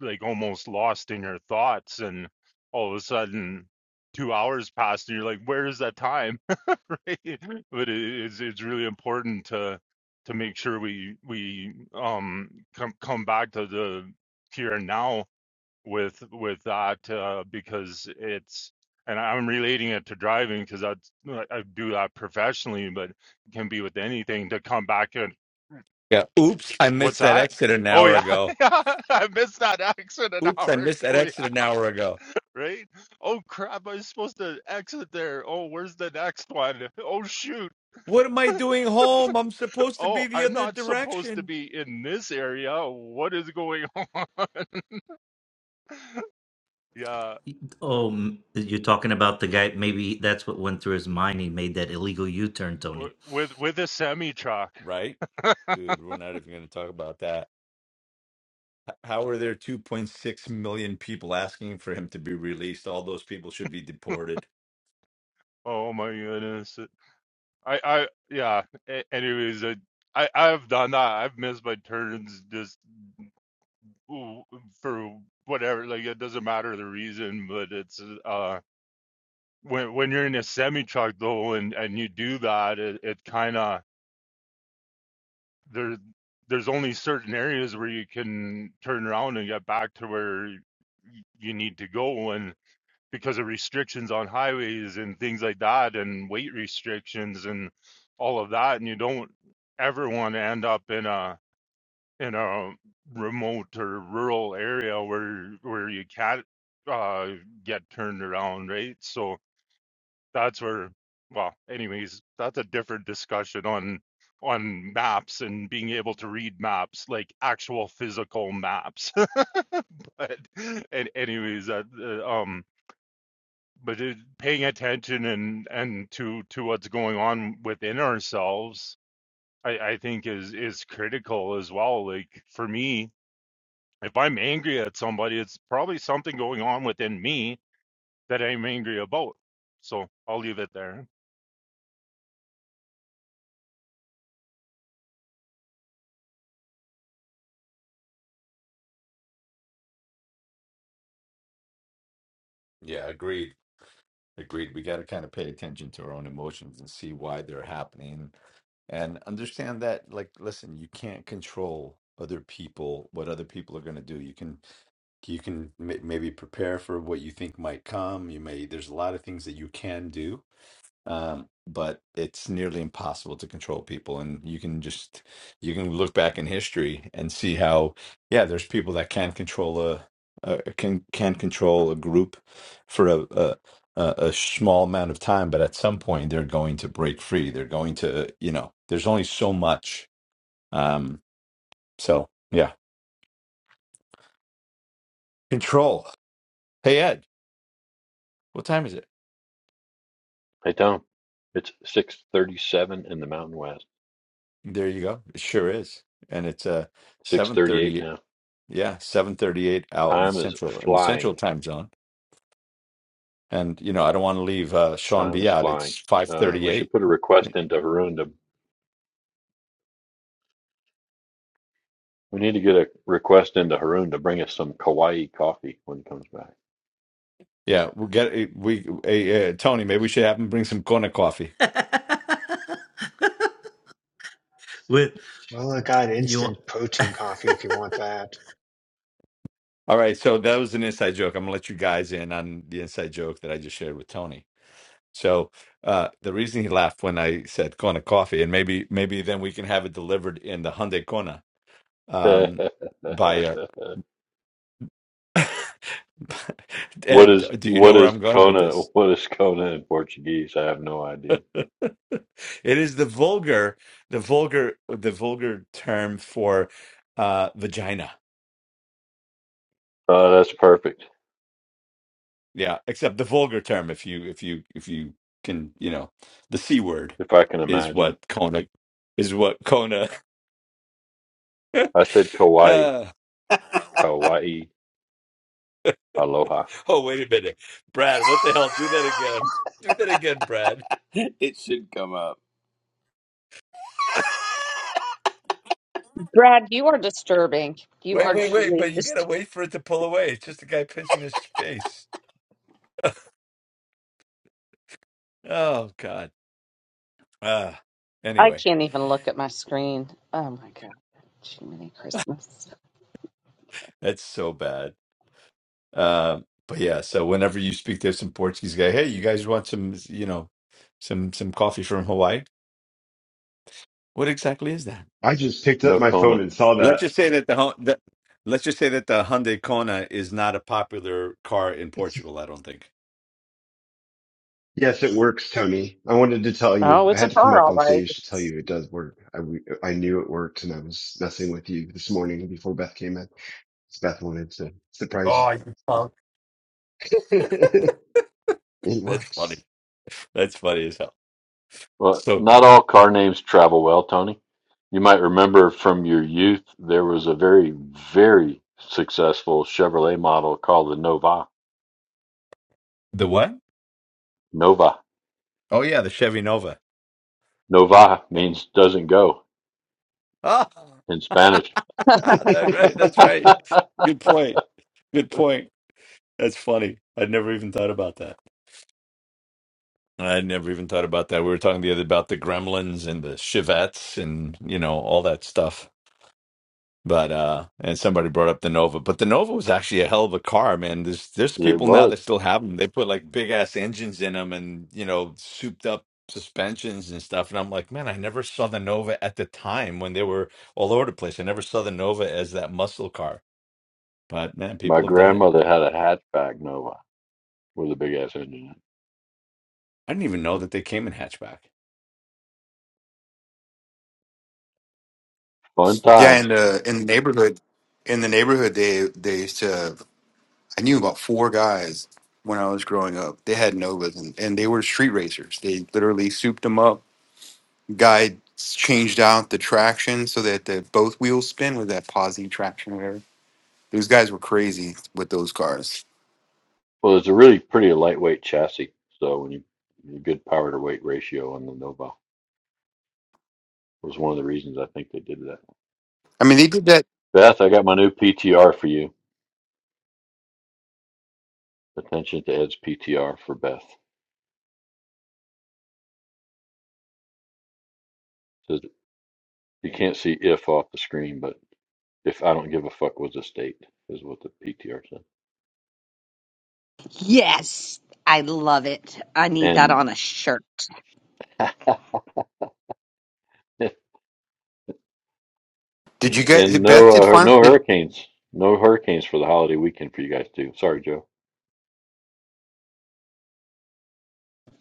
like almost lost in your thoughts and all of a sudden two hours passed and you're like where is that time right but it, it's it's really important to to make sure we we um come come back to the here and now with with that uh, because it's and I'm relating it to driving because I I do that professionally but it can be with anything to come back and
yeah oops i
what's
missed that
that
exit an
oh
hour
yeah
ago
yeah I missed that accident an
oops i
hour
missed that
ago
exit an hour ago
right? Oh crap, I'm supposed to exit there. Oh, where's the next one? Oh shoot.
What am I doing home? I'm supposed to
Oh,
be the
I'm
other
not supposed to
direction.
be in this area. What is going on? Yeah,
Oh, m- you're talking about the guy. Maybe that's what went through his mind. He made that illegal U-turn, Tony.
with with a semi truck.
Right? Dude, we're not even going to talk about that. H- How are there 2.6 million people asking for him to be released? All those people should be deported.
Oh my goodness. I I yeah, a- anyways, I I I've done that. I've missed my turns just ooh, for whatever, like it doesn't matter the reason, but it's uh when when you're in a semi truck though and and you do that, it, it kind of there there's only certain areas where you can turn around and get back to where you need to go and because of restrictions on highways and things like that and weight restrictions and all of that and you don't ever want to end up in a in a remote or rural area where where you can't uh get turned around right so that's where well anyways that's a different discussion on on maps and being able to read maps like actual physical maps but, and anyways that uh, um but it, paying attention and and to to what's going on within ourselves i i think is is critical as well like for me if i'm angry at somebody it's probably something going on within me that i'm angry about so i'll leave it there
Yeah, agreed. Agreed. We got to kind of pay attention to our own emotions and see why they're happening and understand that like listen, you can't control other people what other people are going to do you can you can may- maybe prepare for what you think might come you may there's a lot of things that you can do um, but it's nearly impossible to control people and you can just you can look back in history and see how yeah there's people that can control a, a can can control a group for a, a a a small amount of time but at some point they're going to break free they're going to you know there's only so much um so yeah control hey ed what time is it
Hey Tom, it's six thirty-seven in the Mountain West.
there you go it sure is and it's uh
Six thirty-eight
7:38
now.
Yeah, 7:38 out in
Time is
Central in the Central
flying.
time zone. And you know, I don't want to leave uh Sean
Time
B
is
out.
flying.
It's
Uh, we should
5:38.
put a request into Haroon to. We need to get a request into Haroon to bring us some Kauai coffee when he comes
Yeah, we'll get eh, we hey, uh, Tony, maybe we should have him bring some Kona coffee.
With
Well, I got
you.
instant protein coffee if you want that.
All right, so that was an inside joke. I'm gonna let you guys in on the inside joke that I just shared with Tony. So uh, the reason he laughed when I said Kona coffee, and maybe maybe then we can have it delivered in the Hyundai Kona
back.
um, by. Uh,
what
Ed,
is
do you know
what
where
is
I'm going with
Kona?
this?
What is Kona in Portuguese? I have no idea.
It is the vulgar, the vulgar, the vulgar term for uh, vagina.
Uh, that's perfect.
Yeah, except the vulgar term, if you if you if you can, you know, the c word
If I can
is
imagine.
what Kona is what Kona.
I said Kauai. Kauai. Aloha.
Oh, wait a minute. Brad, what the hell? Do that again. Do that again, Brad.
it should come up.
Brad, you are disturbing. You
Wait,
are
wait, wait.
truly
But you got to
just.
wait for it to pull away. It's just a guy pinching his face. Oh, God. Uh,
I
anyway,
can't even look at my screen. Oh my God. Jiminy Christmas.
that's so bad. Um, but yeah, so whenever you speak to some Portuguese guy, hey, you guys want some, you know, some some coffee from Hawaii? What exactly is that?
I just picked up
No
my phone
Kona.
and saw
Let's
that.
just say that the, Hon- the let's just say that the Hyundai Kona is not a popular car in Portugal. I don't think.
Yes, it works, Tony. I wanted to tell you.
Oh,
I
it's a
had to come
car,
up
all
on
right.
stage to tell you it does work. I, w- I knew it worked and I was messing with you this morning before Beth came in. 'Cause Beth wanted to surprise
Oh, you punk.
you. it
that's
works.
funny. That's funny as hell.
Well,
So
not all car names travel well, Tony. You might remember from your youth there was a very, very successful Chevrolet model called the Nova.
the what?
Nova.
Oh yeah, the Chevy Nova.
Nova
Yeah.
means doesn't go
Oh,
in Spanish.
that's right. That's right. Good point. Good point. That's funny. I'd never even thought about that. I'd never even thought about that. We were talking the other about the Gremlins and the Chivettes and you know all that stuff. But uh and somebody brought up the Nova, but the Nova was actually a hell of a car, man. There's there's
It
people now
was.
that still have them. They put like big ass engines in them and you know souped up suspensions and stuff. And I'm like, man, I never saw the Nova at the time when they were all over the place. I never saw the Nova as that muscle car. But man,
My
people have done it.
grandmother had a hatchback Nova with a big ass engine. in it.
I didn't even know that they came in hatchback.
Fun
That's
Yeah, in
times.
the in the neighborhood, in the neighborhood, they they used to. I knew about four guys when I was growing up. They had Novas, and, and they were street racers. They literally souped them up guy changed out the traction so that the both wheels spin with that posi traction or whatever. Those guys were crazy with those cars.
Well, it's a really pretty lightweight chassis, so when you a good power to weight ratio on the Nova was one of the reasons I think they did that.
I mean, they did that.
Beth, I got my new PTR for you. Attention to Ed's PTR for Beth. So that- you can't see if off the screen, but if I don't give a fuck was a state is what the PTR said.
Yes, I love it. I need that on
And
a shirt.
Did you
and
get Beth
no
did
uh,
final?
no hurricanes, no hurricanes for the holiday weekend for you guys too. Sorry, Joe.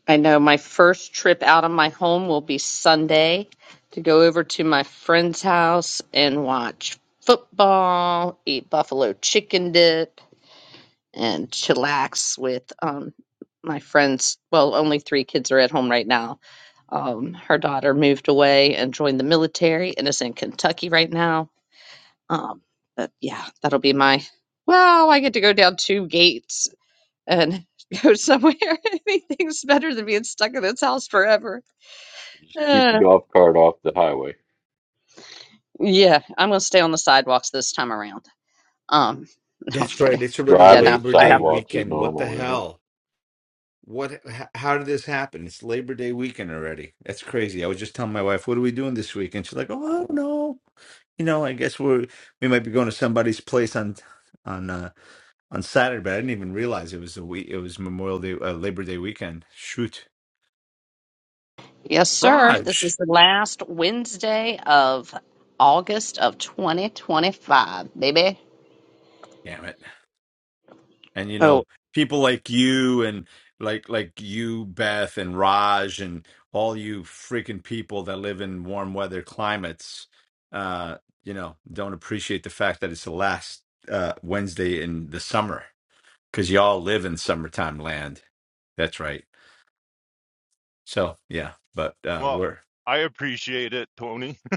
I know my first trip out of my home will be Sunday to go over to my friend's house and watch football, eat buffalo chicken dip, and chillax with um, my friends. Well, only three kids are at home right now. Um, her daughter moved away and joined the military and is in Kentucky right now. Um, but yeah, that'll be my. Well, I get to go down two gates and go somewhere. Anything's better than being stuck in this house forever.
Just keep the
Uh,
golf cart off the highway.
yeah, I'm gonna stay on the sidewalks this time around. Um, no, I'm
That's right.
kidding.
It's already
Yeah,
Driving the
no,
Labor
I
Day
have.
sidewalks is
weekend. What the
normal, isn't it?
hell? What? h- How did this happen? It's Labor Day weekend already. That's crazy. I was just telling my wife, "What are we doing this weekend?" She's like, "Oh, I don't know. You know, I guess we're we might be going to somebody's place on on uh, on Saturday." But I didn't even realize it was a week. It was Memorial Day, uh, Labor Day weekend. Shoot,
Yes, sir. This is
Raj.
the last Wednesday of August of 2025, baby.
Damn it. and you
Oh,
know people like you and like like you beth and raj and all you freaking people that live in warm weather climates uh you know don't appreciate the fact that it's the last uh wednesday in the summer because y'all live in summertime land that's right so yeah but uh
Well,
we're
I appreciate it, Tony.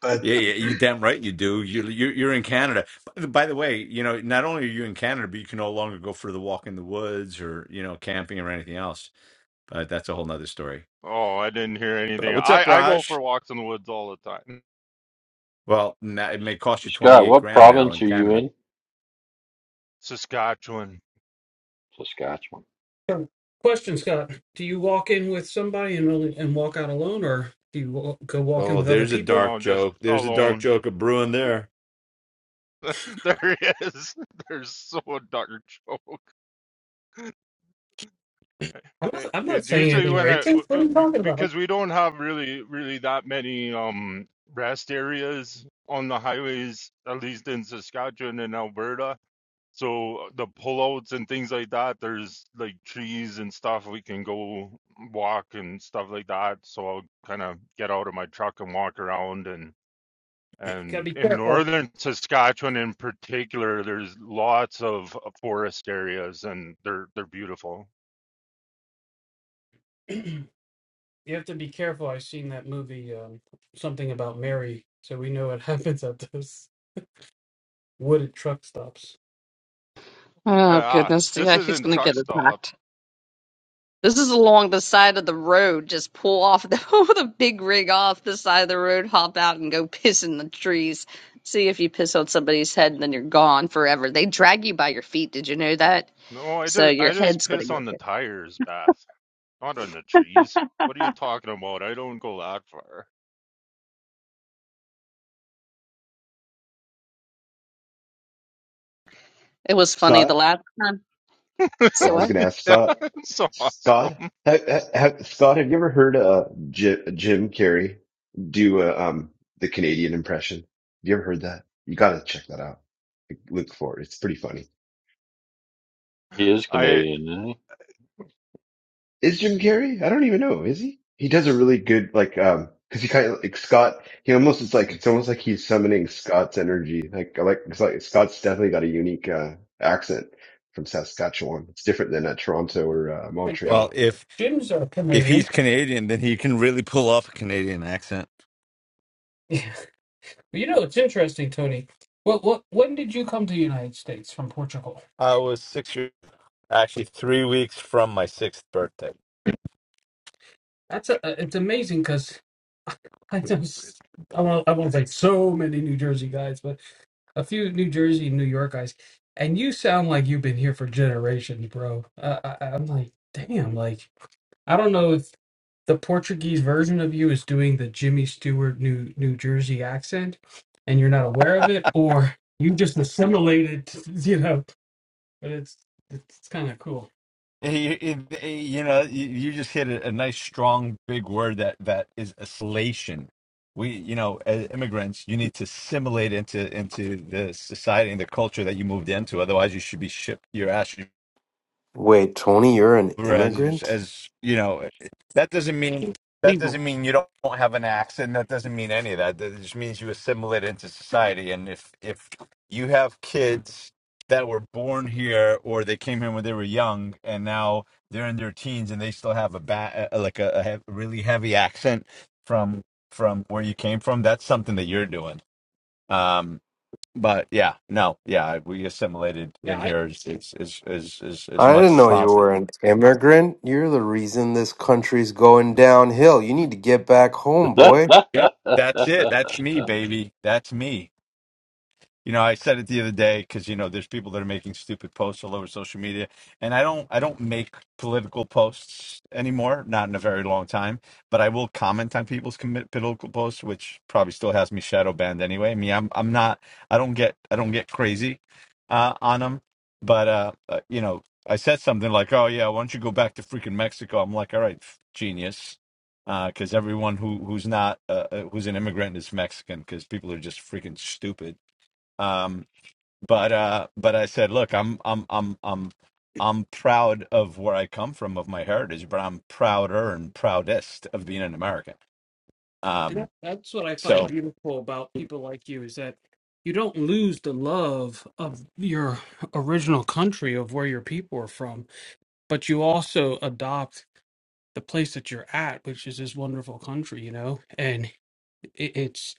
But
yeah, yeah, you damn right you do. You you you're in Canada. By by the way, you know, not only are you in Canada, but you can no longer go for the walk in the woods or, you know, camping or anything else But that's a whole nother story.
Oh, I didn't hear
But
anything.
what's
I,
up,
I go
Raj?
for walks in the woods all the time.
Well, na- it may cost you
Scott,
28
what
grand now
province
in
are you
Canada.
in?
Saskatchewan.
Saskatchewan.
So, question, Scott: Do you walk in with somebody and only, and walk out alone, or do you wa- go walk in
Oh,
with other
there's a
people?
dark
No, just
joke. There's a dark
alone.
joke of brewing there.
there he is. There's so darn joke.
I'm not,
It-
I'm not
It's
saying
usually
anything
when I
racist. What are you talking about?
because we don't have really really that many um rest areas on the highways, at least in Saskatchewan and Alberta. So the pullouts and things like that, there's like trees and stuff we can go walk and stuff like that. So I'll kind of get out of my truck and walk around and
Gotta
and
be
in
careful.
northern Saskatchewan in particular, there's lots of uh, forest areas and they're they're beautiful.
you have to be careful. I've seen that movie, um, something about Mary, so we know what happens at those wooded truck stops.
oh
Ah,
goodness.
this
Yeah, he's
isn't
gonna
truck
get
stop.
attacked. This is along the side of the road. Just pull off the, the big rig off the side of the road, hop out, and go piss in the trees. See if you piss on somebody's head, and then you're gone forever. They drag you by your feet. Did you know that?
No, I
So
just
your
I just
head's going to
piss
go.
on the
there.
tires, Beth, not on the trees. What are you talking about? I don't go that far.
It was funny the
Scott?
last time.
Oh, I
So
was
what?
going to ask
Yeah,
Scott.
it's awesome.
Scott? ha ha ha- Scott, have you ever heard uh, J- Jim Carrey do uh, um, the Canadian impression? Have you ever heard that? You got to check that out. Look for it. It's pretty funny.
He is
I.
Canadian, isn't
is Jim Carrey? I don't even know. Is he? He does a really good like um because he kind of like Scott. He almost it's like it's almost like he's summoning Scott's energy. Like I like, it's like Scott's definitely got a unique uh, accent from Saskatchewan. It's different than uh, Toronto or uh,
Wait, Jim-
Well,
Montreal.
if
Jim's a
if
Canadian.
he's Canadian, then he can really pull off a Canadian accent.
Yeah. You know, it's interesting, Tony. What what when did you come to the United States from Portugal?
I was six years, actually three weeks from my sixth birthday.
That's a, it's amazing because I just I won't, I won't say so many New Jersey guys, but a few New Jersey and New York guys, and you sound like you've been here for generations, bro. Uh, I, I- I'm like, damn, like I don't know if the Portuguese version of you is doing the Jimmy Stewart New New Jersey accent, and you're not aware of it, or you just assimilated, you know. But it's it's kind of cool.
It- it- it- you know, you you just hit a, a nice, strong, big word that that is assimilation. We, you know, as immigrants, you need to assimilate into into the society and the culture that you moved into. Otherwise, you should be shipped your ass
Wait, Tony, you're an
as
immigrant?
as you know that doesn't mean that
legal.
doesn't mean you don't don't have an accent that doesn't mean any of that that just means you assimilate into society and if if you have kids that were born here or they came here when they were young and now they're in their teens and they still have a ba- uh, like a, a hev- really heavy accent from from where you came from that's something that you're doing um but yeah no yeah we assimilated
Yeah,
in
I,
here as as as as, as, as
I
much
didn't
as
know you
possible
were an immigrant. You're the reason this country's going downhill. You need to get back home, boy.
Yep. That's it. That's
he?
me, baby. That's me. You know, I said it the other day because you know there's people that are making stupid posts all over social media, and I don't I don't make political posts anymore, not in a very long time. But I will comment on people's commit political posts, which probably still has me shadow banned anyway. I mean, I'm I'm not I don't get I don't get crazy uh, on them, but uh, uh, you know, I said something like, "Oh yeah, why don't you go back to freaking Mexico?" I'm like, "All right, f- genius." Because everyone who who's not uh, uh, who's an immigrant is Mexican. Because people are just freaking stupid um but uh but i said look i'm i'm i'm i'm i'm proud of where i come from of my heritage but i'm prouder and proudest of being an american
and that,
um
that's what I find
so
beautiful about people like you is that you don't lose the love of your original country of where your people are from, but you also adopt the place that you're at, which is this wonderful country, you know. And it, it's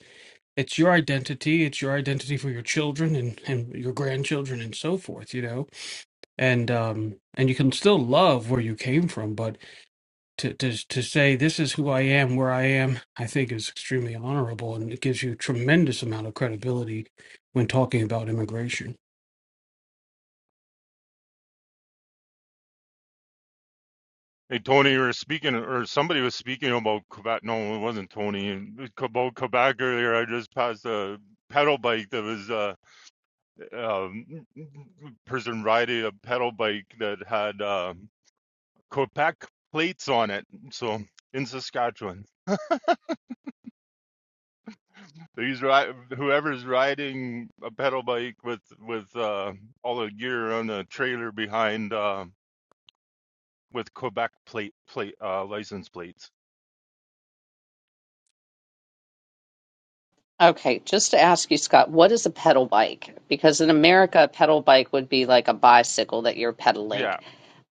it's your identity, it's your identity for your children and and your grandchildren and so forth, you know and um and you can still love where you came from but to to to say this is who I am where I am I think is extremely honorable and it gives you tremendous amount of credibility when talking about immigration
Hey, Tony, you were speaking, or somebody was speaking about Quebec. No, it wasn't Tony. It was About Quebec earlier, I just passed a pedal bike that was uh, um, person riding a pedal bike that had uh, Quebec plates on it. So in Saskatchewan, these ri whoever's riding a pedal bike with with uh, all the gear on the trailer behind uh, with Quebec plate plate uh, license plates.
Okay, just to ask you, Scott, what is a pedal bike? Because in America, a pedal bike would be like a bicycle that you're pedaling.
Yeah,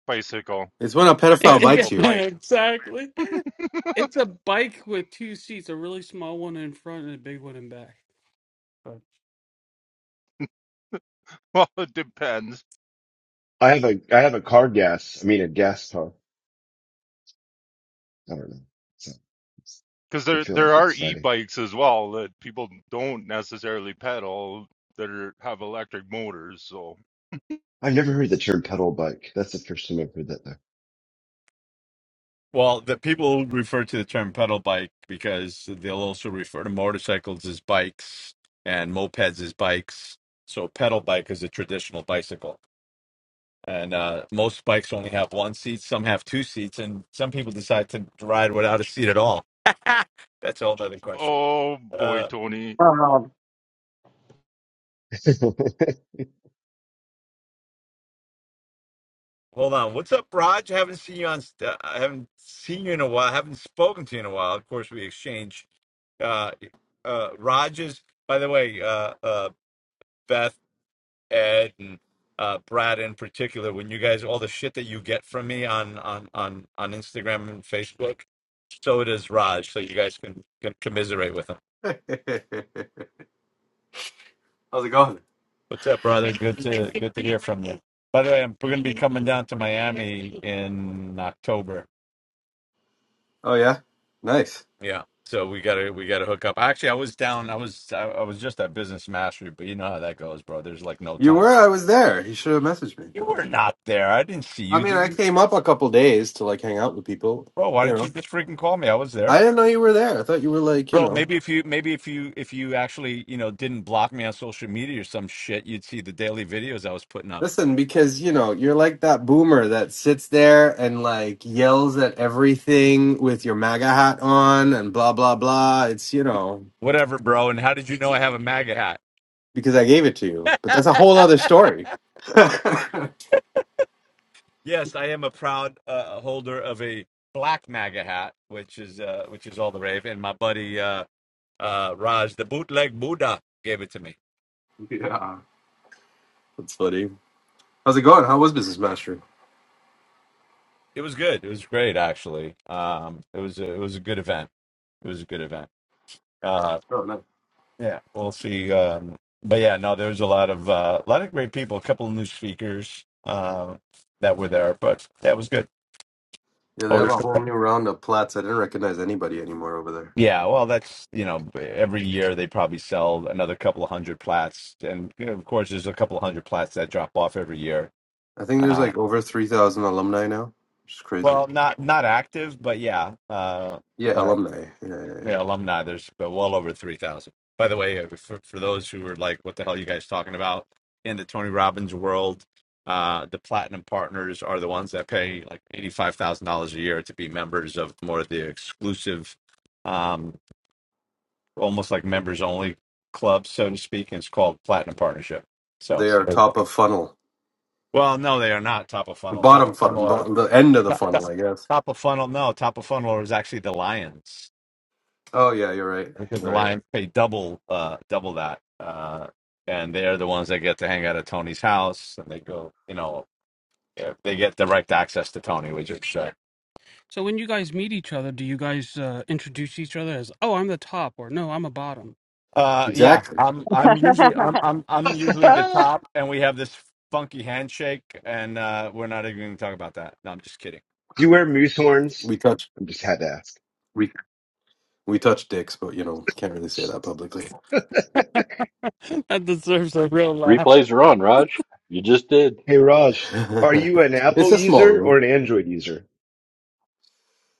bicycle,
It's when a pedophile
Yeah,
bites
bicycle,
you.
bike.
exactly it's a bike with two seats a really small one in front and a big one in back But-
Well, it depends
I have a I have a car gas. I mean a gas car. I don't know. So it's
because
good
there
feeling.
there are
It's Friday.
e-bikes as well that people don't necessarily pedal that are have electric motors. So,
I've never heard the term pedal bike. That's the first time I've heard that
well the people refer to the term pedal bike because they'll also refer to motorcycles as bikes and mopeds as bikes so pedal bike is a traditional bicycle and uh, most bikes only have one seat. Some have two seats, and some people decide to ride without a seat at all. That's a whole other question.
oh boy,
Uh,
Tony,
Oh,
though.
hold on, what's up, Raj? I haven't seen you on. st- uh, I haven't seen you in a while. I haven't spoken to you in a while. Of course, we exchange. Uh, uh, Raj is, by the way, uh, uh, Beth, Ed, and uh, Brad in particular. When you guys, all the shit that you get from me on on on on Instagram and Facebook, so does Raj. So you guys can, can commiserate with him.
How's it going?
What's up, brother? Good to good to hear from you. By the way, I'm, we're going to be coming down to Miami in October.
Oh, yeah? Nice.
Yeah, so we gotta we gotta hook up. Actually, I was down. I was I, I was just at Business Mastery, but you know how that goes, bro. There's like no
You were?
time.
I was there. You should have messaged me.
You were not there. I didn't see
I
you,
mean,
did
I
you,
came up a couple days to like hang out with people,
bro? Why
you
didn't you
know.
just freaking call me? I was there.
I didn't know you were there. I thought you were like, you
Bro,
know.
maybe if you maybe if you if you actually, you know, didn't block me on social media or some shit, you'd see the daily videos I was putting up.
Listen, because you know, you're like that boomer that sits there and like yells at everything with your MAGA hat on and blah blah blah. It's you know,
Whatever, bro. And how did you know I have a MAGA
because I gave it to you. But that's a
hat?
whole other story. yeah.
Yes, I am a proud uh, holder of a black MAGA hat, which is uh, which is all the rave. And my buddy uh, uh, Raj, the bootleg Buddha, gave it to me.
That's funny. How's it going? How was Business Mastery?
It was good. It was great, actually. Um, it was a, it was a good event. It was a good event. Uh,
Oh no.
yeah, we'll see. Um, but yeah, no, there was a lot of uh, a lot of great people. A couple of new speakers um, that were there, but that was good.
Yeah, they
Oh,
have a whole new round of plats. I didn't recognize anybody anymore over there.
yeah. Well, that's you know every year they probably sell another couple of hundred plats, and you know, of course there's a couple of hundred plats that drop off every year.
I think there's
Uh,
like over three thousand alumni now. Which is crazy.
well, not not active, but yeah. Uh,
Yeah,
but
alumni. Yeah, yeah, yeah.
Yeah, alumni. There's uh, well over three thousand. By the way, uh, for, for those who are like, "What the hell are you guys talking about?" In the Tony Robbins world, uh, the platinum partners are the ones that pay like eighty-five thousand dollars a year to be members of more of the exclusive, um, almost like members-only club, so to speak. And it's called Platinum Partnership. So,
They are top of funnel.
well, no, they are not top of
The
funnel. Top
bottom
of funnel
funnel,
are
bottom, the end of the
top, top,
funnel, I guess.
top of funnel. No, top of funnel is actually the Lions.
Oh yeah, you're right.
because the
You're right.
Lions pay double uh double that. Uh and they're the ones that get to hang out at Tony's house and they go, you know, eh, they get direct access to Tony, which is uh,
so when you guys meet each other do you guys uh, introduce each other as oh I'm the top or no I'm a bottom
uh yeah,
Exactly.
I'm I'm usually I'm I'm I'm usually the
Do
top and we have this funky handshake and uh we're not even gonna talk about that. No, I'm just kidding.
you wear moose horns?
We touch
I just had to ask.
we we touch dicks, but you know, can't really say that publicly.
that deserves a real laugh
Replays are on, Raj. You just did.
Hey Raj, are you an
it's
Apple
a small
user or
room.
an Android user?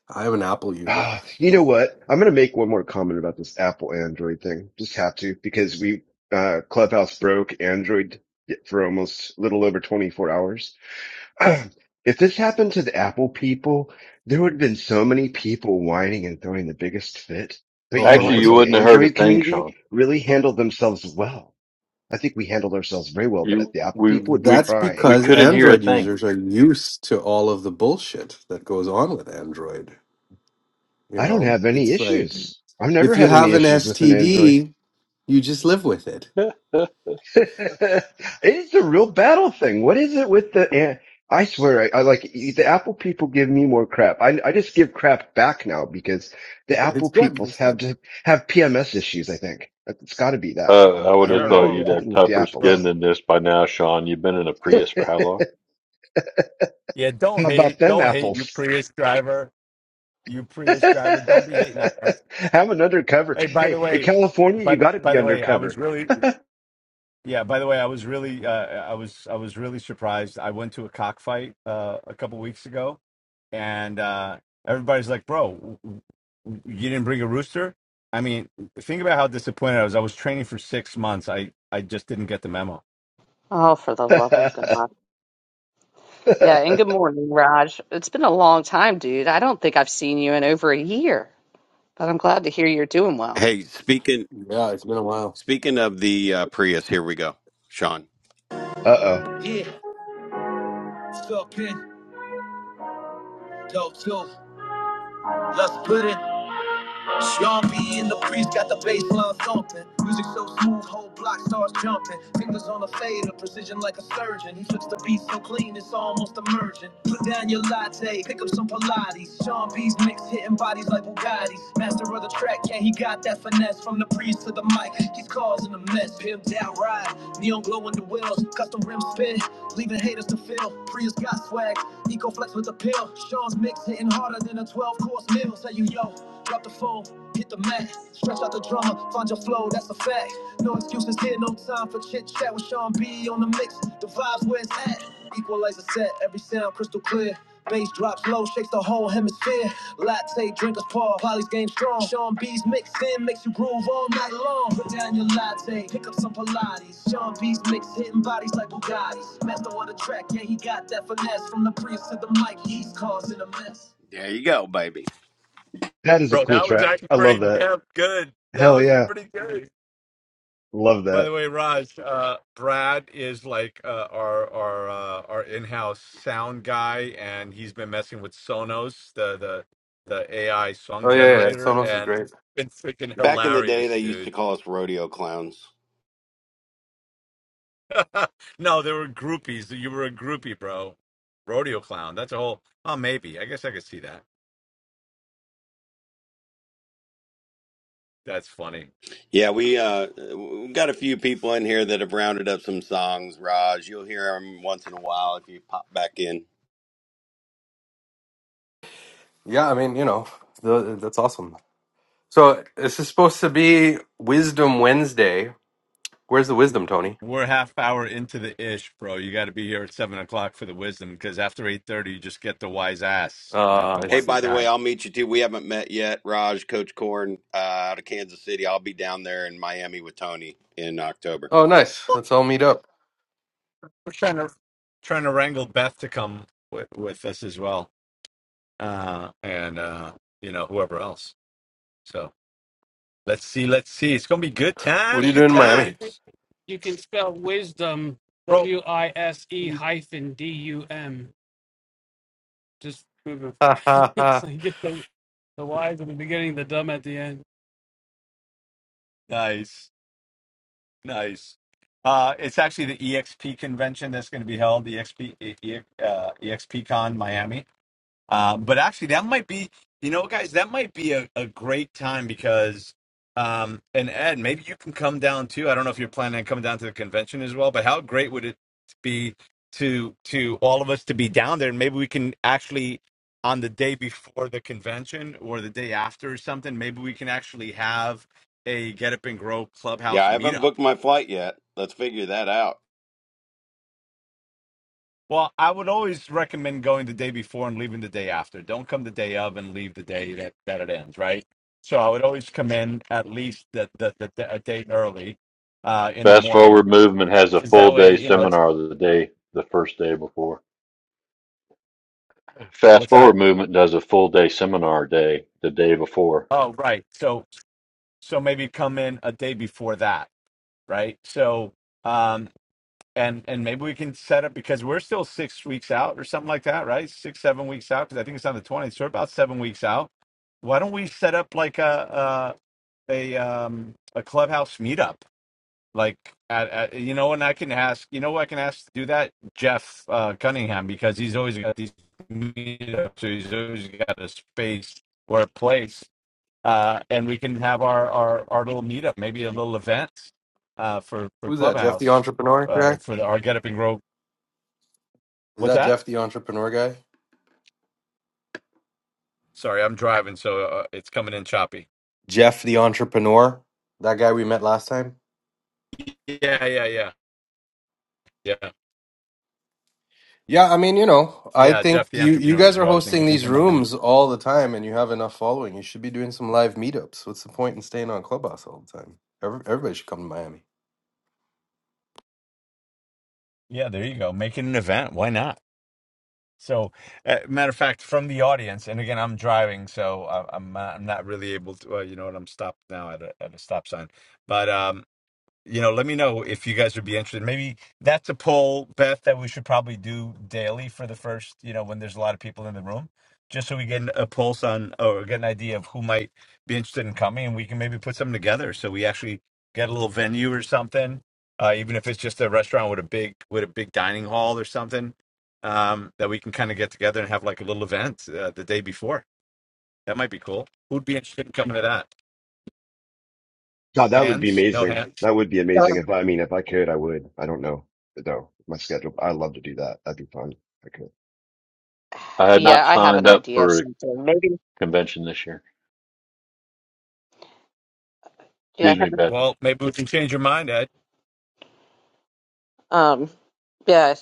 I am an Apple user.
Ah, you know what? I'm gonna make one more comment about this Apple Android thing. Just have to because we uh, Clubhouse broke Android for almost a little over 24 hours. if this happened to the Apple people, there would have been so many people whining and throwing the biggest fit. But you
Oh,
know,
Actually,
I
you
think
100%.
wouldn't
the
have heard a
Android
thing,
community
Sean.
really handled themselves well. I think we handled ourselves very well, but
You
the Apple
we
people would be
we
That's
we
crying.
because
couldn't hear a
Android
thing.
users are used to all of the bullshit that goes on with Android, you
I don't
know?
have any
It's like
issues. I've never
if you
had any
have an
issues with an Android.
STD, you just live with it.
uh,
it's a real battle thing. What is it with the? An- I swear, I, I like the Apple people give me more crap. I I just give crap back now because the Apple
It's good.
people
It's
have
good.
to have PMS issues. I think it's got to be that problem.
I
I
would
I
don't
have
don't
know
thought
oh, yeah.
know.
you'd have
something with the
tougher skin
Bro.
apples.
than this by now, Sean. You've been in a
How
Prius for how long?
Yeah, don't
about
hate
them
don't hate you
apples?
Prius driver. You Prius
have
driver, don't be hating on us.
an undercover.
Hey, by the
Hey, in
way,
California, you
but
got to
by
be
the way, I was
undercover.
really Yeah, by the way, I was really uh, I was I was really surprised. I went to a cockfight uh, a couple weeks ago and uh, everybody's like, "Bro, w- w- you didn't bring a rooster?" I mean, think about how disappointed I was. I was training for 6 months. I I just didn't get the memo.
Oh, for the love of God. Yeah, and good morning, Raj. It's been a long time, dude. I don't think I've seen you in over a year, but I'm glad to hear you're doing well.
Hey, speaking
Yeah, it's been a while.
speaking of the uh, Prius, here we go, Sean.
Uh oh.
Yeah, talking, dope too. Let's put it. Sean B and the priest got the bass line thumping. Music so smooth, whole block starts jumping. Fingers on the fader, precision like a surgeon. He flips the beat so clean, it's almost emergent. Put down your latte, pick up some Pilates. Sean B's mix hitting bodies like Bugattis. Master of the track, yeah, he got that finesse. From the priest to the mic, he's causing a mess. Pimped out ride, neon glow in the wheels, custom rim spin, leaving haters to feel. Prius got swag, Eco flex with the pill. Sean's mix hitting harder than a 12 course meal. Say you yo. Drop the phone, hit the mat, stretch out the drama, find your flow, that's a fact. No excuses here, no time for chit chat with Sean B on the mix. The vibes where it's at. Equalizer set, every sound crystal clear. Bass drops low, shakes the whole hemisphere. Latte, drinkers paw, Polly's game strong. Sean B's mix in makes you groove all night long. Put down your latte, pick up some Pilates. Sean B's mix hitting bodies like Bugattis. Master on the track, yeah, he got that finesse. From the priest to the mic, he's causing a mess. There you go, baby.
That is a
Bro,
cool
that was
track.
actually
I
pretty
love that.
damn good. That
Hell
was
yeah.
pretty good.
Love
By
that.
the way, Raj, uh, Brad is like uh, our our uh, our in-house sound guy, and he's been messing with Sonos, the the the AI song
Oh yeah, yeah.
generator,
Sonos is
and
great.
it's freaking
Back in the day,
hilarious,
they used to
dude.
call us rodeo clowns.
no, they were groupies. You were a groupie, bro. Rodeo clown. That's a whole. Oh, maybe. I guess I could see that. That's funny.
Yeah, we uh, we've got a few people in here that have rounded up some songs. Raj, you'll hear them once in a while if you pop back in.
Yeah, I mean, you know, th that's awesome. So this is supposed to be Wisdom Wednesday. Where's the wisdom, Tony?
We're half hour into the ish, bro. You got to be here at seven o'clock for the wisdom, because after eight thirty, you just get the wise ass, not
Uh,
the
I
Hey,
wise
see.
by the way,
guy.
I'll meet you too. We haven't met yet. Raj, Coach Corn uh, out of Kansas City. I'll be down there in Miami with Tony in October.
Oh, nice. Let's all meet up.
We're trying to trying to wrangle Beth to come with, with us as well, uh, and uh, you know whoever else. So let's see, let's see. It's gonna be good
What are
times,
you
good
doing in
Tony, I
Miami?
think.
times,
You can spell wisdom
bro.
W I S E hyphen D U M. Just moving forward. so you get the, the wise at the beginning, the dumb at the end.
Nice, nice. Uh, it's actually the EXP convention that's going to be held, the EXP, E- E- uh, EXP Miami. Uh, but actually, that might be, you know, guys, that might be a, a great time because, um, and Ed, maybe you can come down too. I don't know if you're planning on coming down to the convention as well, but how great would it be to to all of us to be down there? And maybe we can actually, on the day before the convention or the day after or something, maybe we can actually have a Get Up and Grow
Yeah,
Clubhouse
I haven't
meetup
booked my flight yet. Let's figure that out.
Well, I would always recommend going the day before and leaving the day after. Don't come the day of and leave the day that, that it ends, right? So I would always come in at least the, the, the, the- a day early uh, in the
Fast
morning
Forward Movement has a
because
full
that way,
day
you know, it's
seminar the day the first day before. Fast
what's
Forward
that?
Movement does a full day seminar day the day before.
Oh, right. So so maybe come in a day before that, right? So um and and maybe we can set up because we're still six weeks out or something like that, right? Six seven weeks out because I think it's on the twentieth, so we're about seven weeks out why don't we set up like a, a um a clubhouse meetup like at, at you know and i can ask you know who i can ask to do that jeff uh cunningham because he's always got these meetups so he's always got a space or a place uh and we can have our our, our little meetup maybe a little event uh for for
Who's that? Jeff the
clubhouse
entrepreneur guy?
uh for the, our get up and grow
Is
what's
that
that
Jeff the entrepreneur guy?
sorry i'm driving so uh, it's coming in choppy
Jeff the entrepreneur, that guy we met last time.
yeah yeah yeah yeah
Yeah, I mean, you know, I
yeah
think
jeff the
you you
entrepreneur
guys
is
are
what i was thinking
hosting
because he's
these
in my
rooms all the time, and you have enough following. You should be doing some live meetups. What's the point in staying on Clubhouse all the time? Every, everybody should come to Miami.
yeah there you go making an event why not So, uh, matter of fact, from the audience, and again, I'm driving, so I- I'm uh, I'm not really able to. Uh, you know what? I'm stopped now at a at a stop sign, but um, you know, let me know if you guys would be interested. Maybe that's a poll, Beth, that we should probably do daily for the first, you know, when there's a lot of people in the room, just so we get a pulse on or get an idea of who might be interested in coming, and we can maybe put something together so we actually get a little venue or something, uh, even if it's just a restaurant with a big with a big dining hall or something um, that we can kind of get together and have like a little event uh, the day before. That might be cool. Who'd be interested in coming to that?
God, that would be
Hands? No
amazing.
hands?
That would be amazing.
Um,
If I I mean, if I could, I would. I don't know. But no, my schedule. I love to do that. That'd be fun.
I had not
yeah, I have an
signed up
idea of
for a
something. Maybe,
convention this year.
yeah, I
Excuse me,
have-
Beth.
Well, maybe we can change your mind, Ed.
um, yeah,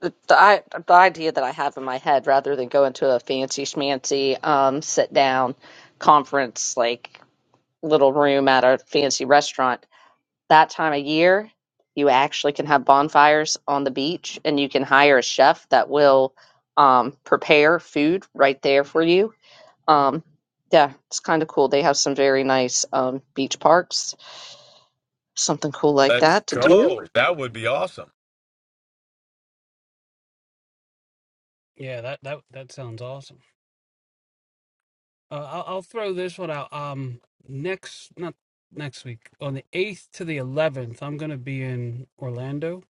the, the, I, the idea that I have in my head, rather than go into a fancy schmancy, um, sit down conference, like little room at a fancy restaurant. that time of year, you actually can have bonfires on the beach and you can hire a chef that will um, prepare food right there for you. Um, yeah, it's kind of cool. They have some very nice um, beach parks, something cool like
Let's
that to do.
go. That would be awesome.
Yeah, that that that sounds awesome. Uh, I'll, I'll throw this one out. Um, next not next week on the eighth to the eleventh, I'm gonna be in Orlando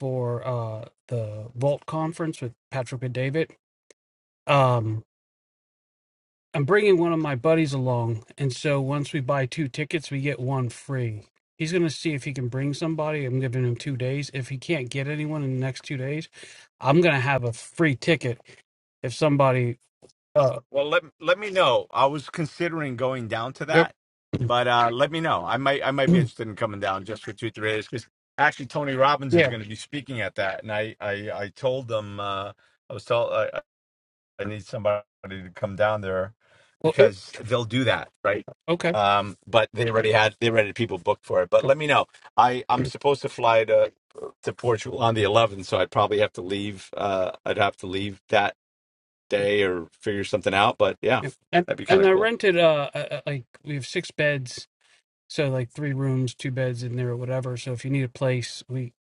for uh the Vault conference with Patrick and David. Um, I'm bringing one of my buddies along, and so once we buy two tickets, we get one free. He's going to see if he can bring somebody. I'm giving him two days. If he can't get anyone in the next two days, I'm going to have a free ticket if somebody. Uh,
Well, let let me know. I was considering going down to
yep.
that, but uh, let me know. I might I might be interested in coming down just for two three days because actually Tony Robbins is
yeah.
going to be speaking at that, and I I, I told them uh, I was told I, I I need somebody to come down there
Well, if
because they'll do that right.
okay,
Um, but they already had they already had people booked for it. But
cool.
let me know. I I'm supposed to fly to to Portugal on the 11th, so I'd probably have to leave. Uh, I'd have to leave that. day or figure something out. But yeah,
Yeah. And
that'd be kind
and
of
I
cool.
rented uh uh, uh, like we have six beds So like three rooms, two beds in there or whatever. So if you need a place, we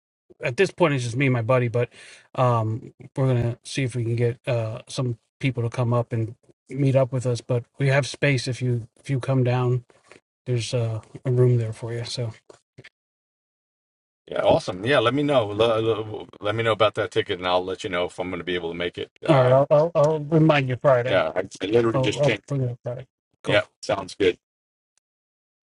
at this point it's just me and my buddy, but um we're gonna see if we can get uh some people to come up and meet up with us. But we have space if you if you come down, there's uh, a room there for you. So
Yeah, awesome. Yeah, let me know. Let, let let me know about that ticket, and I'll let you know if I'm going to be able to make it.
all right,
Uh,
I'll I'll, I'll remind you Friday.
yeah, I, I literally
I'll
just
I'll
changed.
bring it up Friday.
Yeah,
Cool.
sounds good.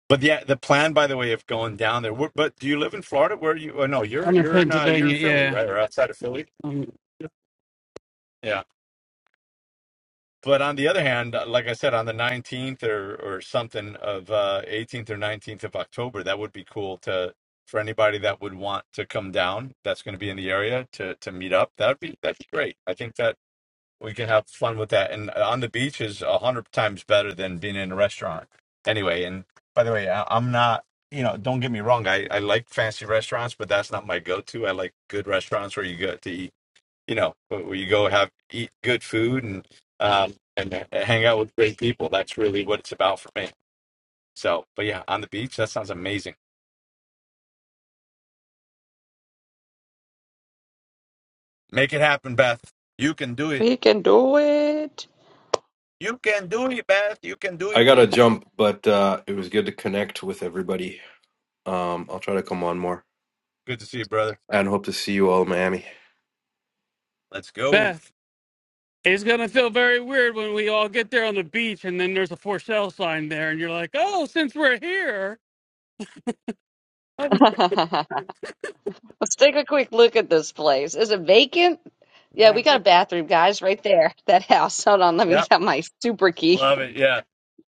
But yeah, the plan, by the way, of going down there. wh- But do you live in Florida? Where are you? Oh, no, you're
I'm in
you're in uh, you're in
Pennsylvania,
Philly,
yeah.
right, or outside of Philly?
Um,
Yeah. But on the other hand, like I said, on the 19th or, or something of uh, 18th or 19th of October, that would be cool to for anybody that would want to come down. That's going to be in the area to to meet up. That would be that'd be great. I think that we can have fun with that. And on the beach is a hundred times better than being in a restaurant. Anyway, and by the way, I, I'm not. You know, don't get me wrong. I, I like fancy restaurants, but that's not my go-to. I like good restaurants where you go to eat you know, where you go have eat good food and um and uh, hang out with great people. That's really what it's about for me. So, but yeah, on the beach, that sounds amazing. Make it happen, Beth. You can do it.
We can do it.
You can do it, Beth. You can do
I
it.
gotta jump, but uh, it was good to connect with everybody. Um, I'll try to come on more
Good to see you, brother.
and hope to see you all in Miami.
Let's go.
Beth, it's gonna feel very weird when we all get there on the beach and then there's a for sale sign there and you're like, Oh, since we're here That is
Let's take a quick look at this place. Is it vacant? Yeah, we
bad.
got a bathroom, guys, right there. That house. Hold on, let me
Yeah,
get out my super key.
love it. Yeah,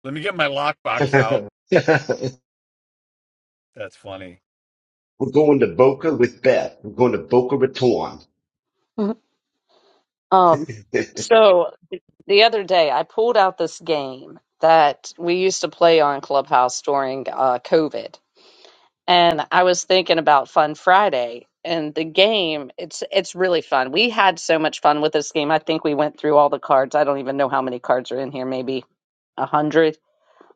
let me get my
if I
lockbox out.
could.
That's funny.
We're going to Boca with Beth. We're going to Boca Raton.
Um, so The other day, I pulled out this game that we used to play on Clubhouse during uh, COVID, and I was thinking about Fun Friday. And the game, it's it's really fun. We had so much fun with this game. I think we went through all the cards. I don't even know how many cards are in here, maybe a hundred.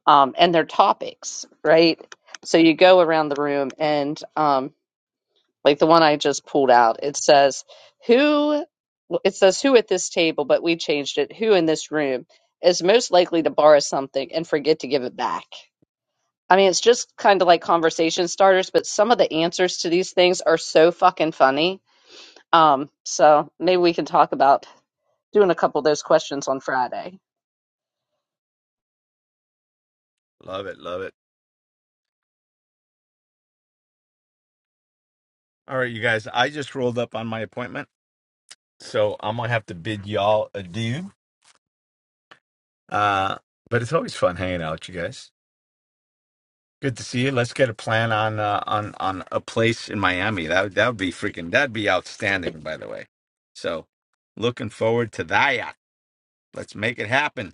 Um, and they're topics, right? So you go around the room, and um, like the one I just pulled out. It says, Who, well, it says, Who at this table, but we changed it, who in this room is most likely to borrow something and forget to give it back? I mean, it's just kind of like conversation starters, but some of the answers to these things are so fucking funny. Um, so maybe we can talk about doing a couple of those questions on Friday.
Love it. Love it. All right, you guys. I just rolled up on my appointment, so I'm gonna have to bid y'all adieu. Uh, but it's always fun hanging out with you guys. Good to see you. Let's get a plan on uh, on on a place in Miami. That would- that would be freaking that'd be outstanding, by the way. So, looking forward to that. Let's make it happen.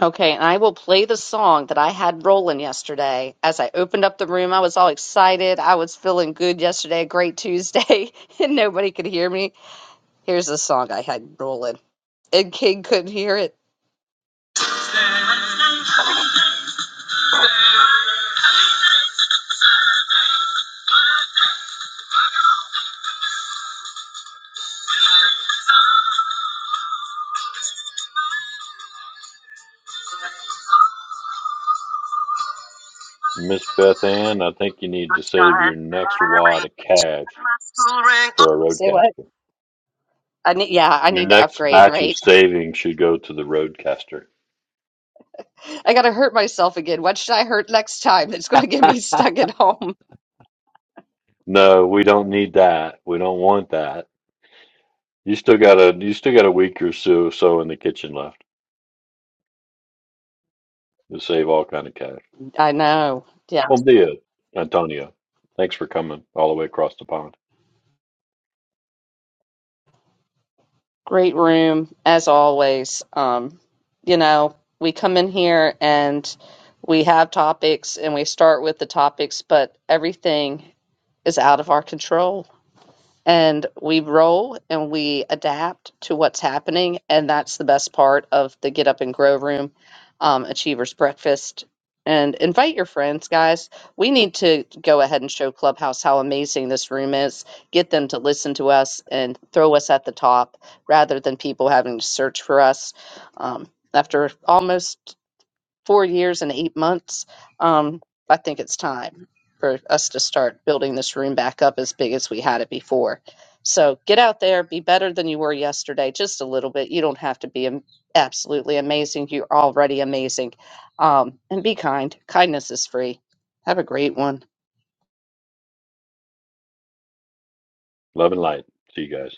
Okay, and I will play the song that I had rolling yesterday. As I opened up the room, I was all excited. I was feeling good yesterday, a great Tuesday, and nobody could hear me. Here's the song I had rolling, and King couldn't hear it.
Miss Beth Ann, I think you need to save your next wad of cash for a
Say what?
roadcaster.
I need, yeah, I
Your
need to
next
upgrade,
batch of
right?
savings should go to the roadcaster.
I gotta hurt myself again. What should I hurt next time that's gonna get me stuck at home?
No, we don't need that. We don't want that. You still got a you still got a week or so so in the kitchen left to save all kind of cash.
I know. Yeah.
Bom dia, Antonio. Thanks for coming all the way across the pond.
Great room, as always. Um, you know, we come in here and we have topics and we start with the topics, but everything is out of our control. and we roll and we adapt to what's happening and that's the best part of the get up and grow room um, achievers breakfast and invite your friends guys we need to go ahead and show clubhouse how amazing this room is get them to listen to us and throw us at the top rather than people having to search for us um, after almost four years and eight months, um, I think it's time for us to start building this room back up as big as we had it before. So get out there, be better than you were yesterday, just a little bit. You don't have to be am- absolutely amazing. You're already amazing. Um, and be kind. Kindness is free. Have a great one.
Love and light. See you guys.